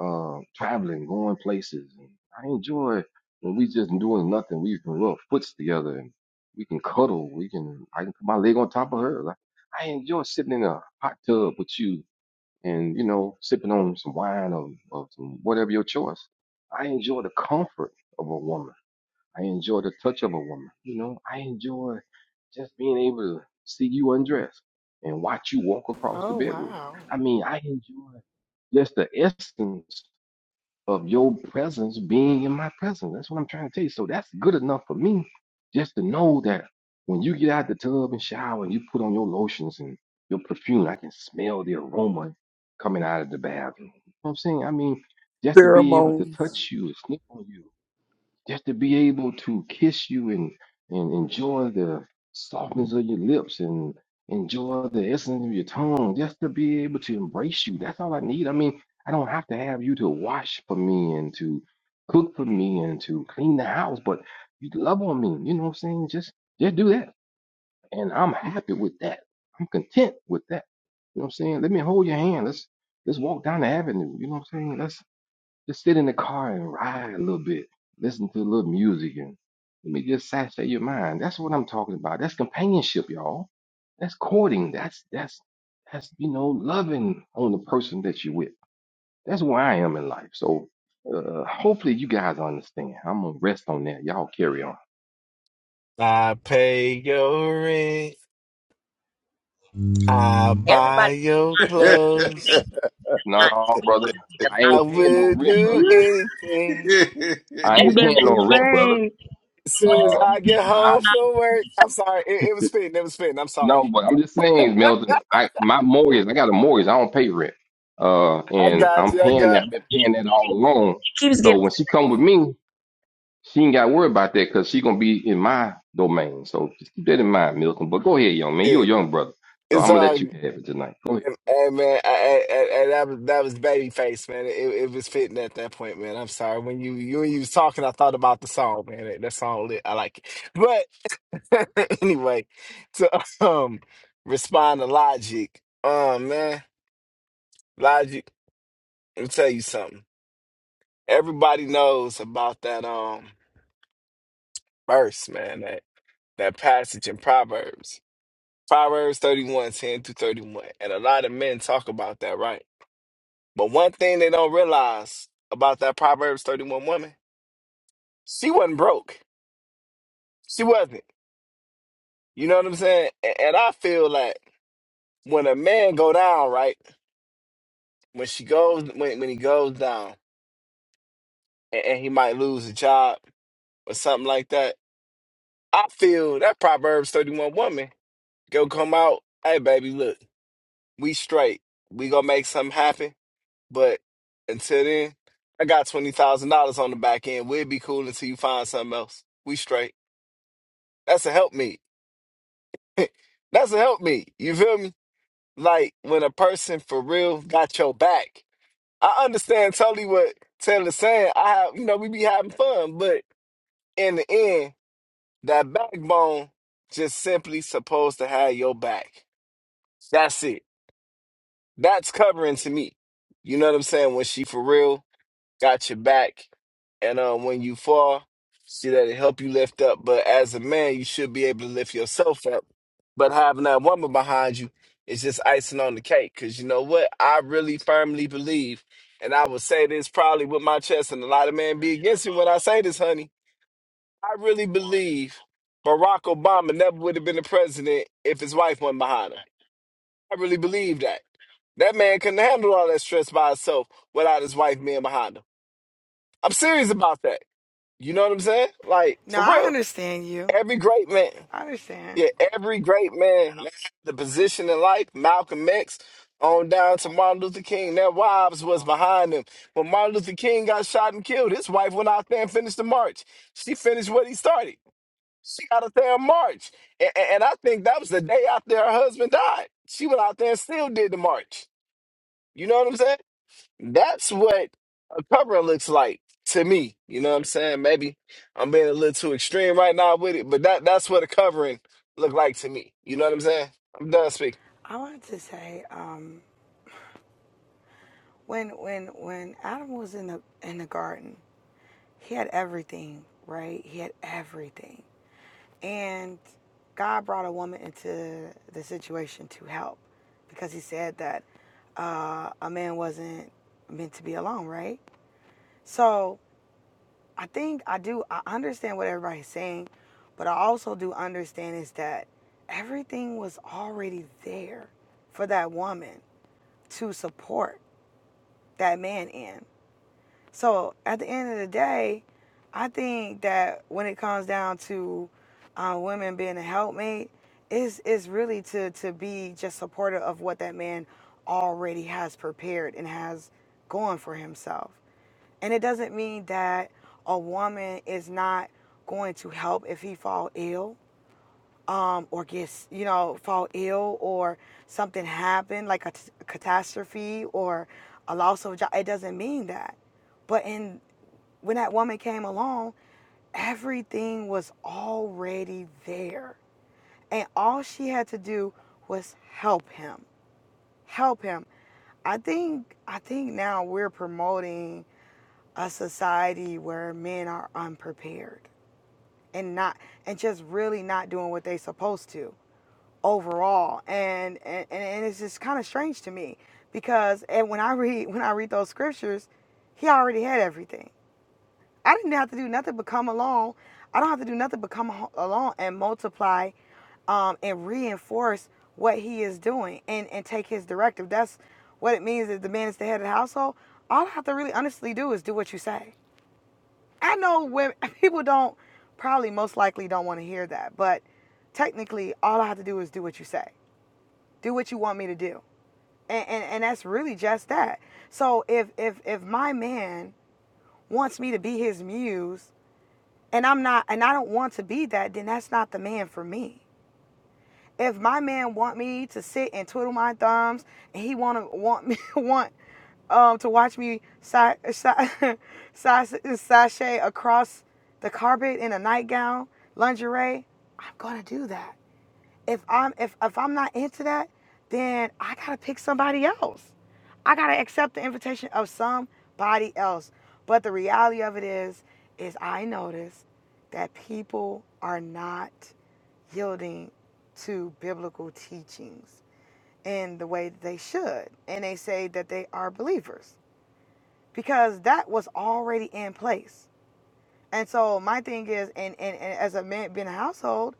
Speaker 6: uh, traveling, going places. I enjoy when we just doing nothing. We can rub foots together and we can cuddle. We can. I can put my leg on top of her. Like, I enjoy sitting in a hot tub with you and you know sipping on some wine or, or some whatever your choice. I enjoy the comfort of a woman. I enjoy the touch of a woman. You know, I enjoy just being able to see you undress and watch you walk across the
Speaker 8: oh
Speaker 6: bedroom.
Speaker 8: wow!
Speaker 6: I mean, I enjoy just the essence of your presence being in my presence. That's what I'm trying to tell you. So that's good enough for me just to know that when you get out the tub and shower and you put on your lotions and your perfume, I can smell the aroma coming out of the bathroom. You know what I'm saying? I mean, just to be able to
Speaker 4: Pheromones.
Speaker 6: touch you sniff on you just to be able to kiss you and and enjoy the softness of your lips and enjoy the essence of your tongue just to be able to embrace you that's all i need i mean i don't have to have you to wash for me and to cook for me and to clean the house but you love on me you know what i'm saying just just do that and i'm happy with that i'm content with that you know what i'm saying let me hold your hand let's let's walk down the avenue you know what i'm saying Let's. Just sit in the car and ride a little bit. Listen to a little music and let me just saturate your mind. That's what I'm talking about. That's companionship, y'all. That's courting. That's that's that's you know loving on the person that you're with. That's where I am in life. So uh, hopefully you guys understand. I'm gonna rest on that. Y'all carry on.
Speaker 7: I, I
Speaker 9: Every
Speaker 7: buy your clothes.
Speaker 6: No, brother, I
Speaker 7: I
Speaker 6: ain't paying no
Speaker 7: will
Speaker 6: rent,
Speaker 7: do
Speaker 6: brother.
Speaker 7: anything.
Speaker 6: I
Speaker 5: You've
Speaker 6: ain't
Speaker 5: been
Speaker 6: paying no rent, brother.
Speaker 5: saying
Speaker 7: As soon as
Speaker 6: Uh,
Speaker 7: I get
Speaker 6: I.
Speaker 7: home from work, I'm sorry. It, it was spitting. It was spitting. I'm sorry.
Speaker 6: No, but I'm just saying, Milton. I my mortgage. I got a mortgage. I don't pay rent. Uh,
Speaker 7: I
Speaker 6: and
Speaker 7: got
Speaker 6: I'm
Speaker 7: you. I
Speaker 6: paying
Speaker 7: got
Speaker 6: that. I've been paying that all along.
Speaker 9: Keeps getting.
Speaker 6: So when she come with me, she ain't got to worry about that because she gonna be in my domain. So just keep that in mind, Milton. But go ahead, young man. You're a
Speaker 7: it.
Speaker 6: young brother, so
Speaker 7: It's
Speaker 6: I'm gonna let you
Speaker 7: all.
Speaker 6: have it tonight. Go ahead.
Speaker 7: Hey man, I, I, I, that was that was Babyface, man. It, it was fitting at that point, man. I'm sorry when you you when you was talking, I thought about the song, man. That, that song lit, I like it. But anyway, to um respond to Logic, um man, Logic, let me tell you something. Everybody knows about that um verse, man. That that passage in Proverbs, Proverbs thirty-one ten 10 through 31, and a lot of men talk about that, right? But one thing they don't realize about that Proverbs 31 woman, she wasn't broke. She wasn't. You know what I'm saying? A- And I feel like when a man go down, right? When she goes, when, when he goes down and, and he might lose a job or something like that, I feel that Proverbs 31 woman go come out, hey baby, look, we straight. We gonna make something happen. But until then, I got $20,000 on the back end. We'll be cool until you find something else. We straight. That's a help That's what helped me. You feel me? Like when a person for real got your back. I understand totally what Taylor's saying. I have, you know, we be having fun, but in the end, that backbone just simply supposed to have your back. That's it. That's covering to me. You know what I'm saying? When she for real got your back, and um, when you fall, see that it help you lift up. But as a man, you should be able to lift yourself up. But having that woman behind you is just icing on the cake. Cause you know what? I really firmly believe, and I will say this probably with my chest, and a lot of men be against me when I say this, honey. I really believe Barack Obama never would have been the president if his wife wasn't behind him. I really believe that. That man couldn't handle all that stress by himself without his wife being behind him. I'm serious about that. You know what I'm saying? Like
Speaker 8: No,
Speaker 7: for
Speaker 8: I
Speaker 7: real.
Speaker 8: understand you.
Speaker 7: Every great man,
Speaker 8: I understand.
Speaker 7: yeah, every great man, the position in life, Malcolm X, on down to Martin Luther King, their wives was behind them. When Martin Luther King got shot and killed, his wife went out there and finished the march. She finished what he started. She got out there and marched, and, and I think that was the day after her husband died. She went out there and still did the march. You know what I'm saying? That's what a cover looks like to me. You know what I'm saying? Maybe I'm being a little too extreme right now with it, but that that's what a covering look like to me. You know what I'm saying? I'm done speaking.
Speaker 8: I wanted to say, um, when when when Adam was in the in the garden, he had everything, right? He had everything, and God brought a woman into the situation to help, because He said that uh, a man wasn't meant to be alone, right? So I think I do. I understand what everybody's saying, but I also do understand is that everything was already there for that woman to support that man in. So at the end of the day, I think that when it comes down to uh, women being a helpmate, it's it's really to to be just supportive of what that man already has prepared and has going for himself. And it doesn't mean that a woman is not going to help if he fall ill um, or gets you know fall ill or something happen like a t- a catastrophe or a loss of job. It doesn't mean that but in when that woman came along, everything was already there. And all she had to do was help him. Help him. I think I think now we're promoting a society where men are unprepared and not and just really not doing what they are supposed to overall. And and, and it's just kind of strange to me because and when I read when I read those scriptures, he already had everything. I didn't have to do nothing but come along. I don't have to do nothing but come along and multiply um, and reinforce what he is doing and, and take his directive. That's what it means that the man is the head of the household. All I have to really honestly do is do what you say. I know women people don't probably most likely don't want to hear that, but technically all I have to do is do what you say. Do what you want me to do. And and, and that's really just that. So if if if my man wants me to be his muse and I'm not and I don't want to be that, then that's not the man for me. If my man want me to sit and twiddle my thumbs and he want to want me want um to watch me sa- sa- sashay across the carpet in a nightgown, lingerie, I'm going to do that if I'm if if I'm not into that, then I gotta pick somebody else. I gotta accept the invitation of somebody else. But the reality of it is, is I notice that people are not yielding to biblical teachings in the way that they should. And they say that they are believers. Because that was already in place. And so my thing is and, and, and as a man being a household,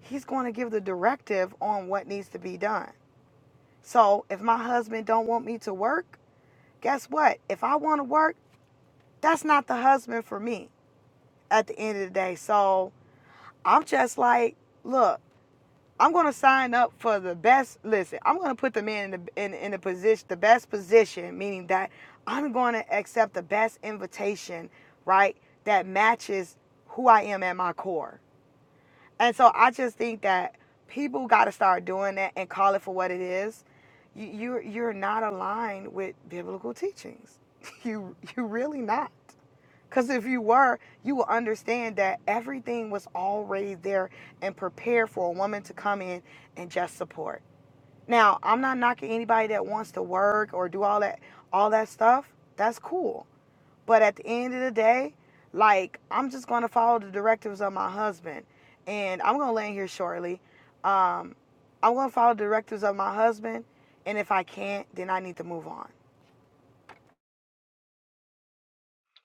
Speaker 8: he's going to give the directive on what needs to be done so if my husband don't want me to work, guess what? If I want to work, that's not the husband for me at the end of the day. So I'm just like, look, I'm gonna sign up for the best. Listen, I'm gonna put the man in the in, in the position, the best position, meaning that I'm gonna accept the best invitation, right? That matches who I am at my core And so I just think that people got to start doing that and call it for what it is. You, you're you're not aligned with biblical teachings. You you really not. Because if you were, you will understand that everything was already there and prepared for a woman to come in and just support. Now I'm not knocking anybody that wants to work or do all that all that stuff. That's cool. But at the end of the day, like I'm just gonna follow the directives of my husband, and I'm gonna land here shortly. Um, I'm gonna follow the directives of my husband, and if I can't, then I need to move on.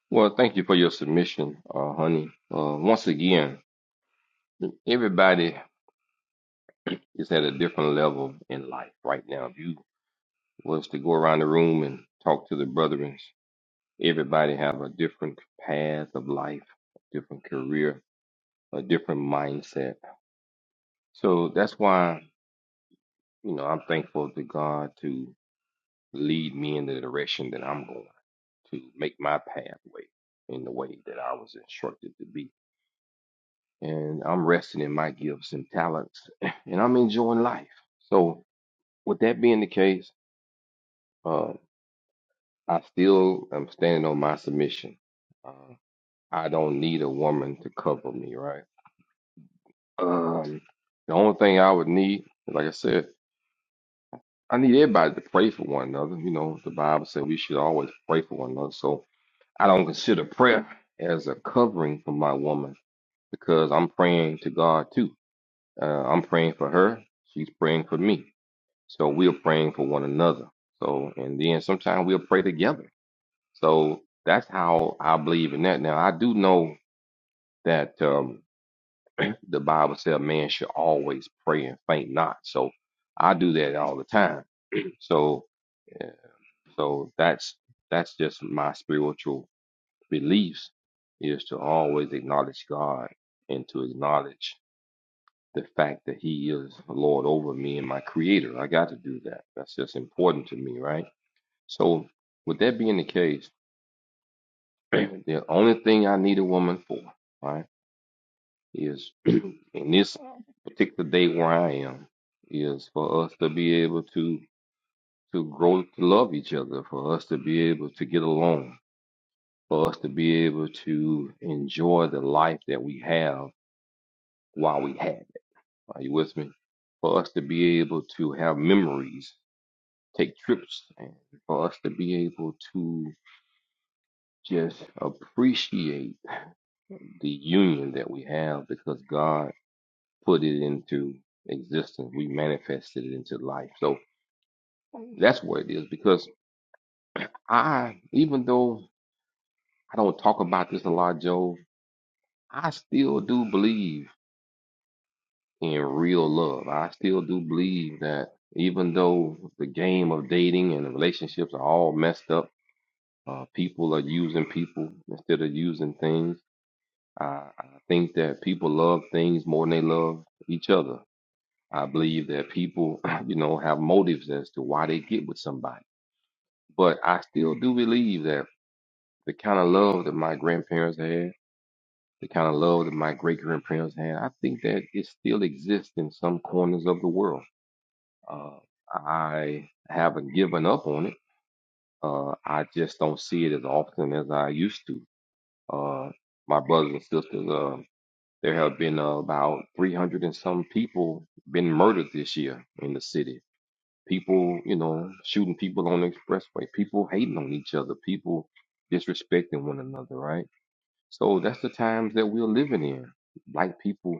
Speaker 6: Well, thank you for your submission, uh, honey. Uh, once again, everybody is at a different level in life right now. If you was to go around the room and talk to the brethren. Everybody have a different path of life, a different career, a different mindset. So that's why, you know, I'm thankful to God to lead me in the direction that I'm going, to make my pathway in the way that I was instructed to be. And I'm resting in my gifts and talents, and I'm enjoying life. So with that being the case, uh, I still am standing on my submission. Uh, I don't need a woman to cover me, right? Um, the only thing I would need, like I said, I need everybody to pray for one another. You know, the Bible said we should always pray for one another. So I don't consider prayer as a covering for my woman because I'm praying to God too. Uh, I'm praying for her. She's praying for me. So we're praying for one another. So, and then sometimes we'll pray together. So that's how I believe in that. Now, I do know that. Um, The Bible says man should always pray and faint not. So I do that all the time. So yeah, so that's that's just my spiritual beliefs is to always acknowledge God and to acknowledge the fact that He is Lord over me and my Creator. I got to do that. That's just important to me, right? So with that being the case, the only thing I need a woman for, right? is in this particular day where I am is for us to be able to to grow to love each other, for us to be able to get along, for us to be able to enjoy the life that we have while we have it. Are you with me? For us to be able to have memories, take trips, and for us to be able to just appreciate the union that we have because God put it into existence. We manifested it into life. So that's where it is because I, even though I don't talk about this a lot, Joe, I still do believe in real love. I still do believe that even though the game of dating and the relationships are all messed up, uh, people are using people instead of using things. I, I think that people love things more than they love each other. I believe that people, you know, have motives as to why they get with somebody. But I still do believe that the kind of love that my grandparents had, the kind of love that my great grandparents had, I think that it still exists in some corners of the world. Uh, I haven't given up on it. Uh, I just don't see it as often as I used to. Uh, my brothers and sisters, uh, there have been uh, about 300 and some people been murdered this year in the city people, you know, shooting people on the expressway, people hating on each other, people disrespecting one another, right? So that's the times that we're living in. Black people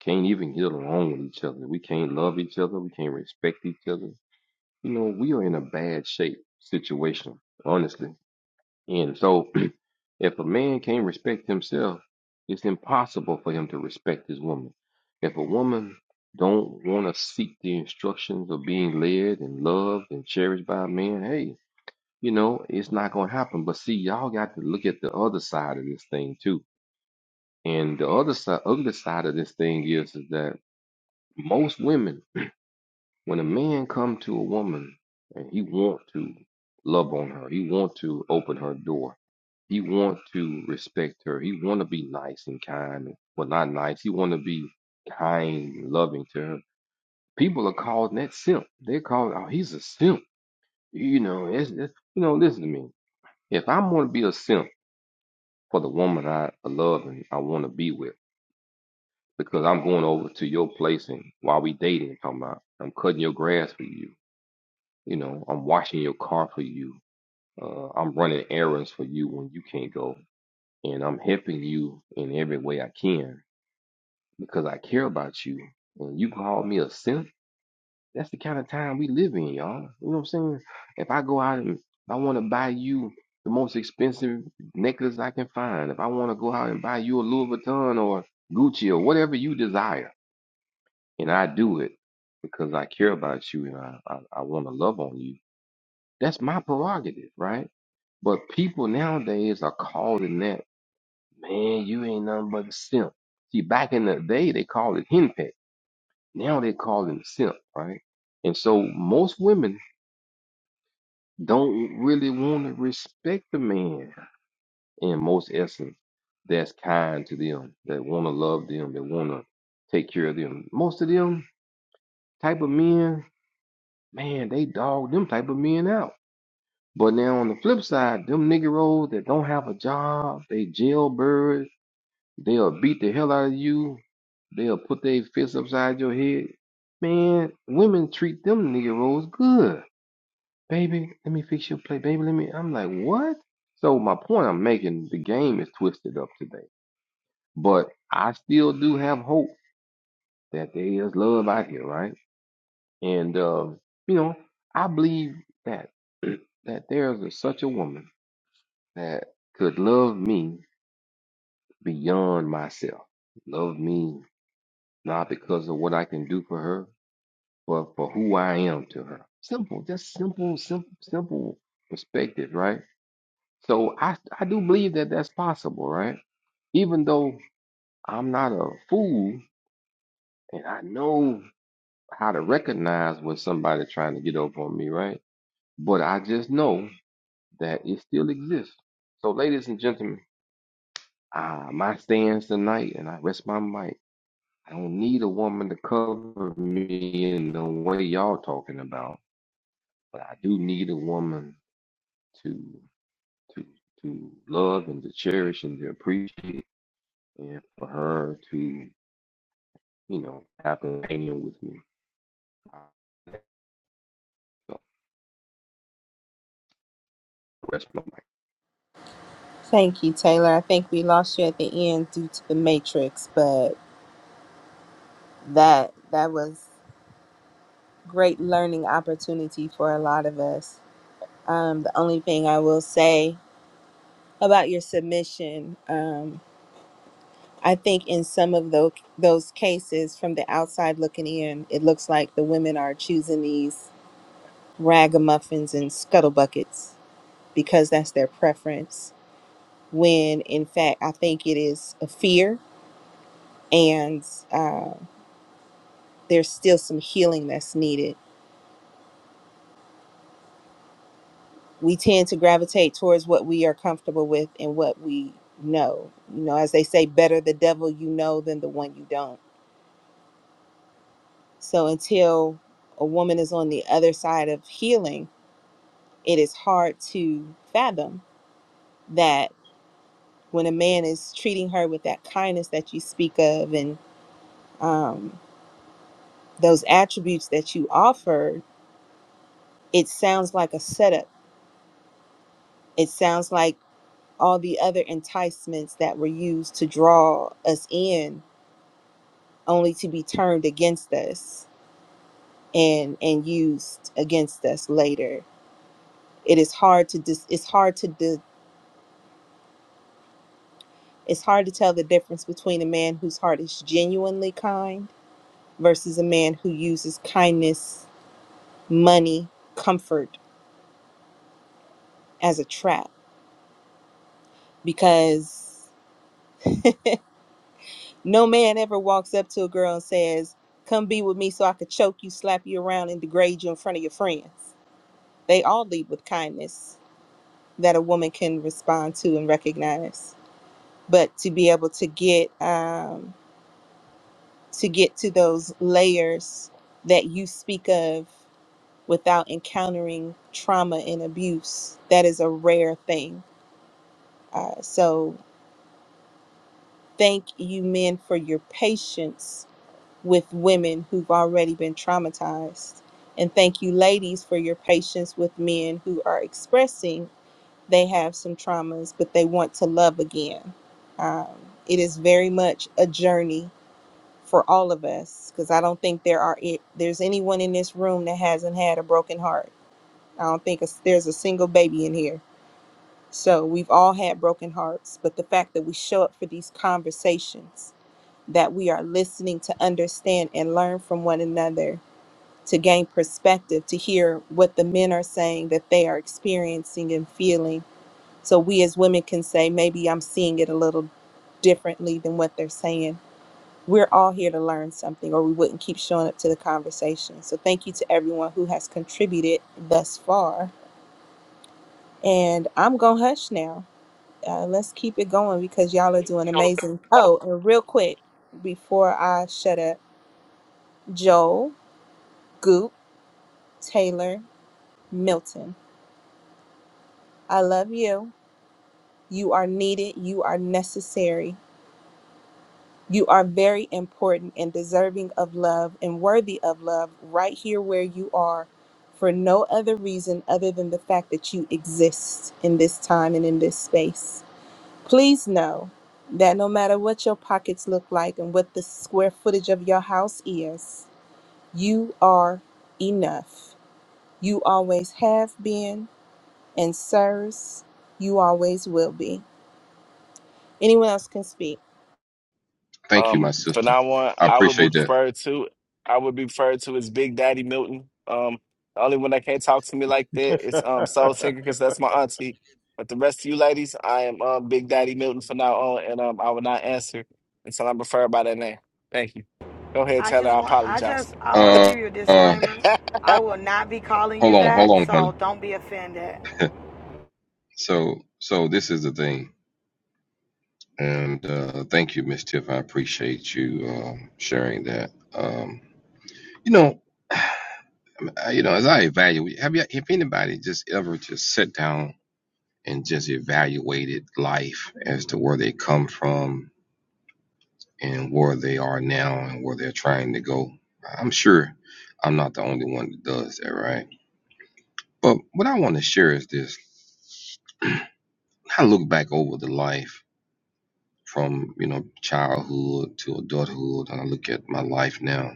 Speaker 6: can't even get along with each other. We can't love each other. We can't respect each other. You know, we are in a bad shape situation, honestly. And so If a man can't respect himself, it's impossible for him to respect his woman. If a woman don't want to seek the instructions of being led and loved and cherished by a man, hey, you know, it's not going to happen. But see, y'all got to look at the other side of this thing too. And the other side, other side of this thing is, is that most women when a man come to a woman and he want to love on her he want to open her door he want to respect her he want to be nice and kind well not nice he want to be kind and loving to her people are calling that simp they call oh he's a simp you know it's, it's you know listen to me if i want to be a simp for the woman i love and i want to be with because i'm going over to your place and while we dating talking about i'm cutting your grass for you You know, I'm washing your car for you. Uh, I'm running errands for you when you can't go. And I'm helping you in every way I can because I care about you. And you call me a simp? That's the kind of time we live in, y'all. You know what I'm saying? If I go out and I want to buy you the most expensive necklace I can find, if I want to go out and buy you a Louis Vuitton or Gucci or whatever you desire, and I do it because I care about you and I, I, I want to love on you, that's my prerogative, right? But people nowadays are calling that, man, you ain't nothing but a simp. See, back in the day, they called it henpeck. Now they call it simp, right? And so most women don't really want to respect the man in most essence that's kind to them, that want to love them, that want to take care of them. Most of them type of men, man, they dog them type of men out. But now on the flip side, them niggeros that don't have a job, they jailbirds, They'll beat the hell out of you. They'll put their fists upside your head. Man, women treat them Negroes good. Baby, let me fix your plate. Baby, let me. I'm like, what? So, my point I'm making, the game is twisted up today. But I still do have hope that there is love out here, right? And, uh, you know, I believe that that there is a, such a woman that could love me beyond myself. Love me not because of what I can do for her, but for who I am to her. Simple, just simple, simple, simple perspective, right? So I, I do believe that that's possible, right? Even though I'm not a fool and I know how to recognize when somebody's trying to get over on me, right? But I just know that it still exists. So, ladies and gentlemen, uh, my stands tonight, and I rest my mic. I don't need a woman to cover me in the way y'all talking about. but I do need a woman to to to love and to cherish and to appreciate, and for her to you know have an opinion with me. So, rest my mic.
Speaker 2: Thank you, Taylor. I think we lost you at the end due to the matrix, but that that was great learning opportunity for a lot of us. Um, the only thing I will say about your submission, um, I think in some of those those cases, from the outside looking in, it looks like the women are choosing these ragamuffins and scuttle buckets because that's their preference when in fact I think it is a fear and uh, there's still some healing that's needed. We tend to gravitate towards what we are comfortable with and what we know. You know, as they say, better the devil you know than the one you don't. So until a woman is on the other side of healing, it is hard to fathom that when a man is treating her with that kindness that you speak of and um, those attributes that you offer, it sounds like a setup It sounds like all the other enticements that were used to draw us in only to be turned against us and and used against us later. It is hard to dis- it's hard to di- it's hard to tell the difference between a man whose heart is genuinely kind versus a man who uses kindness, money, comfort as a trap because No man ever walks up to a girl and says, Come be with me so I could choke you, slap you around, and degrade you in front of your friends. They all lead with kindness that a woman can respond to and recognize. But to be able to get um, to get to those layers that you speak of without encountering trauma and abuse, that is a rare thing. Uh, so thank you men for your patience with women who've already been traumatized. And thank you, ladies, for your patience with men who are expressing they have some traumas, but they want to love again. Um, it is very much a journey for all of us because I don't think there are it, there's anyone in this room that hasn't had a broken heart. I don't think it's- there's a single baby in here. So we've all had broken hearts, but the fact that we show up for these conversations, that we are listening to understand and learn from one another to gain perspective, to hear what the men are saying that they are experiencing and feeling. So we as women can say, maybe I'm seeing it a little differently than what they're saying. We're all here to learn something, or we wouldn't keep showing up to the conversation. So thank you to everyone who has contributed thus far. And I'm going to hush now. Uh, let's keep it going because y'all are doing amazing. Oh, and real quick, before I shut up, Joel, Goop, Taylor, Milton, I love you. You are needed. You are necessary. You are very important and deserving of love and worthy of love right here where you are for no other reason other than the fact that you exist in this time and in this space. Please know that no matter what your pockets look like and what the square footage of your house is, you are enough. You always have been and sirs, you always will be. Anyone else can speak.
Speaker 6: Thank you, my
Speaker 7: Um, for
Speaker 6: sister.
Speaker 7: now on,
Speaker 6: I
Speaker 7: I would be
Speaker 6: appreciate that.
Speaker 7: referred to. I would be referred to as Big Daddy Milton. Um, the only one that can't talk to me like that is um Soul Singer because that's my auntie. But the rest of you ladies, I am um Big Daddy Milton for now on, and um I will not answer until I'm referred by that name. Thank you. Go ahead,
Speaker 8: I
Speaker 7: Taylor.
Speaker 8: just
Speaker 7: I
Speaker 8: want, I
Speaker 7: apologize.
Speaker 8: just, I want to
Speaker 6: Uh,
Speaker 8: give you a
Speaker 6: uh,
Speaker 8: disclaimer. I will not be calling
Speaker 6: hold
Speaker 8: you
Speaker 6: on, hold
Speaker 8: that,
Speaker 6: on, honey.
Speaker 8: so don't be offended.
Speaker 6: So, so this is the thing, and uh, thank you, Miss Tiff. I appreciate you uh, sharing that. Um, you know, I- you know, as I evaluate, have you, if anybody just ever just sat down? and just evaluated life as to where they come from and where they are now and where they're trying to go. I'm sure I'm not the only one that does that, right? But what I want to share is this. I look back over the life from, you know, childhood to adulthood, and I look at my life now.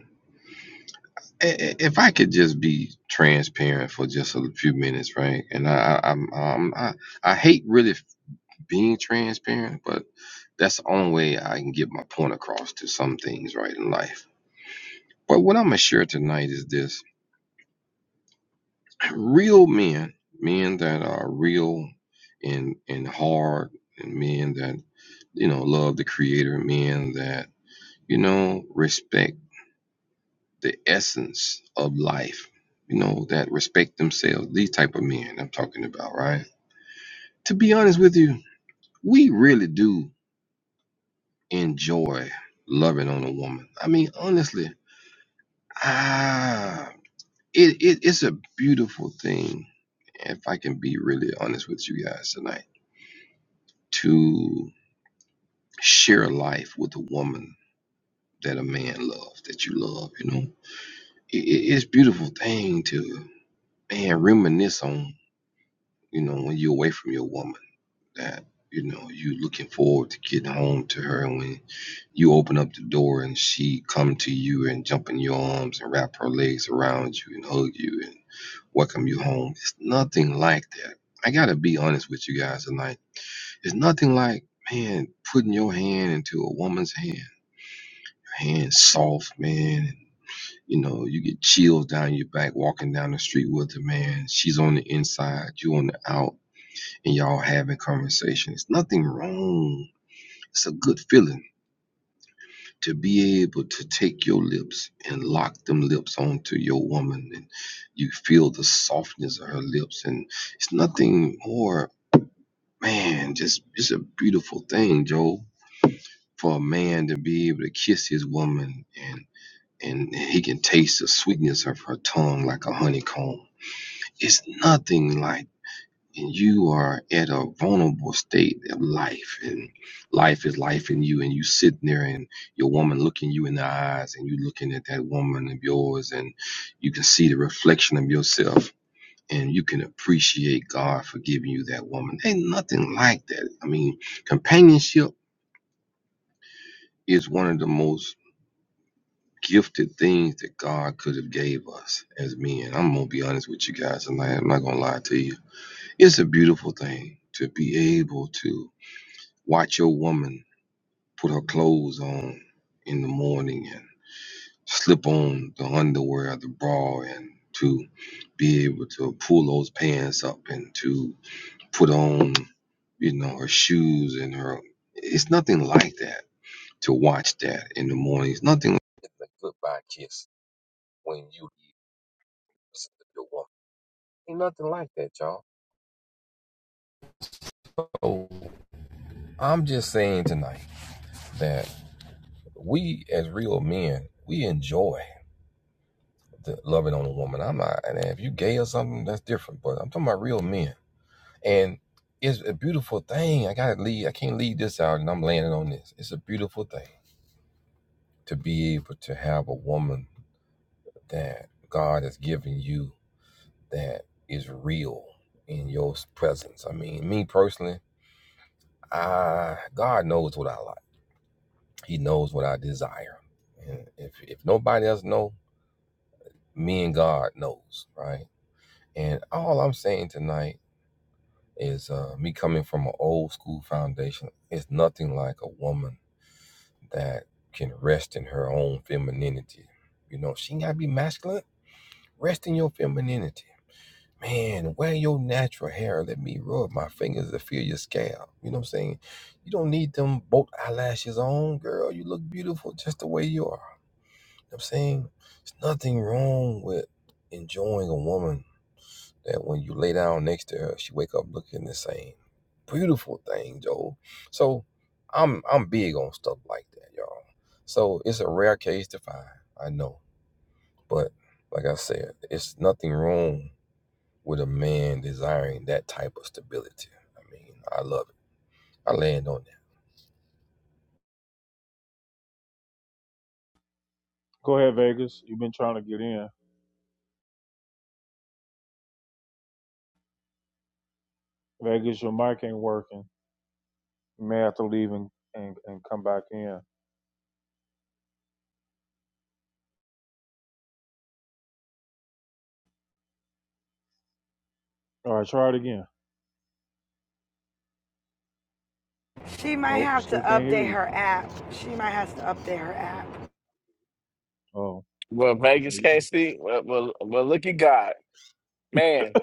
Speaker 6: I- I- If I could just be transparent for just a few minutes, right? And I, I, I'm, um, I, I hate really being transparent, but that's the only way I can get my point across to some things right in life. But what I'm gonna share tonight is this: real men, men that are real and and hard, and men that you know love the Creator, men that you know respect the essence of life, you know that respect themselves. These type of men I'm talking about, right? To be honest with you, we really do. enjoy loving on a woman. I mean, honestly, ah, it, it it's a beautiful thing. If I can be really honest with you guys tonight, to share life with a woman that a man loves, that you love, you know, it, it- it's a beautiful thing to man reminisce on. You know, when you're away from your woman that you know you looking forward to getting home to her and when you open up the door and she come to you and jump in your arms and wrap her legs around you and hug you and welcome you home it's nothing like that i gotta be honest with you guys tonight it's nothing like man putting your hand into a woman's hand her hand soft man and you know you get chills down your back walking down the street with her man she's on the inside you on the out and y'all having conversation. It's nothing wrong it's a good feeling to be able to take your lips and lock them lips onto your woman, and you feel the softness of her lips, and it's nothing more, man. Just it's a beautiful thing, Joe, for a man to be able to kiss his woman, and and he can taste the sweetness of her tongue like a honeycomb. It's nothing like and you are at a vulnerable state of life and life is life in you and you sitting there and your woman looking you in the eyes and you looking at that woman of yours and you can see the reflection of yourself and you can appreciate God for giving you that woman. Ain't nothing like that. I mean, companionship is one of the most gifted things that God could have gave us as men. I'm gonna be honest with you guys tonight. I'm not gonna lie to you. It's a beautiful thing to be able to Watch your woman put her clothes on in the morning and slip on the underwear, the bra, and to be able to pull those pants up and to put on, you know, her shoes and her. It's nothing like that to watch that in the morning. It's nothing. It's a goodbye kiss when you listen your woman. Ain't nothing like that, y'all. So I'm just saying tonight that we as real men, we enjoy. the loving on a woman. I'm not, and if you gay or something, that's different. But I'm talking about real men, and it's a beautiful thing. I gotta leave. I can't leave this out, and I'm landing on this. It's a beautiful thing to be able to have a woman that God has given you that is real in your presence. I mean, me personally, I God knows what I like. He knows what I desire, and if if nobody else know, me and God knows, right? And all I'm saying tonight is uh, me coming from an old school foundation. It's nothing like a woman that can rest in her own femininity. You know, she ain't gotta be masculine. Rest in your femininity. Man, wear your natural hair. Let me rub my fingers to feel your scalp. You know what I'm saying? You don't need them both eyelashes on, girl. You look beautiful just the way you are. You know what I'm saying? There's nothing wrong with enjoying a woman that when you lay down next to her, she wake up looking the same. Beautiful thing, Joel. So I'm I'm big on stuff like that, y'all. So it's a rare case to find, I know. But like I said, it's nothing wrong with a man desiring that type of stability. I mean, I love it. I land on that.
Speaker 1: Go ahead, Vegas. You've been trying to get in. Vegas, your mic ain't working. You may have to leave and, and, and come back in. All right, try it again.
Speaker 8: She might
Speaker 1: Nope,
Speaker 8: have to
Speaker 1: still can't hear
Speaker 8: update
Speaker 1: you.
Speaker 8: her app. She might have to update her app.
Speaker 1: Oh,
Speaker 7: Well, Vegas can't see. Well, well, well, look at God, man.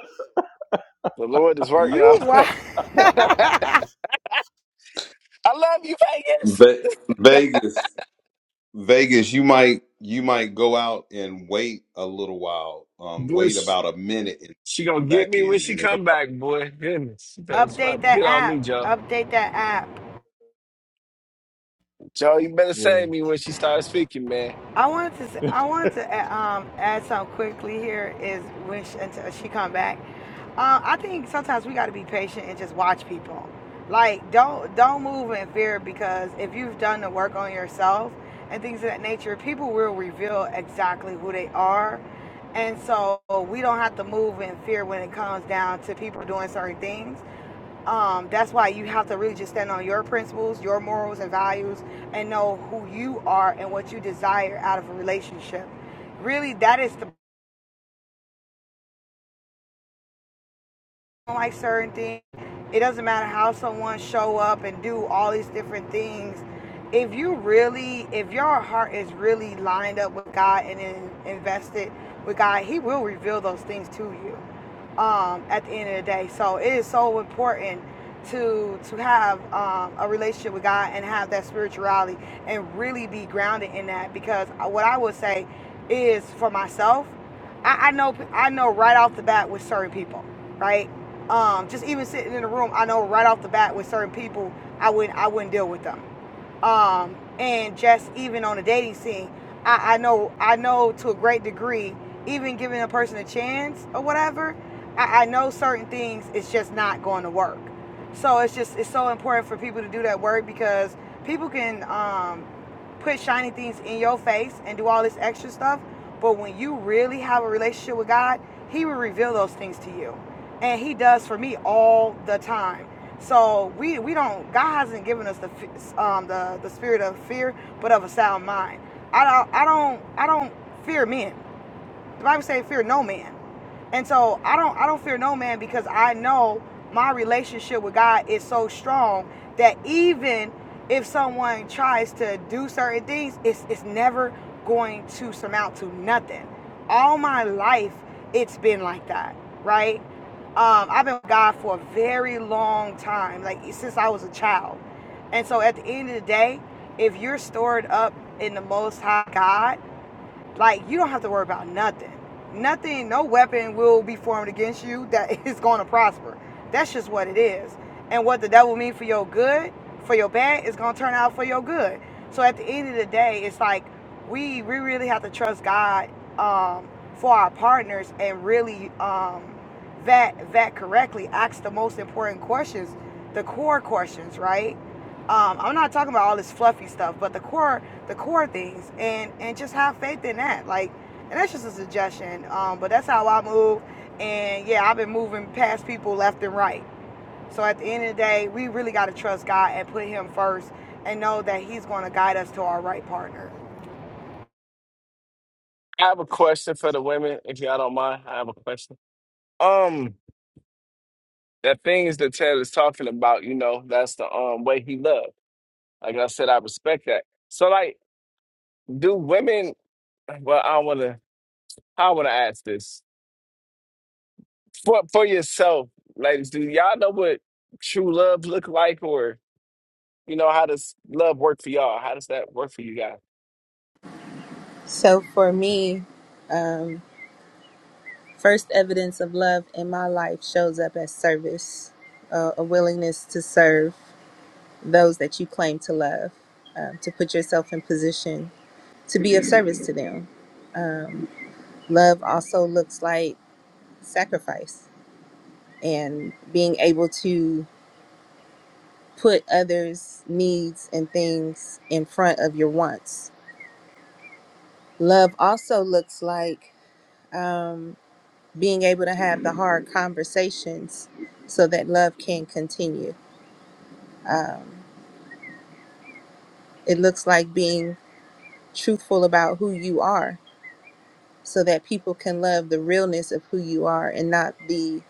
Speaker 7: The Lord is working on.
Speaker 8: You what?
Speaker 7: I love you, Vegas.
Speaker 4: Ve- Vegas. Vegas, you might you might go out and wait a little while, um,
Speaker 7: Boy,
Speaker 4: wait
Speaker 7: she,
Speaker 4: about a minute and
Speaker 7: she gonna
Speaker 4: come
Speaker 7: get
Speaker 4: back
Speaker 7: me when
Speaker 4: in,
Speaker 7: she
Speaker 4: and it'll.
Speaker 7: come back, boy. Goodness, she better
Speaker 8: update
Speaker 7: stop-
Speaker 8: that
Speaker 7: get on
Speaker 8: app.
Speaker 7: me, Joe.
Speaker 8: Update that app.
Speaker 7: Joe, you better
Speaker 1: yeah.
Speaker 7: save me when she starts speaking, man.
Speaker 8: I wanted to say, I wanted to add, um, add something quickly here is when she, until she come back. Um, I think sometimes we got to be patient and just watch people. Like don't don't move in fear because if you've done the work on yourself and things of that nature, people will reveal exactly who they are. And so we don't have to move in fear when it comes down to people doing certain things um, that's why you have to really just stand on your principles, your morals and values, and know who you are and what you desire out of a relationship. Really, that is the don't like certain things. It doesn't matter how someone show up and do all these different things. If you really, if your heart is really lined up with God and in, invested with God, He will reveal those things to you um, at the end of the day. So it is so important to to have um, a relationship with God and have that spirituality and really be grounded in that. Because what I would say is for myself, I, I know I know right off the bat with certain people, right? Um, just even sitting in the room, I know right off the bat with certain people, I wouldn't I wouldn't deal with them um, and just even on the dating scene, I, I know I know to a great degree, even giving a person a chance or whatever, I, I know certain things it's just not going to work. So it's just it's so important for people to do that work because people can um, put shiny things in your face and do all this extra stuff, but when you really have a relationship with God, He will reveal those things to you, and He does for me all the time. So we we don't God hasn't given us the um the the spirit of fear, but of a sound mind. I don't I don't I don't fear men. The Bible says, fear no man. And so I don't I don't fear no man because I know my relationship with God is so strong that even if someone tries to do certain things, it's it's never going to surmount to nothing. All my life it's been like that, right? Um, I've been with God for a very long time, like since I was a child. And so at the end of the day, if you're stored up in the most high God, like you don't have to worry about nothing. Nothing, no weapon will be formed against you that is going to prosper. That's just what it is. And what the devil mean for your good, for your bad, is going to turn out for your good. So at the end of the day, it's like we we really have to trust God um, for our partners and really um, vet vet correctly. Ask the most important questions, the core questions, right? Um, I'm not talking about all this fluffy stuff, but the core the core things and and just have faith in that like and that's just a suggestion um but that's how i move and yeah i've been moving past people left and right so at the end of the day we really got to trust god and put him first and know that he's going to guide us to our right partner
Speaker 7: I have a question for the women, if y'all don't mind. I have a question. Um, the things that Ted is talking about, you know, that's the um way he loved. Like I said, I respect that. So, like, do women? Well, I wanna. I wanna ask this for for yourself, ladies, do y'all know what true love look like, or you know how does love work for y'all? How does that work for you guys?
Speaker 2: So for me, um, first evidence of love in my life shows up as service, uh, a willingness to serve those that you claim to love, um, to put yourself in position to be of service to them. Love also looks like sacrifice and being able to put others' needs and things in front of your wants. Love also looks like um, being able to have the hard conversations so that love can continue. Um, it looks like being truthful about who you are so that people can love the realness of who you are and not the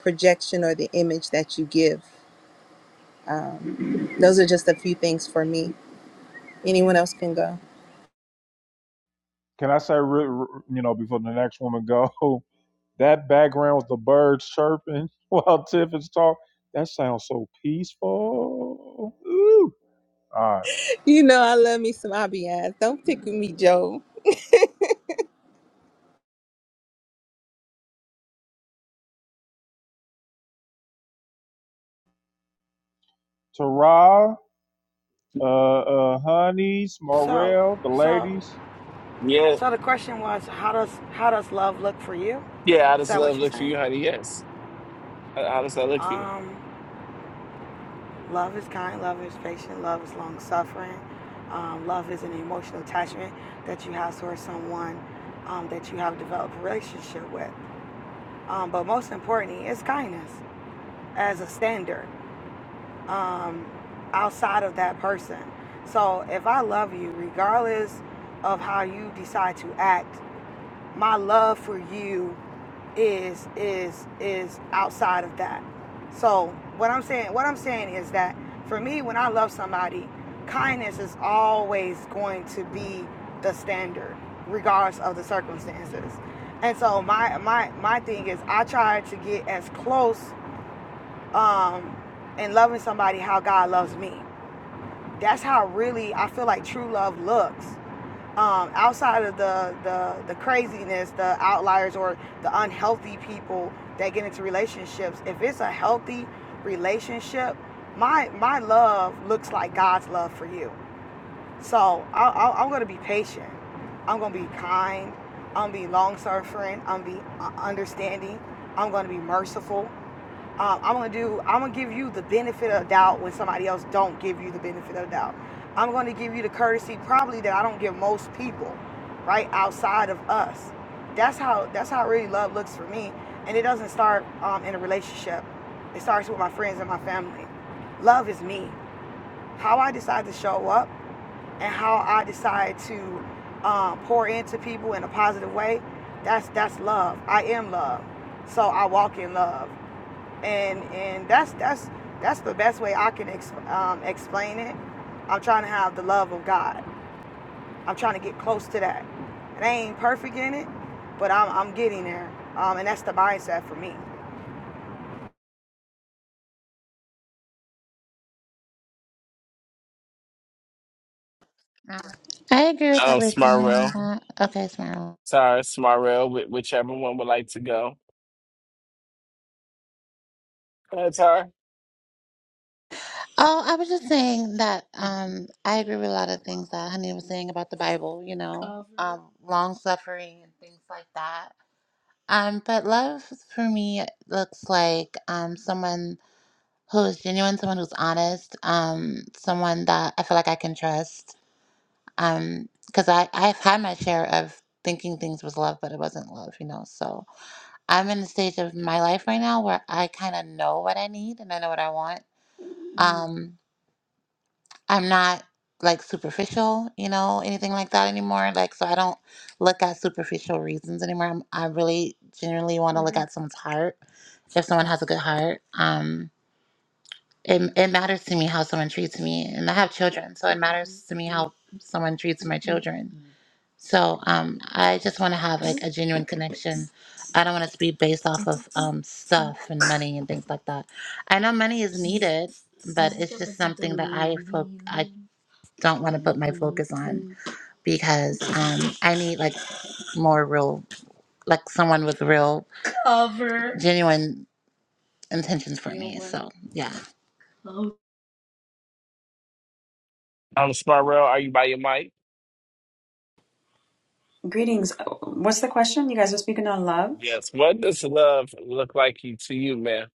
Speaker 2: projection or the image that you give. Um, those are just a few things for me. Anyone else can go.
Speaker 1: Can I say, re- re- you know, before the next woman go? That background with the birds chirping while Tiff is talking. That sounds so peaceful. Ooh. All right.
Speaker 2: You know, I love me some Abiyaz. Don't pick with me, Joe.
Speaker 1: Tara, uh, uh, Honeys,
Speaker 8: so
Speaker 1: Morel, the
Speaker 8: so
Speaker 1: ladies.
Speaker 7: Yeah,
Speaker 8: so the question was how does how does love look for you
Speaker 7: yeah. How
Speaker 8: is
Speaker 7: does
Speaker 8: that what
Speaker 7: love
Speaker 8: you're
Speaker 7: look for
Speaker 8: saying
Speaker 7: you, honey? Yes. How, how does that look for you?
Speaker 8: um Love is kind, love is patient, love is long suffering. Um, love is an emotional attachment that you have towards someone um, that you have developed a relationship with. Um, but most importantly, it's kindness as a standard um, outside of that person. So if I love you, regardless of how you decide to act, my love for you is is is outside of that. So what I'm saying what I'm saying is that for me when I love somebody, kindness is always going to be the standard, regardless of the circumstances. And so my my my thing is I try to get as close um in loving somebody how God loves me. That's how really I feel like true love looks um, outside of the, the the craziness, the outliers or the unhealthy people that get into relationships, if it's a healthy relationship, my my love looks like God's love for you. So I, I, I'm gonna be patient. I'm gonna be kind. I'm gonna be long suffering. I'm gonna be uh, understanding. I'm gonna be merciful um, I'm gonna do. I'm gonna give you the benefit of the doubt when somebody else don't give you the benefit of the doubt. I'm gonna give you the courtesy probably that I don't give most people, right outside of us. That's how. That's how really love looks for me, and it doesn't start um, in a relationship. It starts with my friends and my family. Love is me. How I decide to show up and how I decide to um, pour into people in a positive way. That's that's love. I am love, so I walk in love and and that's that's that's the best way I can ex- um, explain it. I'm trying to have the love of God. I'm trying to get close to that, and I ain't perfect in it, but I'm I'm getting there. Um, and that's the mindset for me.
Speaker 3: I agree with
Speaker 7: Um,
Speaker 3: everything.
Speaker 7: Smartwell,
Speaker 3: That, okay, smile.
Speaker 7: Tara, Smartwell, whi- whichever one would like to go. Go ahead, Tara.
Speaker 3: Oh, I was just saying that um I agree with a lot of things that Honey was saying about the Bible, you know, um, long suffering and things like that. Um, but love for me looks like um someone who is genuine, someone who's honest, um, someone that I feel like I can trust. Um, because I I've had my share of thinking things was love, but it wasn't love, you know. So I'm in the stage of my life right now where I kind of know what I need and I know what I want. Um, I'm not like superficial, you know, anything like that anymore. Like, so I don't look at superficial reasons anymore. I'm, I really genuinely want to look at someone's heart if someone has a good heart. Um it, it matters to me how someone treats me and i have children so it matters to me how someone treats my children so um, i just want to have like a genuine connection i don't want it to be based off of um, stuff and money and things like that i know money is needed but it's just something that i fo- i don't want to put my focus on because um, i need like more real like someone with real genuine intentions for me so yeah
Speaker 7: Um, Smartwell, are you by your mic?
Speaker 10: Greetings. What's the question? You guys are speaking on love
Speaker 7: Yes. What does love look like you, to you, man?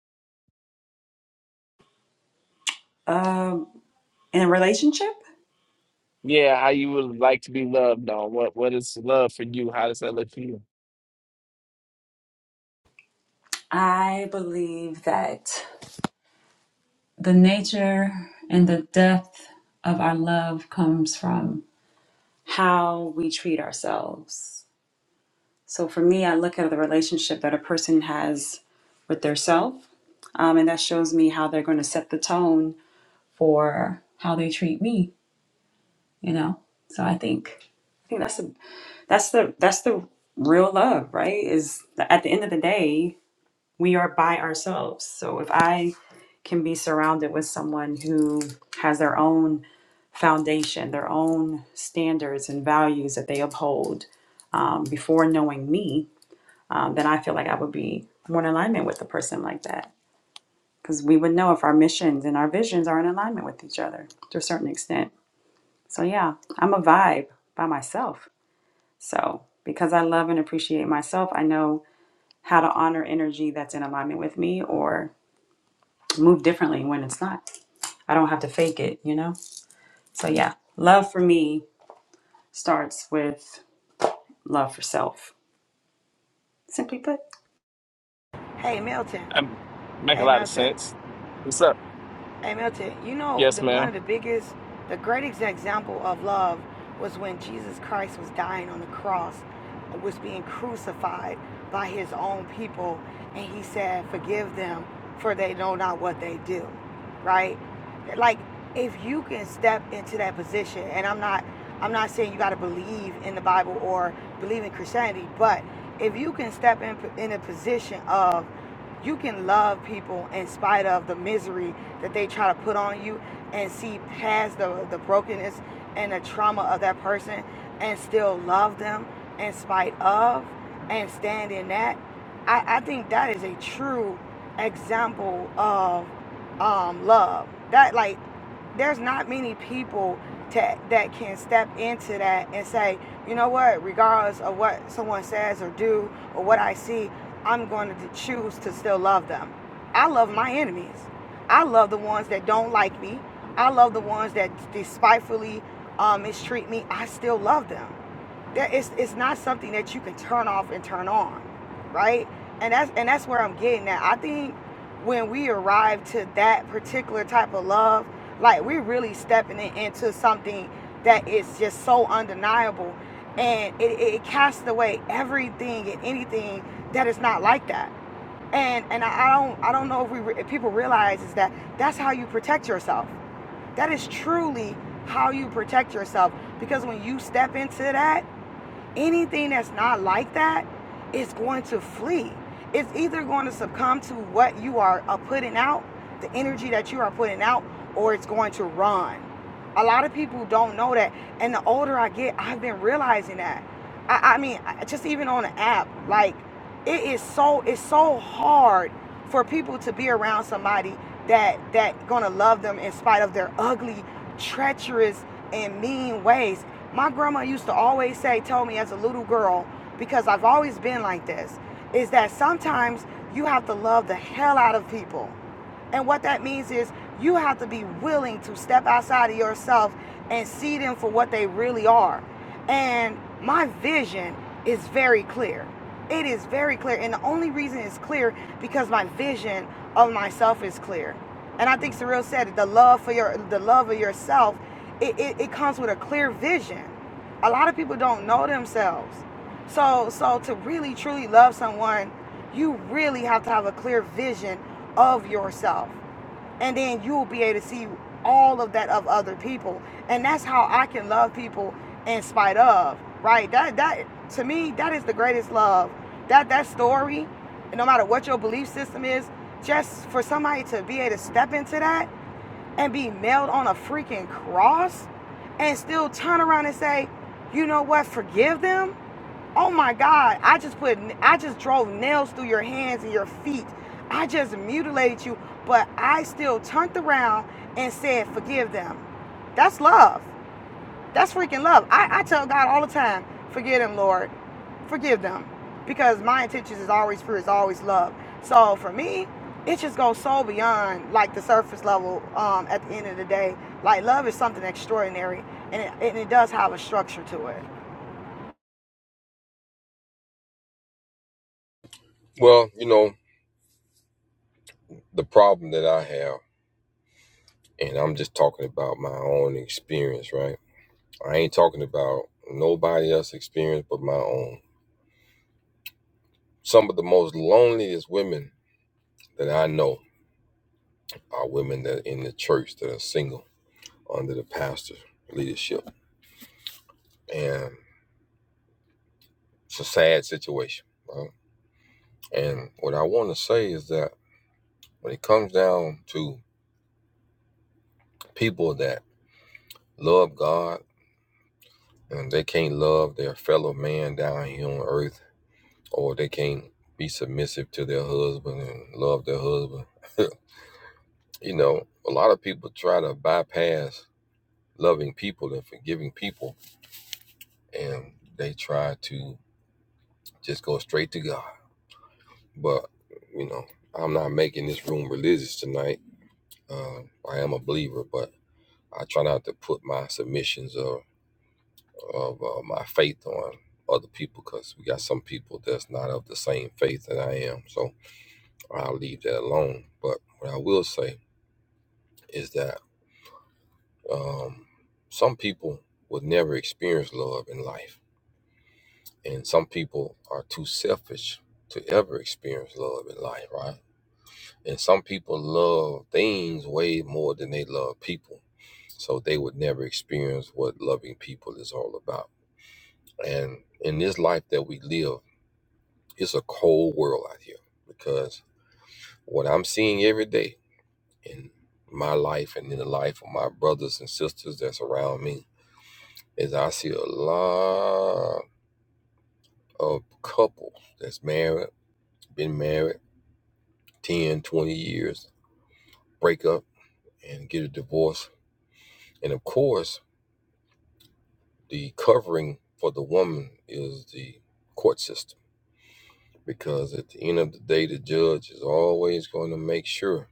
Speaker 10: um, in a relationship?
Speaker 7: Yeah, how you would like to be loved on? What What is love for you? How does that look for you?
Speaker 10: I believe that the nature and the depth of our love comes from how we treat ourselves. So for me, I look at the relationship that a person has with their self, um, and that shows me how they're going to set the tone for how they treat me, you know? So I think. I think that's a. That's the that's the real love, right? Is at the end of the day, we are by ourselves. So if I can be surrounded with someone who has their own foundation, their own standards and values that they uphold um, before knowing me, um, then I feel like I would be more in alignment with a person like that. Because we would know if our missions and our visions are in alignment with each other to a certain extent. So, yeah, I'm a vibe by myself. So, because I love and appreciate myself, I know how to honor energy that's in alignment with me or move differently when it's not. I don't have to fake it, you know? So, yeah, love for me starts with love for self, simply put.
Speaker 8: Hey Milton,
Speaker 7: Um, make a
Speaker 8: hey
Speaker 7: lot of
Speaker 8: Milton,
Speaker 7: sense. What's up?
Speaker 8: Hey Milton, you know
Speaker 7: Yes,
Speaker 8: the one
Speaker 7: ma'am.
Speaker 8: of the biggest, the greatest example of love was when Jesus Christ was dying on the cross, was being crucified by his own people, and he said, "Forgive them, for they know not what they do." Right? Like if you can step into that position, and I'm not, I'm not saying you got to believe in the Bible or believe in Christianity, but if you can step in in a position of you can love people in spite of the misery that they try to put on you and see past the, the brokenness and the trauma of that person and still love them in spite of and stand in that. I, I think that is a true example of um, love. That like there's not many people to, that can step into that and say, you know what, regardless of what someone says or do or what I see, I'm going to choose to still love them. I love my enemies. I love the ones that don't like me. I love the ones that despitefully um, mistreat me. I still love them. That it's, it's not something that you can turn off and turn on, right? And that's and that's where I'm getting at. I think when we arrive to that particular type of love, like we're really stepping it into something that is just so undeniable, and it, it casts away everything and anything that is not like that and and I don't I don't know if we if people realize is that that's how you protect yourself. That is truly how you protect yourself because when you step into that, anything that's not like that is going to flee. It's either going to succumb to what you are uh, putting out, the energy that you are putting out, or it's going to run. A lot of people don't know that. And the older I get, I've been realizing that. I, I mean, just even on the app, like it is so it's so hard for people to be around somebody that that gonna love them in spite of their ugly, treacherous, and mean ways. My grandma used to always say, told me as a little girl, because I've always been like this, is that sometimes you have to love the hell out of people and what that means is you have to be willing to step outside of yourself and see them for what they really are. And my vision is very clear. It is very clear. And the only reason it's clear because my vision of myself is clear. And I think Surreal said it, the love for your the love of yourself, it, it, it comes with a clear vision. A lot of people don't know themselves. So so to really truly love someone, you really have to have a clear vision of yourself. And then you'll be able to see all of that of other people. And that's how I can love people in spite of, right? That that to me, that is the greatest love. That that story, no matter what your belief system is, just for somebody to be able to step into that and be nailed on a freaking cross and still turn around and say, you know what, forgive them Oh my God, I just put, I just drove nails through your hands and your feet. I just mutilated you, but I still turned around and said, Forgive them. That's love. That's freaking love. I, I tell God all the time, Forgive them, Lord. Forgive them. Because my intentions is always free, it's always love. So for me, it just goes so beyond like the surface level um, at the end of the day. Like love is something extraordinary and it, and it does have a structure to it.
Speaker 6: Well, you know, the problem that I have. And I'm just talking about my own experience, right? I ain't talking about nobody else's experience but my own. Some of the most loneliest women that I know are women that are in the church that are single under the pastor's leadership. And it's a sad situation, right? And what I want to say is that when it comes down to people that love God and they can't love their fellow man down here on earth, or they can't be submissive to their husband and love their husband. you know, a lot of people try to bypass loving people and forgiving people, and they try to just go straight to God. But, you know, I'm not making this room religious tonight. Uh, I am a believer, but I try not to put my submissions of, of uh, my faith on other people because we got some people that's not of the same faith that I am. So I'll leave that alone. But what I will say is that um, some people would never experience love in life, and some people are too selfish to ever experience love in life, right? And some people love things way more than they love people, so they would never experience what loving people is all about. And in this life that we live, it's a cold world out here because what I'm seeing every day in my life and in the life of my brothers and sisters that's around me is I see a lot of couples that's married, been married 10, 20 years, break up and get a divorce. And of course, the covering for the woman is the court system because at the end of the day, the judge is always going to make sure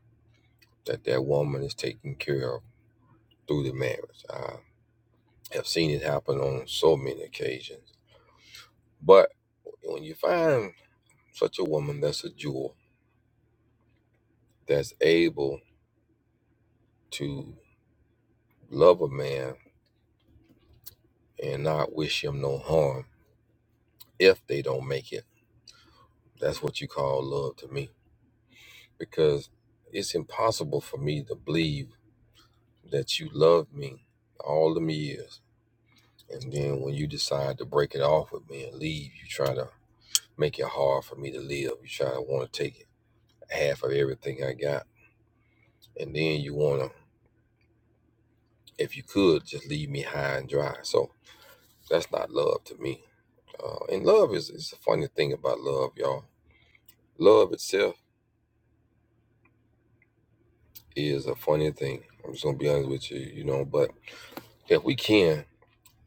Speaker 6: that that woman is taken care of through the marriage. I have seen it happen on so many occasions. But when you find such a woman that's a jewel, that's able to love a man and not wish him no harm if they don't make it. That's what you call love to me. Because it's impossible for me to believe that you loved me all them years. And then when you decide to break it off with me and leave, you try to make it hard for me to live. You try to want to take half of everything I got. And then you want to, if you could, just leave me high and dry. So that's not love to me. Uh, and love is, its a funny thing about love, y'all. Love itself is a funny thing. I'm just gonna be honest with you, you know. But if we can,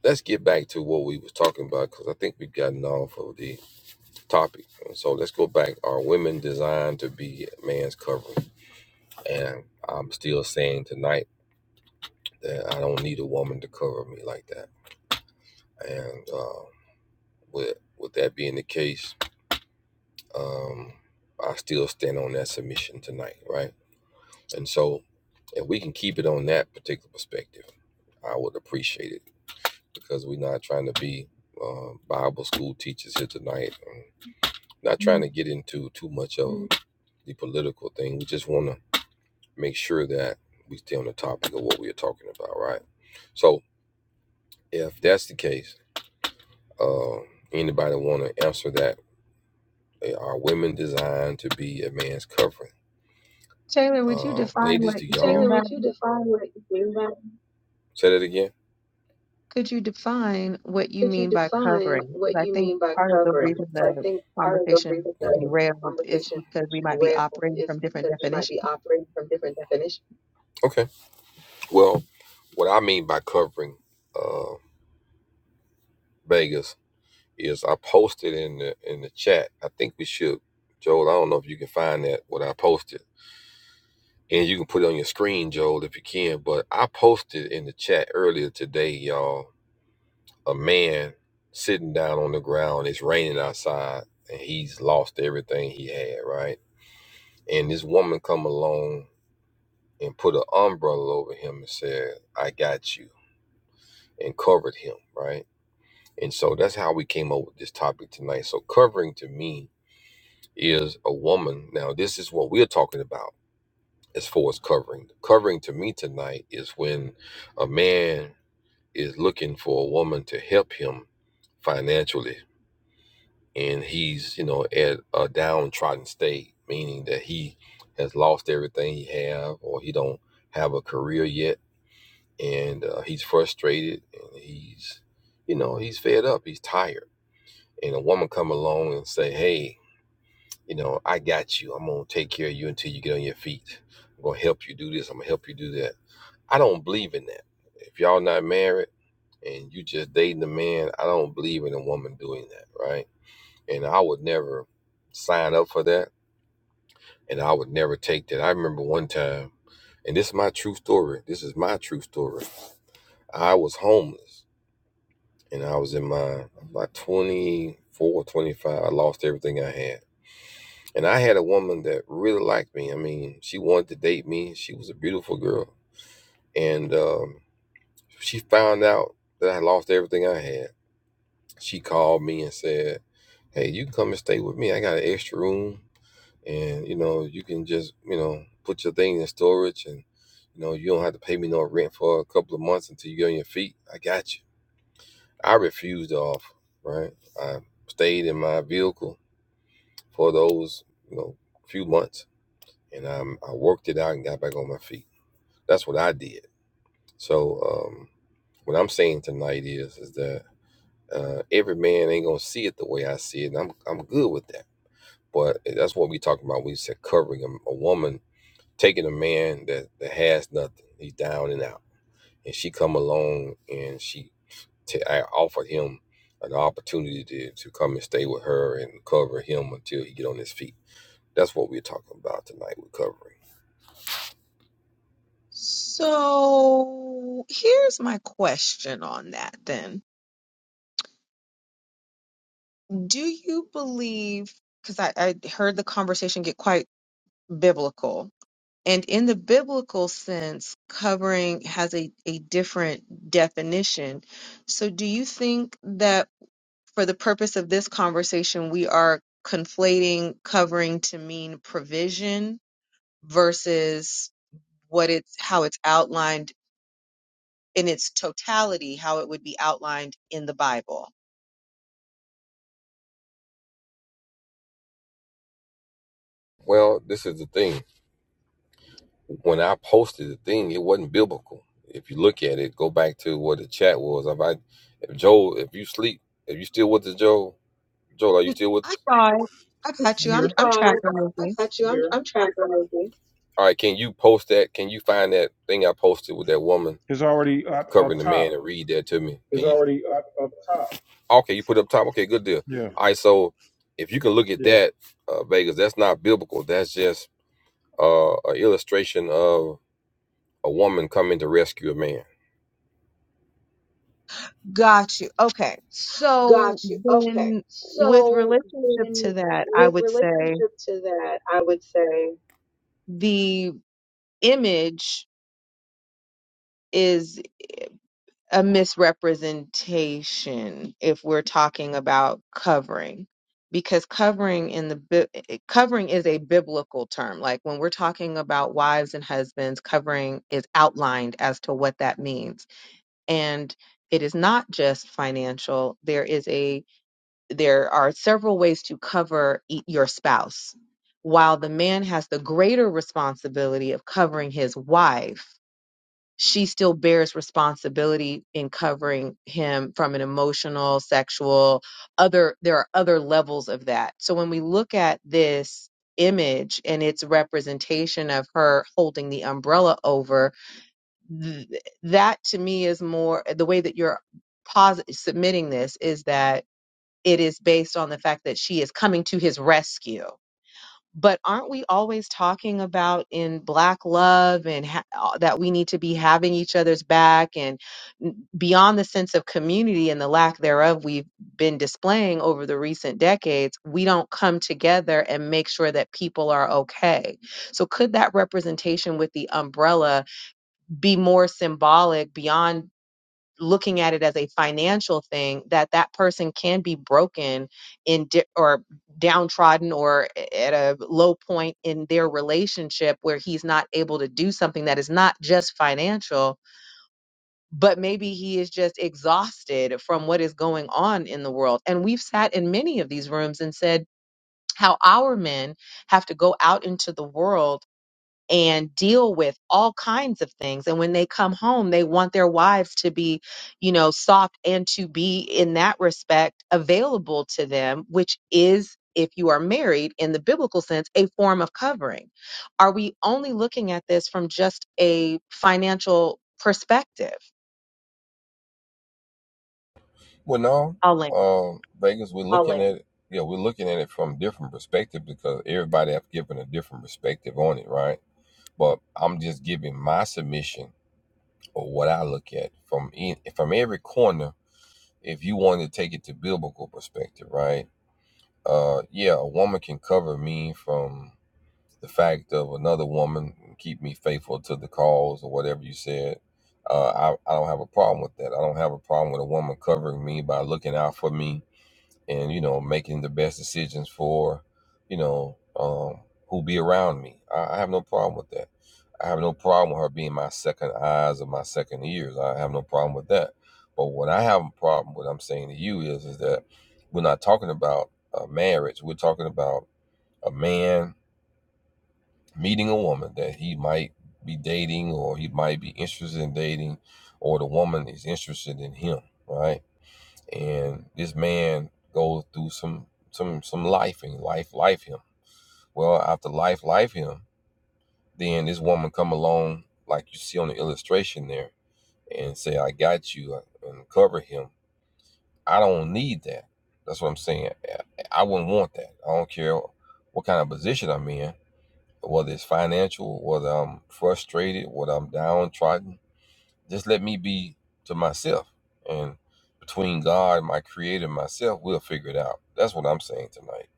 Speaker 6: let's get back to what we was talking about because I think we've gotten off of the topic. And so let's go back. Are women designed to be a man's covering? And I'm still saying tonight that I don't need a woman to cover me like that. And uh, with with that being the case, um, I still stand on that submission tonight, right? And so if we can keep it on that particular perspective. I would appreciate it because we're not trying to be uh, Bible school teachers here tonight. Um, not trying to
Speaker 11: Mhm.
Speaker 6: get into too much of the political thing. We just want to make sure that we stay on the topic of what we are talking about, right? So, if that's the case, uh, anybody want to answer that? Uh, Are women designed to be a man's covering?
Speaker 11: Taylor, would you
Speaker 6: Uh,
Speaker 11: define
Speaker 6: ladies, do
Speaker 11: what you
Speaker 6: y'all
Speaker 11: mean
Speaker 6: Taylor,
Speaker 11: by
Speaker 6: would you define what you mean by say that again?
Speaker 11: could you define what you
Speaker 6: Could you
Speaker 11: mean by
Speaker 6: define
Speaker 11: covering?
Speaker 6: what
Speaker 11: Because I
Speaker 6: you
Speaker 11: think
Speaker 6: mean by
Speaker 11: part of the
Speaker 6: covering?
Speaker 11: reason
Speaker 6: 'Cause I
Speaker 11: the
Speaker 6: think part of the
Speaker 11: conversation
Speaker 6: reason for the
Speaker 11: derailed is
Speaker 6: conversation
Speaker 11: because we might be
Speaker 6: rambled
Speaker 11: operating
Speaker 6: is
Speaker 11: from different
Speaker 6: because we might
Speaker 11: definitions.
Speaker 6: be operating from different definitions. Okay. Well, what I mean by covering uh, Vegas is I posted in the in the chat. I think we should, Joel. I don't know if you can find that what I posted, and you can put it on your screen, Joel, if you can. But I posted in the chat earlier today, y'all. a man sitting down on the ground. It's raining outside, and he's lost everything he had, right? And this woman come along and put an umbrella over him and said, "I got you," and covered him, right? And so that's how we came up with this topic tonight. So covering to me is a woman. Now this is what we're talking about as far as covering. Covering to me tonight is when a man is looking for a woman to help him financially and he's you know at a downtrodden state meaning that he has lost everything he have or he don't have a career yet and uh, he's frustrated and he's you know he's fed up he's tired and a woman come along and say hey you know i got you i'm gonna take care of you until you get on your feet i'm gonna help you do this i'm gonna help you do that i don't believe in that if y'all not married and you just dating a man i don't believe in a woman doing that right and I would never sign up for that, and I would never take that. I remember one time, and this is my true story. This is my true story. I was homeless, and I was in my my 24, 25. I lost everything I had, and I had a woman that really liked me. I mean, she wanted to date me. She was a beautiful girl, and um, she found out that I lost everything I had. She called me and said, "Hey, you can come and stay with me. I got an extra room." and you know you can just you know put your thing in storage and you know you don't have to pay me no rent for a couple of months until you get on your feet i got you i refused the offer right i stayed in my vehicle for those you know few months and i i worked it out and got back on my feet that's what i did so um what i'm saying tonight is is that uh, every man ain't gonna see it the way I see it, and I'm I'm good with that. But eh, that's what we talking about. We said covering a, a woman taking a man that, that has nothing, he's down and out, and she come along and she t- I offered him an opportunity to, to come and stay with her and cover him until he get on his feet. That's what we're talking about tonight with covering.
Speaker 11: So here's my question on that then. Do you believe, because I, I heard the conversation get quite biblical, and in the biblical sense, covering has a, a different definition. So do you think that? for the purpose of this conversation, we are conflating covering to mean provision versus what it's how it's outlined in its totality, how it would be outlined in the Bible.
Speaker 6: Well, this is the thing. When I posted the thing, it wasn't biblical. If you look at it, go back to what the chat was. If I, if Joel, if you sleep, if you still with us, Joel, Joel, are you
Speaker 11: N-
Speaker 6: still with
Speaker 11: I
Speaker 6: us?
Speaker 11: got it. I
Speaker 6: I
Speaker 11: got you.
Speaker 1: I'm
Speaker 11: I'm
Speaker 1: here.
Speaker 11: I'm
Speaker 6: got
Speaker 11: tracking
Speaker 6: it.
Speaker 11: with
Speaker 6: I
Speaker 11: you.
Speaker 6: got you. I'm Yeah. I'm trying to remember. All right, can you post that? Can you find that thing I posted with that woman
Speaker 1: Is already up,
Speaker 6: covering
Speaker 1: up
Speaker 6: the man
Speaker 1: top.
Speaker 6: and read that to me? It's Can you? already up, up top. Okay, you put it up top. Okay, good deal.
Speaker 1: Yeah.
Speaker 6: All right, so if you can look at Yeah. that, uh, Vegas, that's not biblical. That's just uh, an illustration of a woman coming to rescue a man.
Speaker 11: Got you. Okay. So
Speaker 6: Got you. Okay.
Speaker 11: then, with
Speaker 6: So
Speaker 11: relationship to
Speaker 6: then
Speaker 11: that, I
Speaker 6: with
Speaker 11: would say
Speaker 6: relationship to that, I would say.
Speaker 11: the image is a misrepresentation if we're talking about covering, because covering in the Bi- eh, covering is a biblical term. Like when we're talking about wives and husbands, covering is outlined as to what that means, and it is not just financial. There is a there are several ways to cover e- your spouse. While the man has the greater responsibility of covering his wife, she still bears responsibility in covering him from an emotional, sexual, other, there are other levels of that. So when we look at this image and its representation of her holding the umbrella over, th- that to me is more the way that you're posit- submitting this is that it is based on the fact that she is coming to his rescue. But aren't we always talking about in black love and ha- uh, that we need to be having each other's back and n- beyond the sense of community and the lack thereof we've been displaying over the recent decades, we don't come together and make sure that people are okay. So could that representation with the umbrella be more symbolic beyond looking at it as a financial thing that that person can be broken in di- or downtrodden or at a low point in their relationship where he's not able to do something that is not just financial but maybe he is just exhausted from what is going on in the world and we've sat in many of these rooms and said how our men have to go out into the world and deal with all kinds of things. And when they come home, they want their wives to be, you know, soft and to be, in that respect, available to them, which is, if you are married in the biblical sense, a form of covering. Are we only looking at this from just a financial perspective?
Speaker 6: Well, no,
Speaker 11: I'll land.
Speaker 6: um, Vegas. We're Oh looking wait. at it. Yeah, we're looking at it from different perspective because everybody have given a different perspective on it, right? But I'm just giving my submission or what I look at from in, from every corner. If you want to take it to biblical perspective, right? Uh, yeah, a woman can cover me from the fact of another woman and keep me faithful to the cause or whatever you said. Uh, I, I don't have a problem with that. I don't have a problem with a woman covering me by looking out for me and you know making the best decisions for you know um, who be around me. I, I have no problem with that. I have no problem with her being my second eyes or my second ears. I have no problem with that. But what I have a problem with, I'm saying to you, is is that we're not talking about a marriage. We're talking about a man meeting a woman that he might be dating or he might be interested in dating, or the woman is interested in him, right? and this man goes through some some some life and life life him well after life life him then this woman come along like you see on the illustration there and say i got you uh, and cover him i don't need that that's what i'm saying i wouldn't want that i don't care what kind of position i'm in whether it's financial whether i'm frustrated whether i'm downtrodden just let me be to myself. And between God, my creator, and myself, we'll figure it out. That's what I'm saying tonight.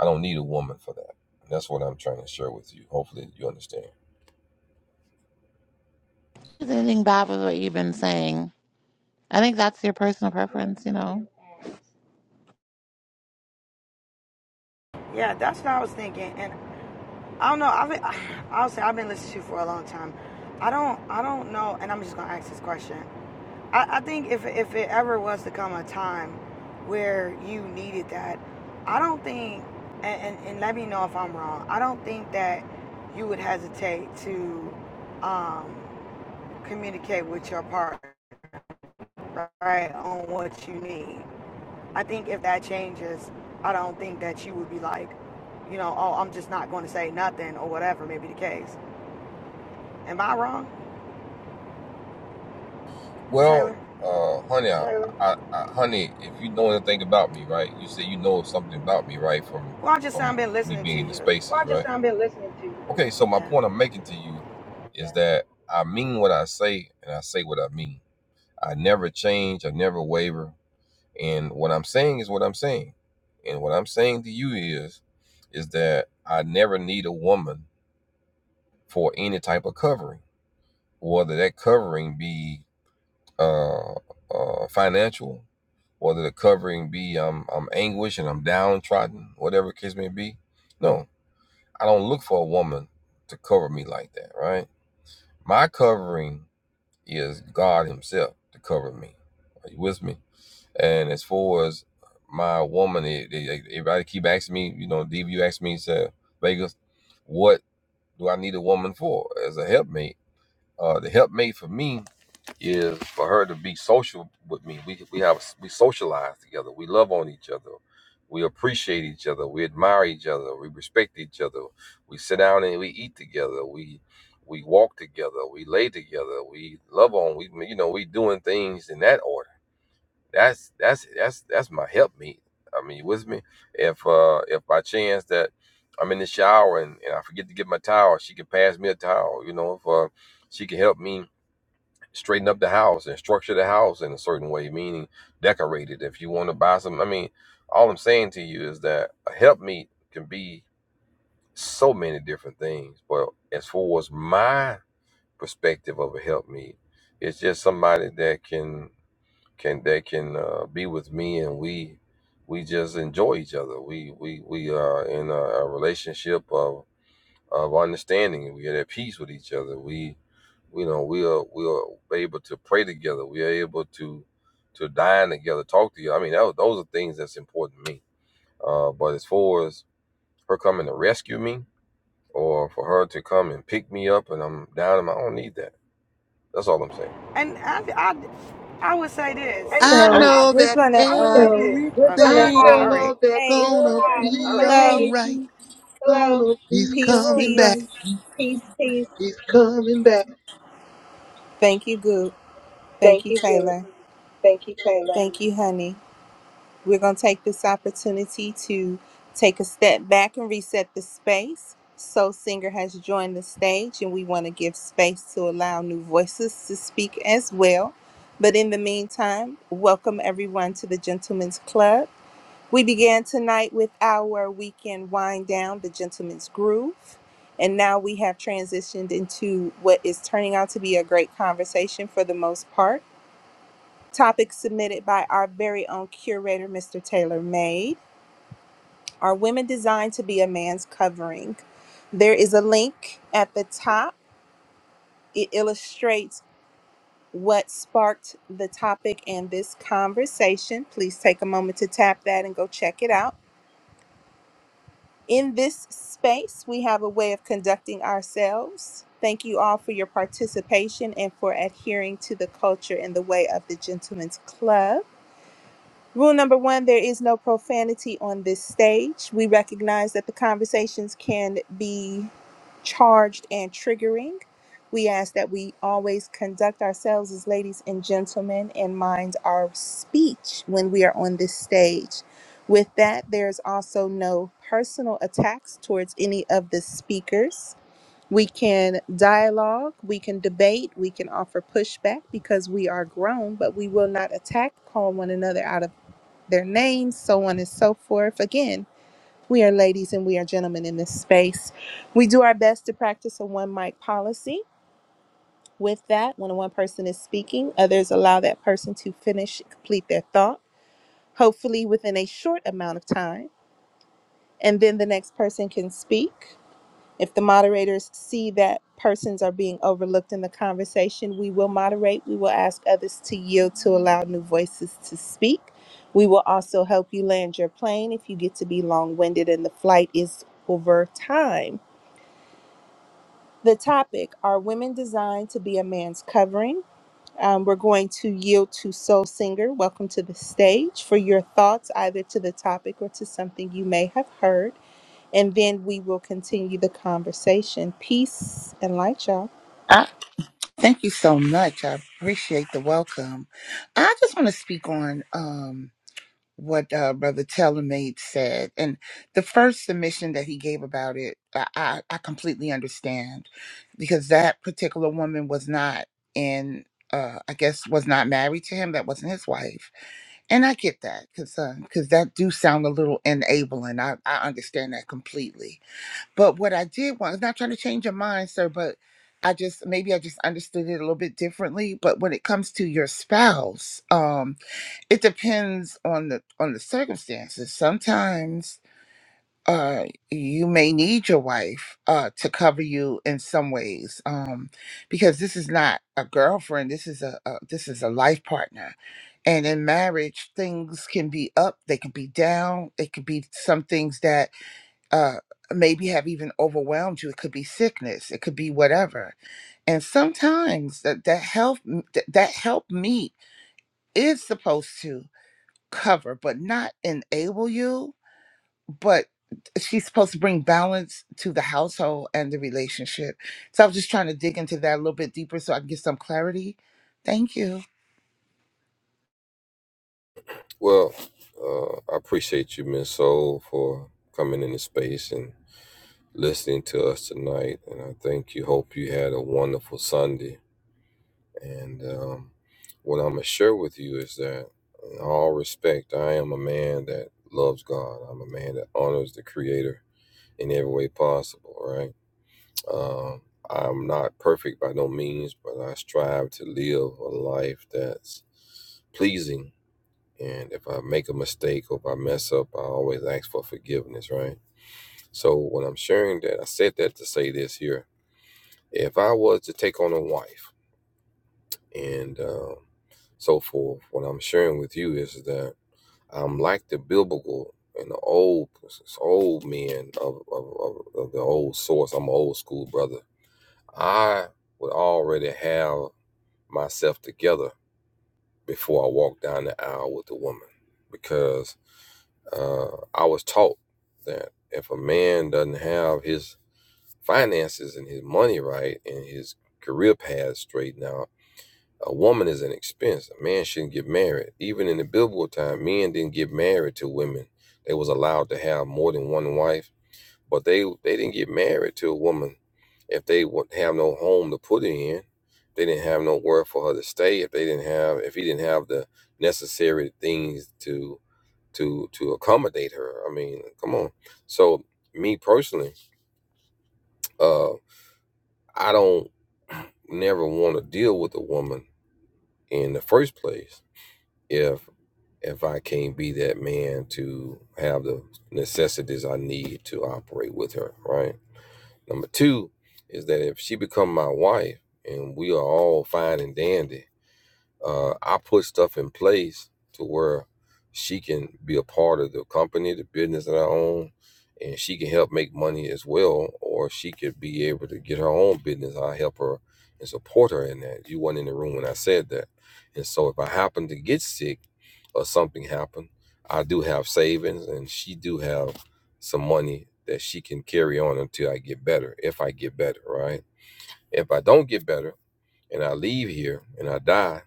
Speaker 6: I don't need a woman for that. That's what I'm trying to share with you. Hopefully you understand.
Speaker 3: There's anything bad with what you've been saying. I think that's your personal preference, you know.
Speaker 8: Yeah, that's what I was thinking. And I don't know. I've been, I'll say I've been listening to you for a long time. I don't I don't know, and I'm just gonna ask this question. I, I think if if it ever was to come a time where you needed that, I don't think, and, and, and let me know if I'm wrong. I don't think that you would hesitate to um, communicate with your partner, right, on what you need. I think if that changes, I don't think that you would be like, you know, oh, I'm just not going to say nothing or whatever may be the case. Am I wrong,
Speaker 6: Well,
Speaker 8: Taylor?
Speaker 6: uh, honey, I, I, I, honey, if you know anything about me, right? You say you know something about me, right? From
Speaker 8: Well, I just I've
Speaker 6: from
Speaker 8: been
Speaker 6: me
Speaker 8: listening to
Speaker 6: being in the
Speaker 8: you.
Speaker 6: spaces, well, I just right? I've been listening to you. Okay, so my
Speaker 8: Yeah.
Speaker 6: point I'm making to you is yeah. that I mean what I say and I say what I mean. I never change. I never waver. And what I'm saying is what I'm saying. And what I'm saying to you is, is that I never need a woman for any type of covering, whether that covering be uh, uh, financial, whether the covering be I'm I'm anguished and I'm downtrodden, whatever the case may be. No, I don't look for a woman to cover me like that, right? My covering is God Himself to cover me. Are you with me? And as far as my woman, they, they, like, everybody keep asking me, you know, Diva, you asked me, said, Vegas, what do I need a woman for as a helpmate? Uh, the helpmate for me is for her to be social with me. We we have we socialize together. We love on each other. We appreciate each other. We admire each other. We respect each other. We sit down and we eat together. We we walk together. We lay together. We love on. We you know we doing things in that order that's that's that's that's my help I mean, you with me? If uh if by chance that I'm in the shower and, and I forget to get my towel, she can pass me a towel. You know, if uh, she can help me straighten up the house and structure the house in a certain way, meaning decorate it. If you want to buy some, I mean, all I'm saying to you is that a help can be so many different things. But as far as my perspective of a help it's just somebody that can can that can uh, be with me and we we just enjoy each other we we we are in a, a relationship of of understanding we are at peace with each other we you know we are we are able to pray together we are able to to dine together talk to you i mean that, was- those are things that's important to me uh, but as far as her coming to rescue me or for her to come and pick me up and i'm down and i don't need that that's all i'm saying
Speaker 8: And I, I, I would say this.
Speaker 6: and I,
Speaker 4: I
Speaker 2: So
Speaker 6: I,
Speaker 4: know that
Speaker 6: I would say
Speaker 8: Oh,
Speaker 6: this. We're
Speaker 8: Okay. All
Speaker 6: know
Speaker 4: everything's
Speaker 8: right.
Speaker 6: Okay.
Speaker 4: gonna
Speaker 6: All right.
Speaker 4: be
Speaker 2: Hello.
Speaker 6: Everything
Speaker 4: alright.
Speaker 6: is
Speaker 4: He's
Speaker 6: be
Speaker 2: Peace,
Speaker 6: all
Speaker 4: coming
Speaker 2: peace.
Speaker 4: back.
Speaker 6: right. Peace, peace. He's back.
Speaker 2: Thank You good.
Speaker 6: Thank
Speaker 2: Thank you,
Speaker 6: you. Good.
Speaker 2: Taylor.
Speaker 6: Thank you.
Speaker 2: Thank you, honey. We're going to take this opportunity to take a step back and reset the space. Soul Singer has joined the stage, and we want to give space to allow new voices to speak as well. But in the meantime, welcome everyone to the Gentlemen's Club. We began tonight with our weekend wind down, the Gentlemen's Groove. And now we have transitioned into what is turning out to be a great conversation for the most part. Topic submitted by our very own curator, Mr. Taylor May. Are women designed to be a man's covering? There is a link at the top. It illustrates what sparked the topic and this conversation. Please take a moment to tap that and go check it out. In this space, we have a way of conducting ourselves. Thank you all for your participation and for adhering to the culture in the way of the Gentleman's Club. Rule number one there is no profanity on this stage. We recognize that the conversations can be charged and triggering. We ask that we always conduct ourselves as ladies and gentlemen and mind our speech when we are on this stage. With that, there's also no personal attacks towards any of the speakers. We can dialogue, we can debate, we can offer pushback because we are grown, but we will not attack, call one another out of their names, so on and so forth. Again, we are ladies and we are gentlemen in this space. We do our best to practice a one mic policy. With that, when one person is speaking, others allow that person to finish, complete their thought, hopefully within a short amount of time. And then the next person can speak. If the moderators see that persons are being overlooked in the conversation, we will moderate. We will ask others to yield to allow new voices to speak. We will also help you land your plane if you get to be long winded and the flight is over time. The topic Are women designed to be a man's covering? Um, we're going to yield to Soul Singer. Welcome to the stage for your thoughts, either to the topic or to something you may have heard. And then we will continue the conversation. Peace and light, y'all.
Speaker 12: I, thank you so much. I appreciate the welcome. I just want to speak on um, what uh, Brother Tellermaid said. And the first submission that he gave about it, I, I, I completely understand because that particular woman was not in. Uh, I guess was not married to him. That wasn't his wife, and I get that because that do sound a little enabling. I I understand that completely. But what I did want, I'm not trying to change your mind, sir, but I just maybe I just understood it a little bit differently. But when it comes to your spouse, um, it depends on the on the circumstances. Sometimes uh you may need your wife uh to cover you in some ways. Um, because this is not a girlfriend, this is a, a this is a life partner. And in marriage, things can be up, they can be down, it could be some things that uh, maybe have even overwhelmed you. It could be sickness. It could be whatever. And sometimes that that help that, that help meet is supposed to cover, but not enable you. But she's supposed to bring balance to the household and the relationship. So I was just trying to dig into that a little bit deeper so I can get some clarity. Thank you.
Speaker 6: Well, uh, I appreciate you, Miss Soul, for coming into space and listening to us tonight. And I thank you. Hope you had a wonderful Sunday. And um, what I'm gonna share with you is that, in all respect, I am a man that loves God. I'm a man that honors the Creator in every way possible. Right. Um, I'm not perfect by no means, but I strive to live a life that's pleasing. And if I make a mistake or if I mess up, I always ask for forgiveness, right? So when I'm sharing that, I said that to say this here. If I was to take on a wife and um, so forth, what I'm sharing with you is that I'm like the biblical and the old old men of, of, of, of the old source. I'm an old school brother I would already have myself together before I walked down the aisle with a woman because uh, I was taught that if a man doesn't have his finances and his money right and his career path straightened out, a woman is an expense. A man shouldn't get married. Even in the biblical time, men didn't get married to women. They was allowed to have more than one wife but they they didn't get married to a woman if they would have no home to put her in. They didn't have nowhere for her to stay. If they didn't have if he didn't have the necessary things to to to accommodate her. I mean, come on. So me personally, uh, I don't never want to deal with a woman in the first place if if I can't be that man to have the necessities I need to operate with her, right? Number two is that if she become my wife and we are all fine and dandy, uh, I put stuff in place to where she can be a part of the company, the business that I own, and she can help make money as well, or she could be able to get her own business. I help her and support her in that. You weren't in the room when I said that, and so if I happen to get sick or something happen, I do have savings, and she do have some money that she can carry on until I get better. If I get better, right? If I don't get better and I leave here and I die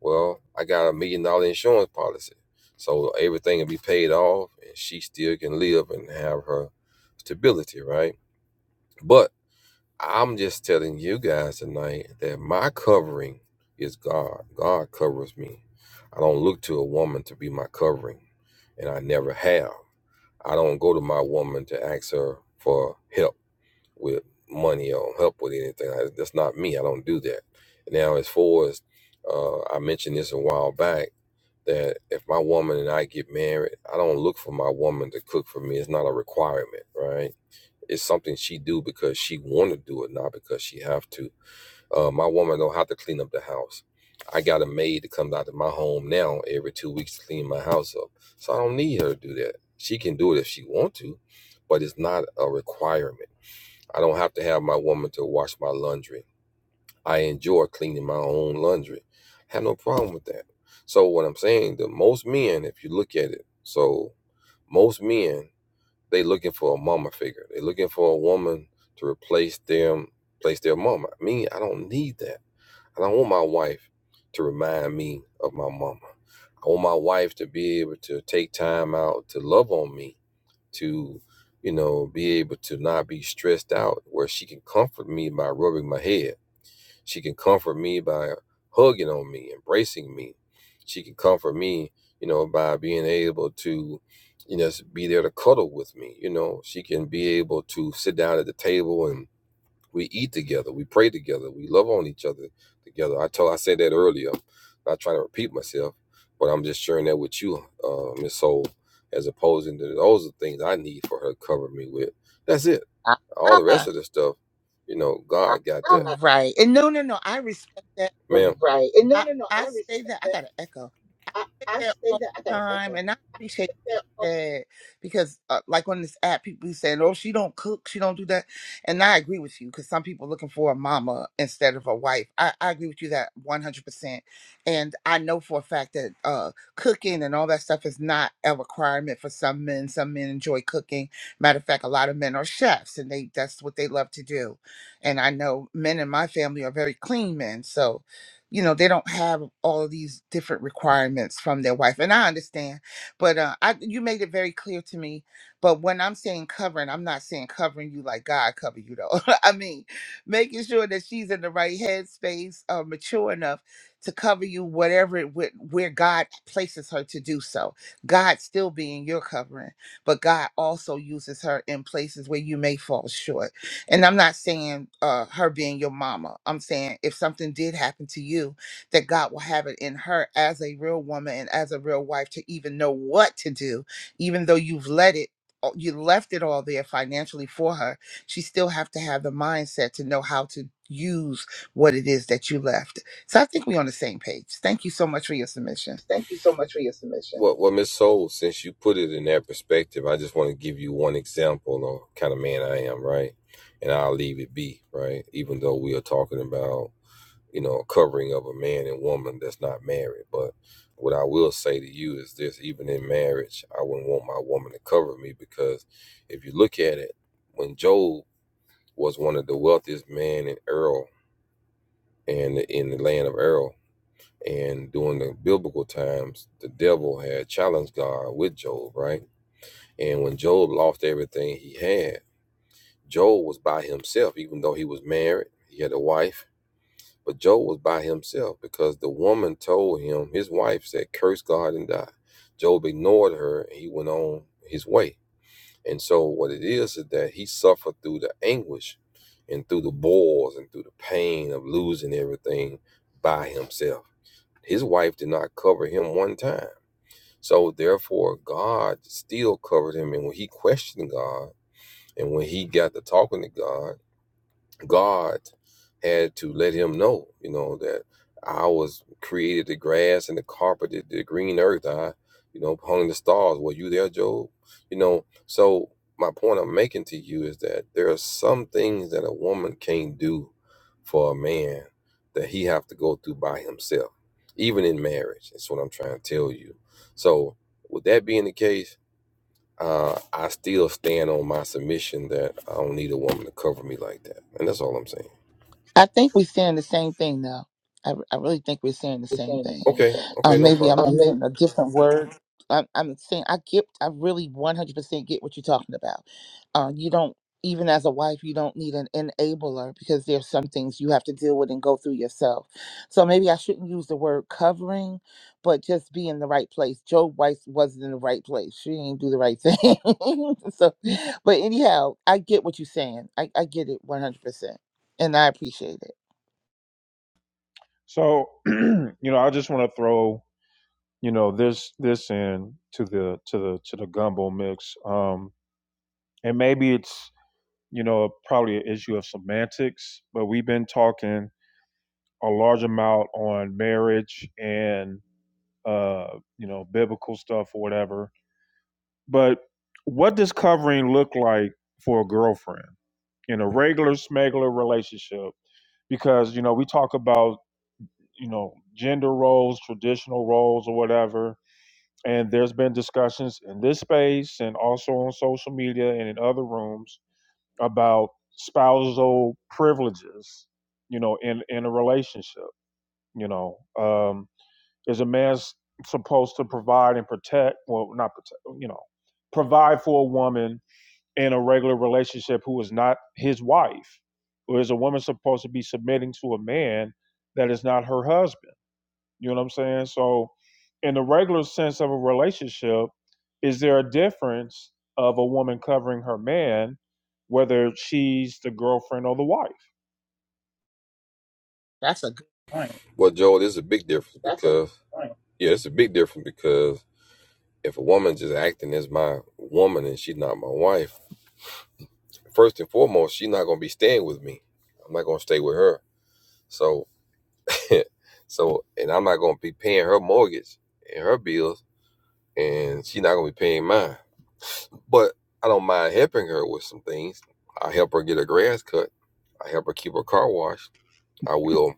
Speaker 6: well, I got a million dollar insurance policy. So everything will be paid off and she still can live and have her stability, right? But I'm just telling you guys tonight that my covering is God. God covers me. I don't look to a woman to be my covering, and I never have. I don't go to my woman to ask her for help with money or help with anything. I, that's not me. I don't do that. Now, as far as uh, I mentioned this a while back that if my woman and I get married, I don't look for my woman to cook for me. It's not a requirement, right? It's something she do because she want to do it, not because she have to. Uh, my woman don't have to clean up the house. I got a maid that comes out to my home now every two weeks to clean my house up, so I don't need her to do that. She can do it if she want to, but it's not a requirement. I don't have to have my woman to wash my laundry. I enjoy cleaning my own laundry. I have no problem with that. So what I'm saying, the most men, if you look at it, so most men, they looking for a mama figure. They looking for a woman to replace them, replace their mama. Me, I don't need that. I don't want my wife to remind me of my mama. I want my wife to be able to take time out to love on me to, you know, be able to not be stressed out where she can comfort me by rubbing my head. She can comfort me by hugging on me, embracing me. She can comfort me, you know, by being able to, you know, be there to cuddle with me. You know, she can be able to sit down at the table and we eat together, we pray together, we love on each other together. I told, I said that earlier. I'm Not trying to repeat myself, but I'm just sharing that with you, uh, Miss Soul, as opposed to those are things I need for her to cover me with. That's it. All the rest
Speaker 12: Ah,
Speaker 6: of the stuff, you know, God got that
Speaker 12: right. And no, no, no. I respect that.
Speaker 6: ma'am. Right. And no,
Speaker 12: I,
Speaker 6: no, no.
Speaker 12: I
Speaker 6: I
Speaker 12: say
Speaker 6: respect
Speaker 12: that I
Speaker 6: that.
Speaker 12: got an echo. I
Speaker 6: I,
Speaker 12: say
Speaker 6: I
Speaker 12: that
Speaker 6: say
Speaker 12: all
Speaker 6: that. I
Speaker 12: the
Speaker 6: got an
Speaker 12: time,
Speaker 6: echo.
Speaker 12: and I appreciate
Speaker 6: Yeah, oh,
Speaker 12: that because, uh, like on this app, people be saying, "Oh, she don't cook, she don't do that," and I agree with you because some people looking for a mama instead of a wife. I, I agree with you that one hundred percent, and I know for a fact that uh, cooking and all that stuff is not a requirement for some men. Some men enjoy cooking. Matter of fact, a lot of men are chefs, and they that's what they love to do. And I know men in my family are very clean men, so you know they don't have all of these different requirements from their wife and i understand but uh I, you made it very clear to me but when i'm saying covering i'm not saying covering you like god cover you though i mean making sure that she's in the right headspace uh, mature enough to cover you whatever it would where god places her to do so god still being your covering but god also uses her in places where you may fall short and I'm not saying uh, her being your mama. I'm saying if something did happen to you, that God will have it in her as a real woman and as a real wife to even know what to do, even though you've let it. uh, You left it all there financially for her. She still have to have the mindset to know how to use what it is that you left. So I think we're on the same page. Thank you so much for your submission.
Speaker 6: Thank you so much for your submission. Well, well, Miss Soul, since you put it in that perspective, I just want to give you one example of kind of man I am, right? And I'll leave it be, right? Even though we are talking about, you know, a covering of a man and woman that's not married. But what I will say to you is this even in marriage, I wouldn't want my woman to cover me because if you look at it, when Job was one of the wealthiest men in Earl and in the land of Errol. And during the biblical times, the devil had challenged God with Job, right? And when Job lost everything he had, Job was by himself, even though he was married, he had a wife, but Job was by himself because the woman told him, his wife said, curse God and die. Job ignored her and he went on his way. And so what it is is that he suffered through the anguish and through the boils and through the pain of losing everything by himself his wife did not cover him one time. So therefore, God still covered him. And when he questioned God, and when he got to talking to God, God had to let him know, you know, that I was created the grass and the carpet, the, the green earth. I, you know, hung the stars. Were you there, Job? You know, so my point I'm making to you is that there are some things that a woman can't do for a man that he have to go through by himself, even in marriage. That's what I'm trying to tell you. So with that being the case, uh, I still stand on my submission that I don't need a woman to cover me like that. And that's all I'm saying.
Speaker 12: I think we're saying the same thing now. I, I really think we're saying the same
Speaker 6: saying the
Speaker 12: thing.
Speaker 6: same Okay, thing.
Speaker 12: Uh,
Speaker 6: okay, no
Speaker 12: maybe I'm
Speaker 6: problem. Um, they,
Speaker 12: using a different word. I'm, I'm saying I get, I really 100% get what you're talking about. Uh, you don't, even as a wife, you don't need an enabler because there's some things you have to deal with and go through yourself. So maybe I shouldn't use the word covering, but just be in the right place. Joe Weiss wasn't in the right place. She didn't do the right thing. so, but anyhow, I get what you're saying. I, I get it 100%. And I appreciate it.
Speaker 1: So, you know, I just want to throw, you know, this this in to the to the to the gumbo mix. Um, and maybe it's you know probably an issue of semantics, but we've been talking a large amount on marriage and uh, you know biblical stuff or whatever. But what does covering look like for a girlfriend in a regular smegular relationship? Because you know we talk about you know gender roles, traditional roles, or whatever. And there's been discussions in this space and also on social media and in other rooms about spousal privileges, you know, in in a relationship. You know, um, is a man supposed to provide and protect well not protect you know provide for a woman in a regular relationship who is not his wife or is a woman supposed to be submitting to a man that is not her husband you know what I'm saying? So, in the regular sense of a relationship, is there a difference of a woman covering her man, whether she's the girlfriend or the wife?
Speaker 12: That's a good.
Speaker 6: Well, Joel, there's a big difference that's a because right. yeah, it's a big difference because if a woman just acting as my woman and she's not my wife, first and foremost, she's not gonna be staying with me. I'm not gonna stay with her. So, so, and I'm not gonna be paying her mortgage and her bills, and she's not gonna be paying mine. But I don't mind helping her with some things. I help her get her grass cut. I help her keep her car washed. I will,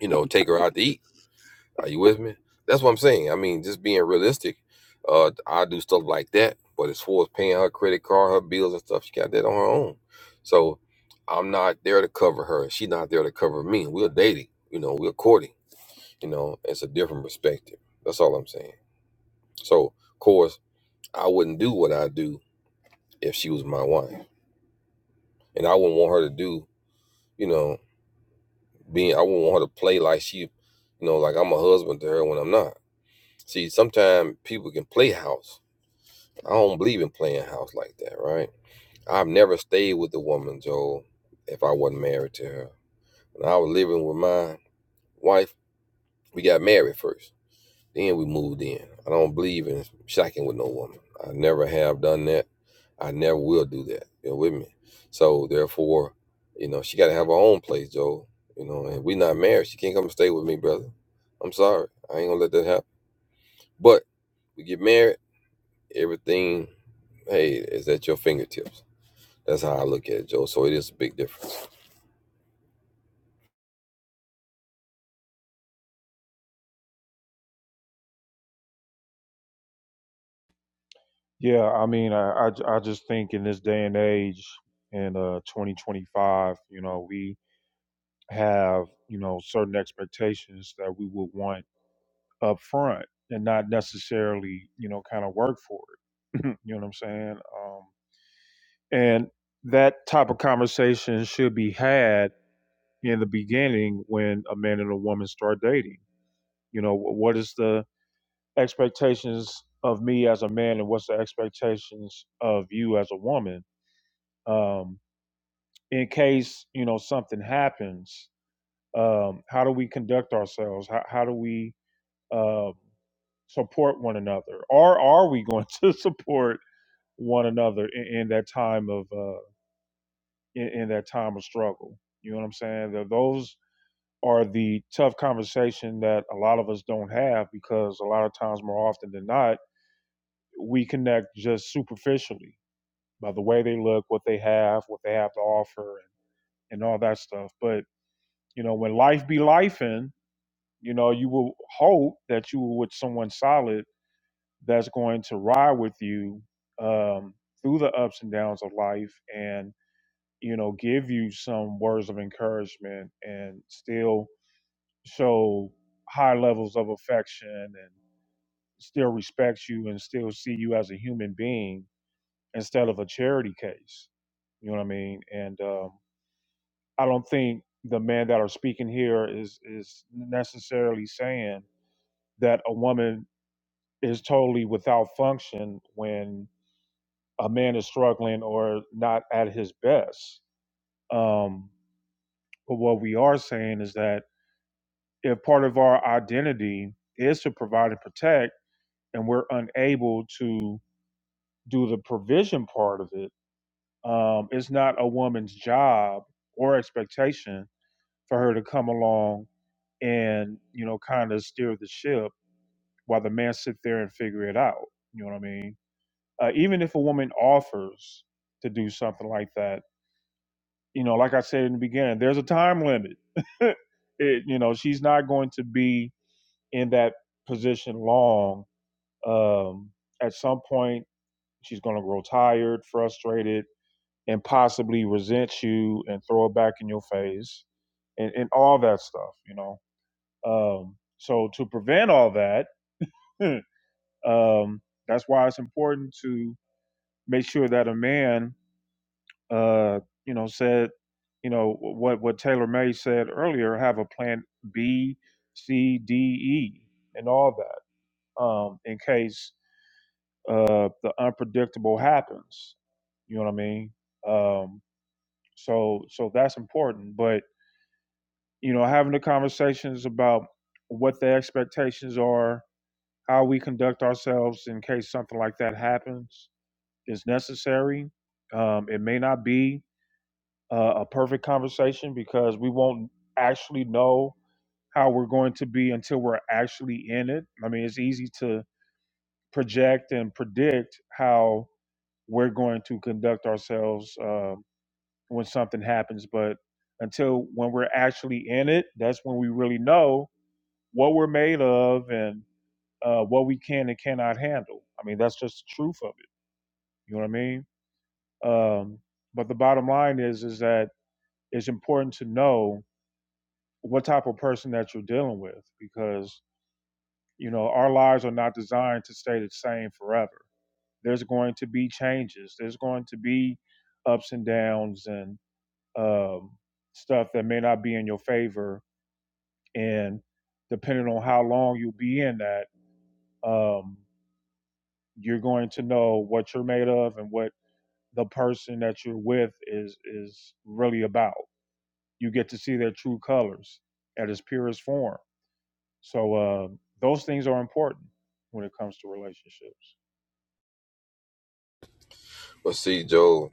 Speaker 6: you know, take her out to eat Are you with me? That's what I'm saying. I mean, just being realistic. Uh, I do stuff like that, but as far as paying her credit card, her bills and stuff, she got that on her own. So I'm not there to cover her. She's not there to cover me. We're dating, you know, we're courting, you know, it's a different perspective. That's all I'm saying. So, of course, I wouldn't do what I do if she was my wife. And I wouldn't want her to do, you know, being, I wouldn't want her to play like she, you know, like I'm a husband to her when I'm not. See, sometimes people can play house I don't believe in playing house like that, right? I've never stayed with a woman, Joel, if I wasn't married to her. When I was living with my wife, we got married first. Then we moved in. I don't believe in shacking with no woman. I never have done that. I never will do that. You're with me. So therefore, you know, she gotta have her own place, Joel. You know, and we not married. She can't come and stay with me, brother. I'm sorry. I ain't gonna let that happen. But we get married, everything, hey, is at your fingertips. That's how I look at it, Joe. So it is a big difference.
Speaker 1: Yeah, I mean, I, I, I just think in this day and age, in uh, 2025, you know, we have you know certain expectations that we would want up front and not necessarily you know kind of work for it you know what i'm saying um, and that type of conversation should be had in the beginning when a man and a woman start dating you know wh- what is the expectations of me as a man and what's the expectations of you as a woman um, in case you know something happens um, how do we conduct ourselves how, how do we um, support one another, or are we going to support one another in, in that time of uh, in, in that time of struggle? You know what I'm saying? Those are the tough conversation that a lot of us don't have because a lot of times, more often than not, we connect just superficially by the way they look, what they have, what they have to offer, and, and all that stuff. But you know, when life be life, in you know, you will hope that you were with someone solid that's going to ride with you um, through the ups and downs of life and you know give you some words of encouragement and still show high levels of affection and still respect you and still see you as a human being instead of a charity case you know what i mean and um, i don't think the men that are speaking here is is necessarily saying that a woman is totally without function when a man is struggling or not at his best. Um, but what we are saying is that if part of our identity is to provide and protect, and we're unable to do the provision part of it, um, it's not a woman's job or expectation for her to come along and you know kind of steer the ship while the man sit there and figure it out. You know what I mean? Uh, even if a woman offers to do something like that you know, like I said in the beginning, there's a time limit. it, you know, she's not going to be in that position long. Um, at some point, she's going to grow tired, frustrated, and possibly resent you and throw it back in your face and, and all that stuff, you know. Um, so, to prevent all that, um, that's why it's important to make sure that a man uh, you know, said, you know, what what Taylor May said earlier, have a plan B, C, D, E, and all that, um, in case uh, the unpredictable happens. You know what I mean? Um, so so that's important. But you know, having the conversations about what the expectations are, how we conduct ourselves in case something like that happens, is necessary. Um, it may not be. uh, a perfect conversation because we won't actually know how we're going to be until we're actually in it. I mean, it's easy to project and predict how we're going to conduct ourselves uh, when something happens, but until when we're actually in it, that's when we really know what we're made of and uh, what we can and cannot handle. I mean, that's just the truth of it. You know what I mean? Um, but the bottom line is, is that it's important to know what type of person that you're dealing with because you know our lives are not designed to stay the same forever there's going to be changes there's going to be ups and downs and um, stuff that may not be in your favor and depending on how long you'll be in that um, you're going to know what you're made of and what the person that you're with is is really about you get to see their true colors at its purest form So uh, those things are important when it comes to relationships.
Speaker 6: But see, Joe,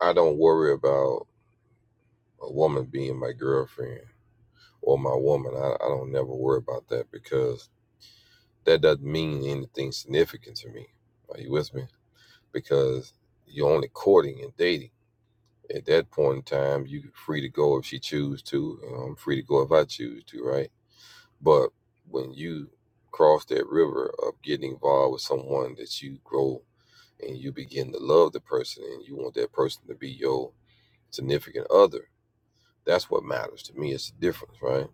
Speaker 6: I don't worry about a woman being my girlfriend or my woman. I, I don't never worry about that because that doesn't mean anything significant to me. Are you with me? Because you're only courting and dating. At that point in time, you free to go if she choose to. You know, I'm free to go if I choose to, right? But when you cross that river of getting involved with someone that you grow and you begin to love the person and you want that person to be your significant other that's what matters to me it's the difference right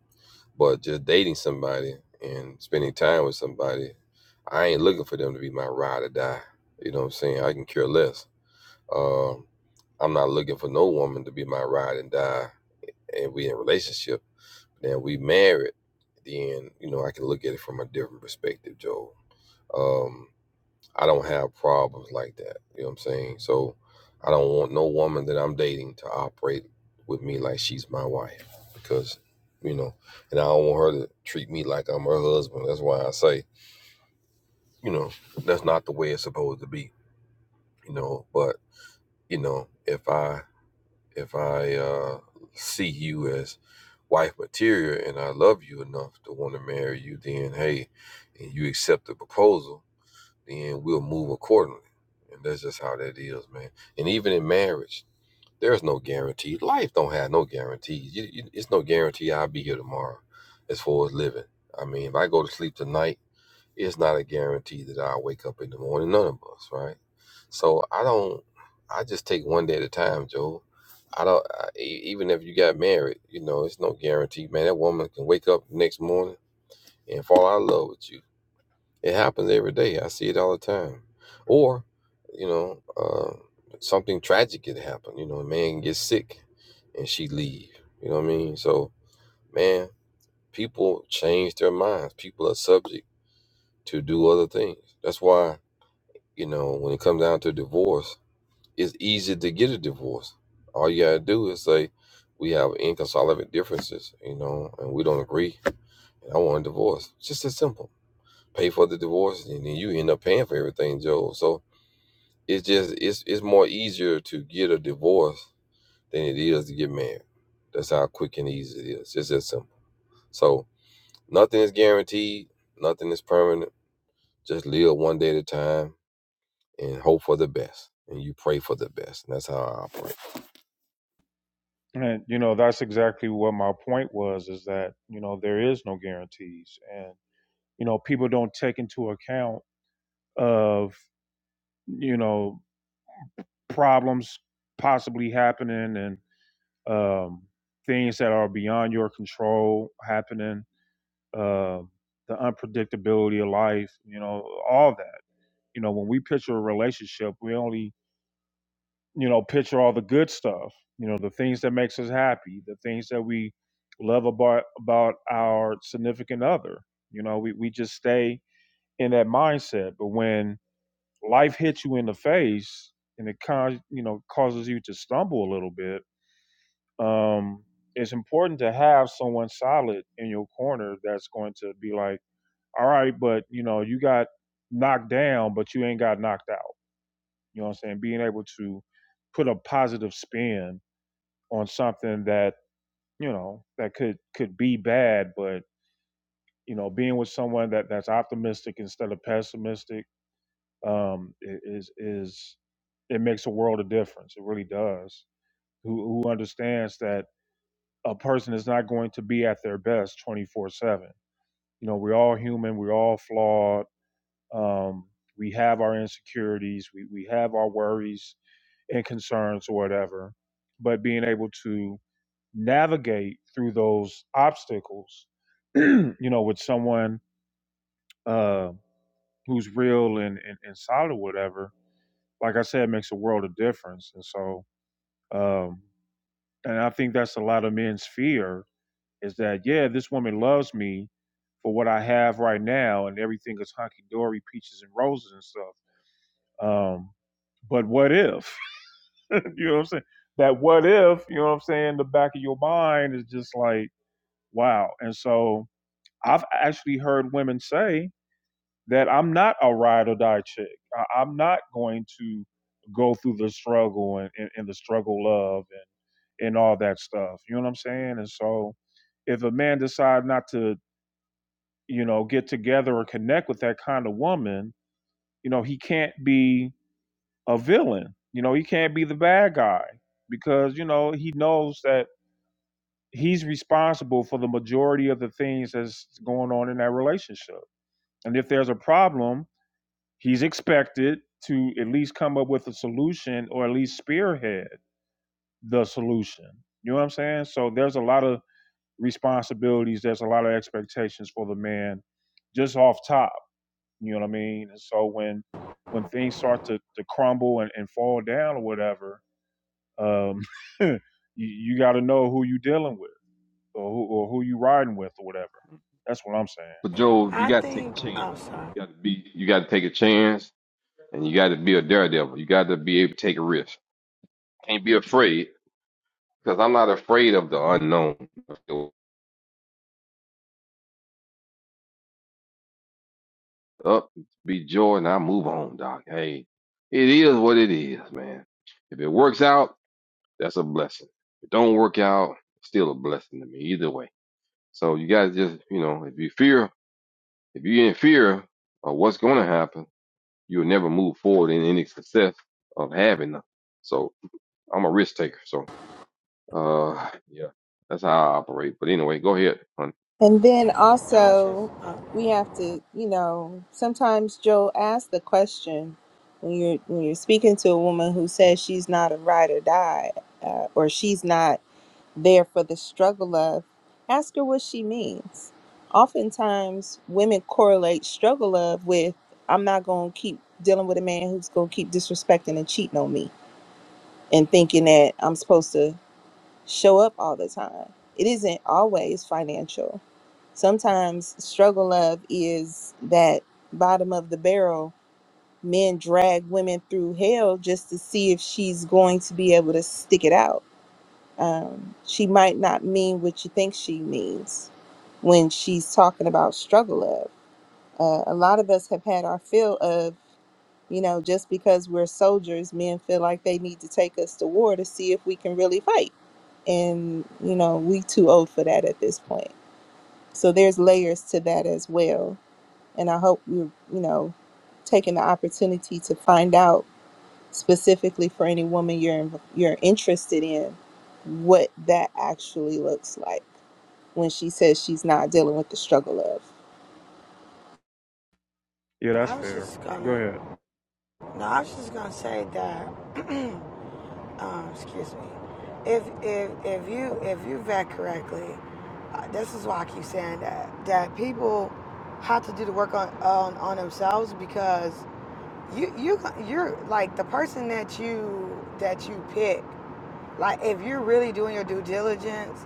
Speaker 6: but just dating somebody and spending time with somebody i ain't looking for them to be my ride or die you know what i'm saying i can care less um, i'm not looking for no woman to be my ride and die and we in a relationship then we married then you know i can look at it from a different perspective joe Um, I don't have problems like that. You know what I'm saying? So I don't want no woman that I'm dating to operate with me like she's my wife because, you know, and I don't want her to treat me like I'm her husband. That's why I say, you know, that's not the way it's supposed to be, you know, but, you know, if I, if I, uh, see you as wife material and I love you enough to want to marry you, then hey, and you accept the proposal, then we'll move accordingly. And that's just how that is, man. And even in marriage, there's no guarantee. Life don't have no guarantees. You, you, it's no guarantee I'll be here tomorrow as far as living. I mean, if I go to sleep tonight, it's not a guarantee that I'll wake up in the morning. None of us, right? So I don't, I just take one day at a time, Joe. I don't, I, e- even if you got married, you know, it's no guarantee, man. That woman can wake up the next morning and fall out of love with you it happens every day. I see it all the time. Or, you know, uh, something tragic could happen. You know, a man gets sick and she leave. You know what I mean? So, man, people change their minds. People are subject to do other things. That's why, you know, when it comes down to divorce, it's easy to get a divorce. All you gotta do is say, we have inconsolable differences, you know, and we don't agree, and I want a divorce. It's just as simple. Pay for the divorce, and then you end up paying for everything, Joe. So It's just it's it's more easier to get a divorce than it is to get married. That's how quick and easy it is. It's just simple. So nothing is guaranteed, nothing is permanent. Just live one day at a time and hope for the best. And you pray for the best. And that's how I operate.
Speaker 1: And you know, that's exactly what my point was: is that you know there is no guarantees, and you know people don't take into account of you know problems possibly happening and um, things that are beyond your control happening, uh, the unpredictability of life, you know, all that. You know, when we picture a relationship, we only you know, picture all the good stuff, you know, the things that makes us happy, the things that we love about about our significant other. You know, we, we just stay in that mindset. But when life hits you in the face and it con you know, causes you to stumble a little bit, um, it's important to have someone solid in your corner that's going to be like, All right, but you know, you got knocked down, but you ain't got knocked out. You know what I'm saying? Being able to put a positive spin on something that you know that could could be bad but you know being with someone that that's optimistic instead of pessimistic um is is it makes a world of difference it really does who who understands that a person is not going to be at their best 24/7 you know we're all human we're all flawed um we have our insecurities we we have our worries and concerns or whatever but being able to navigate through those obstacles, you know, with someone uh, who's real and, and, and solid, or whatever, like I said, it makes a world of difference. And so, um, and I think that's a lot of men's fear is that, yeah, this woman loves me for what I have right now, and everything is hunky dory, peaches and roses and stuff. Um, but what if, you know what I'm saying? That what if, you know what I'm saying? The back of your mind is just like, wow. And so, I've actually heard women say that I'm not a ride or die chick. I, I'm not going to go through the struggle and, and, and the struggle love and, and all that stuff. You know what I'm saying? And so if a man decides not to, you know, get together or connect with that kind of woman, you know, he can't be a villain. You know, he can't be the bad guy because, you know, he knows that he's responsible for the majority of the things that's going on in that relationship. And if there's a problem, He's expected to at least come up with a solution or at least spearhead the solution. You know what I'm saying? So there's a lot of responsibilities, there's a lot of expectations for the man just off top. You know what I mean? And so when when things start to, to crumble and, and fall down or whatever, um, you, you got to know who you dealing with or who, or who you riding with or whatever. That's what I'm saying.
Speaker 6: But Joe, you
Speaker 8: I
Speaker 6: got to take a
Speaker 8: think.
Speaker 6: chance.
Speaker 8: I'm oh, sorry.
Speaker 6: You got to be. You got to take a chance, and you got to be a daredevil. You got to be able to take a risk. Can't be afraid, because I'm not afraid of the unknown. up, be joy, and I move on, Doc. Hey, it is what it is, man. If it works out, that's a blessing. If it don't work out, it's still a blessing to me, either way. So you guys just, you know, if you fear, if you're in fear of what's going to happen, you'll never move forward in any success of having them. So I'm a risk taker. So, uh, yeah, that's how I operate. But anyway, go ahead, honey.
Speaker 2: And then
Speaker 8: No, I was just.
Speaker 2: also,
Speaker 8: Uh,
Speaker 2: we have to, you know, sometimes Joel asks the question when you're when you're speaking to a woman who says she's not a ride or die, uh, or she's not there for the struggle of, ask her what she means. Oftentimes, women correlate struggle of with, I'm not going to keep dealing with a man who's going to keep disrespecting and cheating on me and thinking that I'm supposed to show up all the time. It isn't always financial. Sometimes, struggle of is that bottom of the barrel. Men drag women through hell just to see if she's going to be able to stick it out um, she might not mean what you think she means when she's talking about struggle of. Uh, a lot of us have had our feel of, you know, just because we're soldiers, men feel like they need to take us to war to see if we can really fight. And, you know, we too old for that at this point. So there's layers to that as well. And I hope you're, you know, taking the opportunity to find out specifically for any woman you're, you're interested in what that actually looks like when she says she's not dealing with the struggle of.
Speaker 1: Yeah, that's
Speaker 8: I was
Speaker 1: fair.
Speaker 8: just
Speaker 1: Go
Speaker 8: gonna.
Speaker 1: ahead.
Speaker 8: No, I was just gonna say that. um, excuse me. If if if you if you vet correctly, uh, this is why I keep saying that that people have to do the work on on, on themselves because you you you're like the person that you that you pick like if you're really doing your due diligence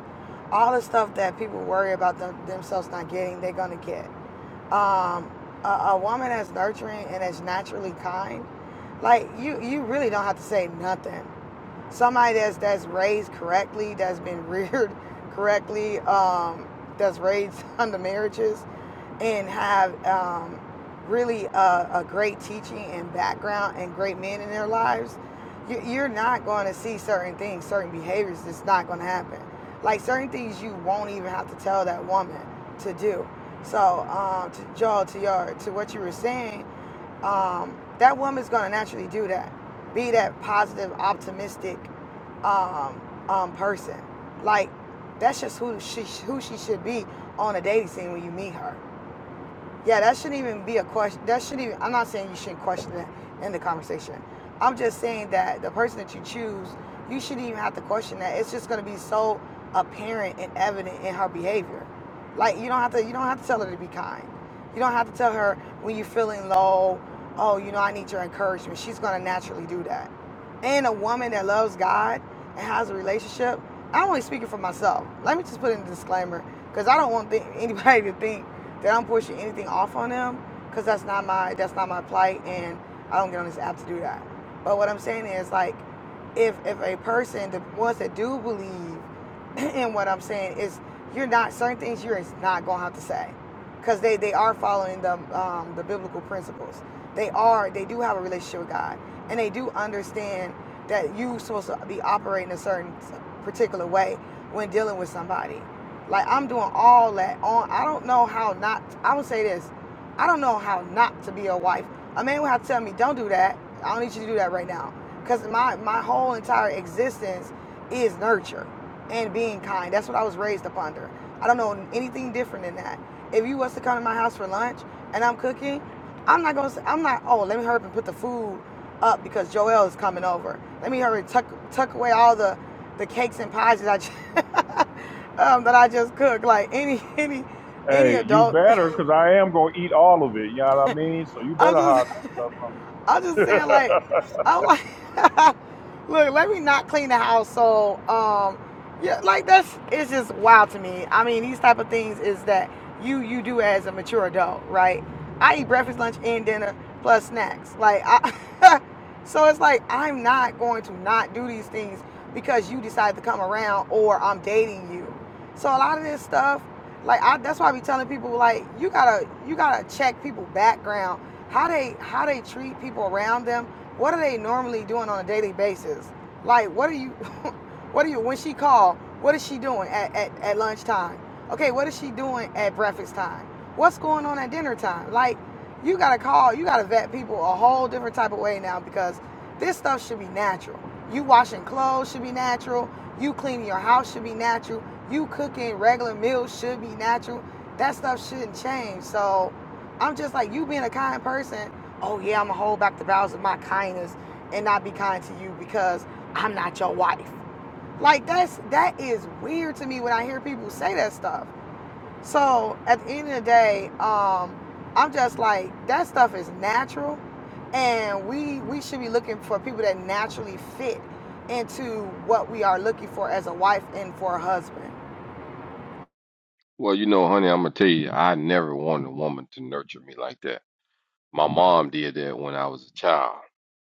Speaker 8: all the stuff that people worry about them, themselves not getting they're gonna get um a, a woman that's nurturing and that's naturally kind like you you really don't have to say nothing somebody that's that's raised correctly that's been reared correctly um that's raised under marriages and have um, really a, a great teaching and background and great men in their lives, you, you're not going to see certain things, certain behaviors that's not going to happen. Like certain things you won't even have to tell that woman to do. So, um, to Joel, to your, to what you were saying, um, that woman's going to naturally do that. Be that positive, optimistic um, um, person. Like that's just who she who she should be on a dating scene when you meet her. Yeah, that shouldn't even be a question. That shouldn't even, I'm not saying you shouldn't question it in the conversation. I'm just saying that the person that you choose, you shouldn't even have to question that. It's just going to be so apparent and evident in her behavior. Like you don't have to, you don't have to tell her to be kind. You don't have to tell her when you're feeling low. Oh, you know, I need your encouragement. She's going to naturally do that. And a woman that loves God and has a relationship, I'm only speaking for myself. Let me just put in a disclaimer because I don't want th- anybody to think that I'm pushing anything off on them because that's not my that's not my plight, and I don't get on this app to do that. But what I'm saying is like, if if a person, the ones that do believe in what I'm saying is, you're not certain things you're not gonna have to say, because they they are following the um, the biblical principles. They are they do have a relationship with God, and they do understand that you are supposed to be operating a certain particular way when dealing with somebody. Like I'm doing all that on. I don't know how not. I would say this. I don't know how not to be a wife. A man would have to tell me, "Don't do that. I don't need you to do that right now," because my my whole entire existence is nurture and being kind. That's what I was raised up under. I don't know anything different than that. If you was to come to my house for lunch and I'm cooking, I'm not gonna. Say, I'm not. Oh, let me hurry up and put the food up because Joel is coming over. Let me hurry tuck tuck away all the the cakes and pies that I. just... um, that I just cook. Like any any any
Speaker 1: Hey, you
Speaker 8: adult,
Speaker 1: better, because I am going to eat all of it. You know what I mean? So you
Speaker 8: I'm
Speaker 1: better hide
Speaker 8: just
Speaker 1: some stuff from
Speaker 8: I'm just
Speaker 1: me.
Speaker 8: saying, like, I'm like, look, let me not clean the house. So, um, yeah, like that's it's just wild to me. I mean, these type of things is that you you do as a mature adult, right? I eat breakfast, lunch, and dinner plus snacks. Like, I, so it's like I'm not going to not do these things because you decide to come around or I'm dating you. So a lot of this stuff, like, I that's why I be telling people like you gotta you gotta check people background how they how they treat people around them. What are they normally doing on a daily basis? Like, what are you, what are you when she called? What is she doing at, at, at lunchtime? Okay, what is she doing at breakfast time? What's going on at dinner time? Like, you gotta call, you gotta vet people a whole different type of way now because this stuff should be natural. You washing clothes should be natural. You cleaning your house should be natural. You cooking regular meals should be natural. That stuff shouldn't change. So I'm just like you being a kind person. Oh yeah, I'ma hold back the bowels of my kindness and not be kind to you because I'm not your wife. Like that's that is weird to me when I hear people say that stuff. So at the end of the day, um, I'm just like that stuff is natural, and we we should be looking for people that naturally fit into what we are looking for as a wife and for a husband.
Speaker 6: Well, you know, honey, I'm gonna tell you, I never wanted a woman to nurture me like that. My mom did that when I was a child,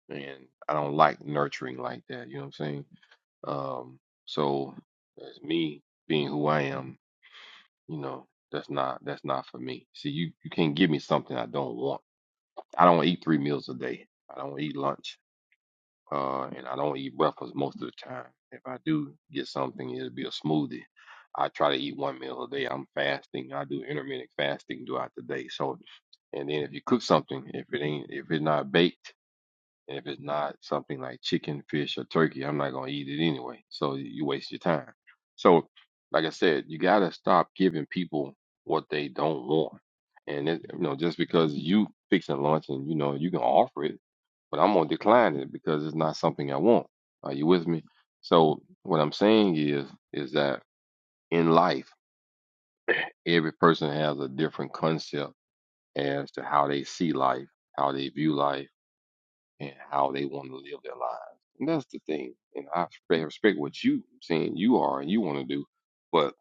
Speaker 6: and I don't like nurturing like that. You know what I'm saying? Um, so that's me being who I am. You know, that's not that's not for me. See, you you can't give me something I don't want. I don't eat three meals a day. I don't eat lunch, uh, and I don't eat breakfast most of the time. If I do get something, it'll be a smoothie. I try to eat one meal a day. I'm fasting. I do intermittent fasting throughout the day. So and then if you cook something, if it ain't if it's not baked and if it's not something like chicken, fish, or turkey, I'm not going to eat it anyway. So you waste your time. So, like I said, you got to stop giving people what they don't want. And, it, you know, just because you fixing lunch and, you know, you can offer it, but I'm going to decline it because it's not something I want. Are you with me? So what I'm saying is, is that in life, every person has a different concept as to how they see life, how they view life and how they want to live their lives. And that's the thing. And I respect, respect what you saying you are and you want to do, but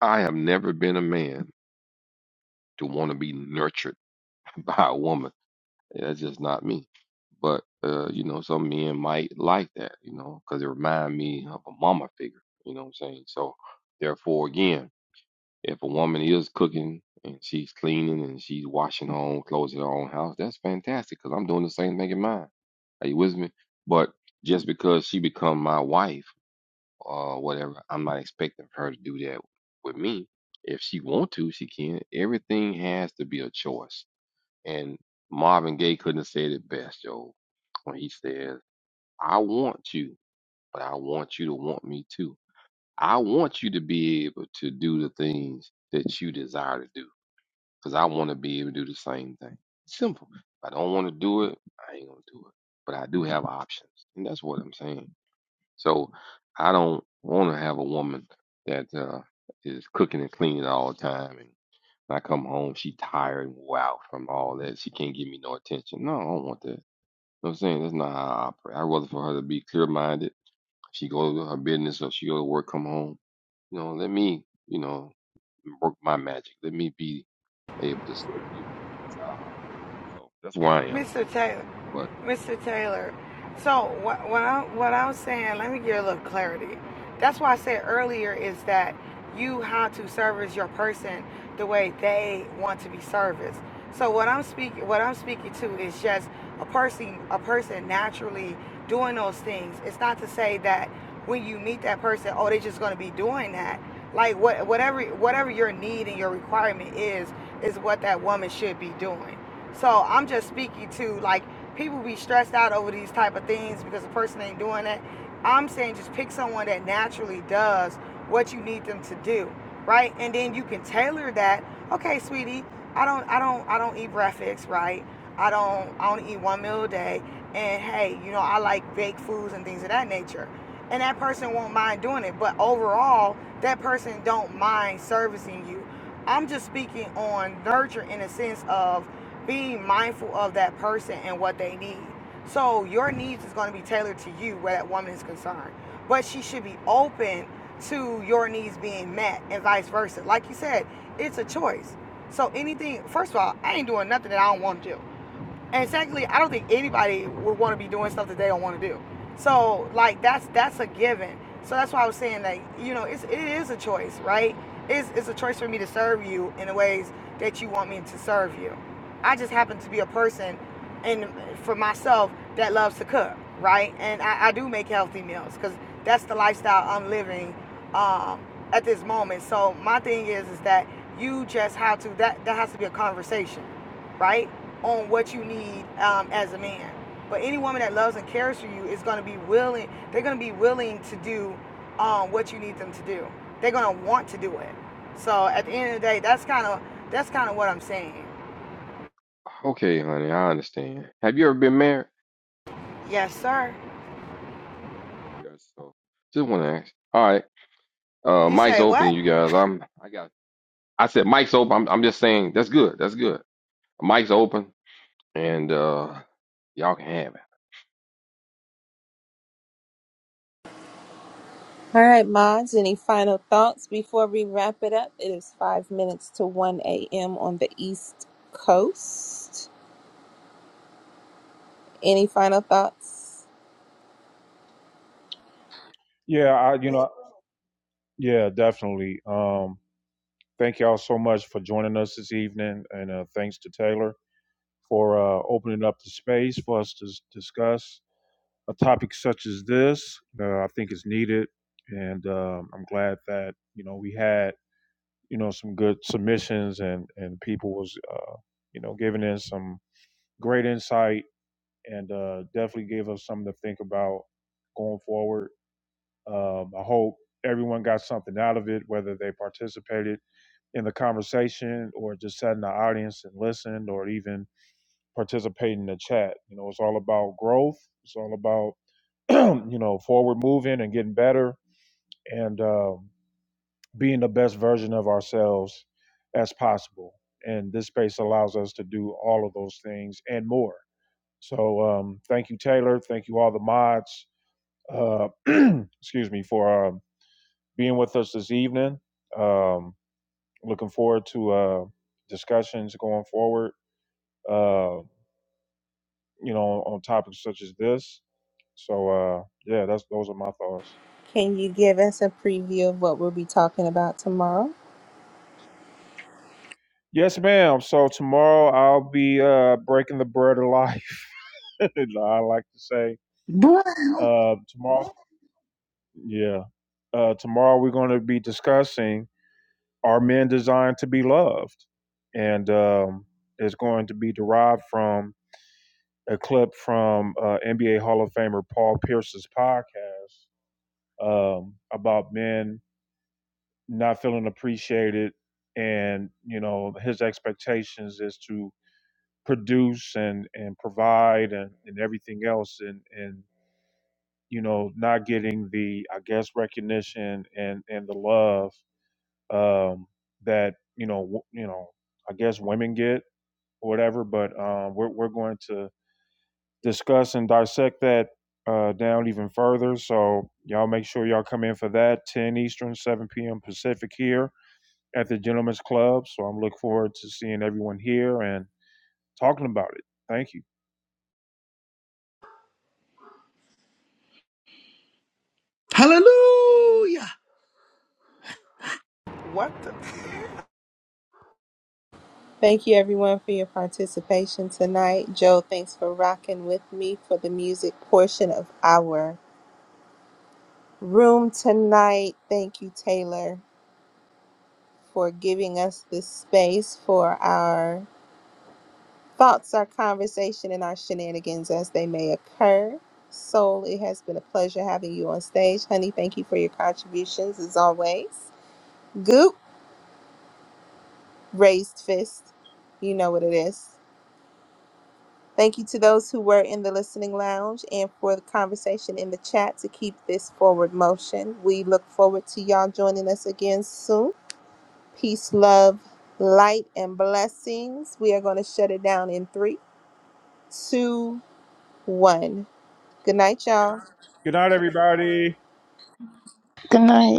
Speaker 6: I have never been a man to want to be nurtured by a woman. That's just not me. But uh, you know, some men might like that, you know, because it remind me of a mama figure. You know what I'm saying? So therefore, again. If a woman is cooking and she's cleaning and she's washing her own clothes in her own house, that's fantastic because I'm doing the same thing in mine. Are you with me? But just because she become my wife or whatever, I'm not expecting her to do that with me. If she want to, she can. Everything has to be a choice. And Marvin Gaye couldn't have said it best, Joe, when he says, "I want you, but I want you to want me too. I want you to be able to do the things that you desire to do." because I want to be able to do the same thing. Simple. If I don't want to do it, I ain't gonna do it. But I do have options, and that's what I'm saying. So I don't want to have a woman that uh, is cooking and cleaning all the time, and when I come home, she tired and wore out from all that. She can't give me no attention. No, I don't want that. You know what I'm saying that's not how I operate. I would rather for her to be clear minded she go to her business or she go to work, come home. You know, let me, you know, work my magic. Let me be able to serve you. That's how I operate. So that's where I am.
Speaker 8: Mr. Taylor,
Speaker 6: But
Speaker 8: Mr. Taylor. So what, what I what I'm saying, let me give you a little clarity. That's why I said earlier is that you how to service your person the way they want to be serviced. So what I'm speaking what I'm speaking to is just a person a person naturally doing those things. It's not to say that when you meet that person, oh, they're just going to be doing that. Like what whatever whatever your need and your requirement is is what that woman should be doing. So I'm just speaking to like people be stressed out over these type of things because the person ain't doing that. I'm saying just pick someone that naturally does what you need them to do, right? And then you can tailor that. Okay, sweetie, I don't I don't I don't eat breakfast, right? I don't I only eat one meal a day. And hey, you know, I like baked foods and things of that nature. And that person won't mind doing it. But overall, that person don't mind servicing you. I'm just speaking on nurture in a sense of be mindful of that person and what they need. So your needs is going to be tailored to you where that woman is concerned. But she should be open to your needs being met and vice versa. Like you said, it's a choice. So anything, first of all, I ain't doing nothing that I don't want to do. And secondly, I don't think anybody would want to be doing stuff that they don't want to do. So like that's that's a given. So that's why I was saying that you know it's it is a choice, right? It's it's a choice for me to serve you in the ways that you want me to serve you. I just happen to be a person, and for myself that loves to cook, right? And I, I do make healthy meals because that's the lifestyle I'm living um, at this moment. So my thing is is that you just have to that that has to be a conversation, right? on what you need um, as a man. But any woman that loves and cares for you is going to be willing. They're going to be willing to do um, what you need them to do. They're going to want to do it. So at the end of the day, that's kind of that's kind of what I'm saying.
Speaker 6: okay, honey, I understand. Have you ever been married?
Speaker 8: Yes, sir.
Speaker 6: Yes. So just want to ask. All right, uh,
Speaker 8: You
Speaker 6: mic's
Speaker 8: say
Speaker 6: open,
Speaker 8: what?
Speaker 6: you guys. I'm. I got. I said mic's open. I'm. I'm just saying that's good. That's good. Mic's open, and uh, y'all can have it.
Speaker 2: Hans, Any final thoughts before we wrap? And it's to 1 a.m. on the East Coast. Any final thoughts?
Speaker 1: yeah, I, you know, yeah, definitely. Um, thank y'all so much for joining us this evening. And uh, thanks to Taylor for uh, opening up the space for us to s- discuss a topic such as this. Uh, I think it's needed. And um, I'm glad that, you know, we had, you know, some good submissions and, and people was, uh, you know, giving in some great insight and uh, definitely gave us something to think about going forward. Um, I hope everyone got something out of it, whether they participated in the conversation or just sat in the audience and listened or even participated in the chat. You know, it's all about growth, it's all about, you know, forward moving and getting better and um, being the best version of ourselves as possible. And this space allows us to do all of those things and more. So um, thank you, Taylor. Thank you, all the mods uh, excuse me, for uh, being with us this evening. Um, looking forward to uh, discussions going forward. Uh, you know, on topics such as this. So uh, yeah, that's those are my thoughts.
Speaker 2: Can you give us a preview of what we'll be talking about tomorrow?
Speaker 1: Yes, ma'am. So tomorrow I'll be uh, breaking the bread of life. I like to say uh, tomorrow. Yeah, uh, tomorrow we're going to be discussing are men designed to be loved, and um, it's going to be derived from a clip from uh, NBA Hall of Famer Paul Pierce's podcast um, about men not feeling appreciated, and you know his expectations is to produce and and provide and, and everything else, and and you know not getting the I guess recognition and and the love um, that you know w- you know I guess women get or whatever, but um, we're we're going to discuss and dissect that uh, down even further. So y'all make sure y'all come in for that 10 Eastern, 7 p.m. Pacific here at the Gentlemen's Club. So I'm looking forward to seeing everyone here and talking about it. Thank you.
Speaker 4: Hallelujah.
Speaker 8: What the?
Speaker 2: Thank you, everyone, for your participation tonight. Joe, thanks for rocking with me for the music portion of our room tonight. Thank you, Taylor, for giving us this space for our Thoughts are conversation and our shenanigans as they may occur. Soul, it has been a pleasure having you on stage. Honey, thank you for your contributions as always. Goop, raised fist, you know what it is. Thank you to those who were in the listening lounge and for the conversation in the chat to keep this forward motion. We look forward to y'all joining us again soon. Peace, love, light, and blessings. We are going to shut it down in three, two, one. Good night, y'all.
Speaker 1: Good night, everybody.
Speaker 12: Good night.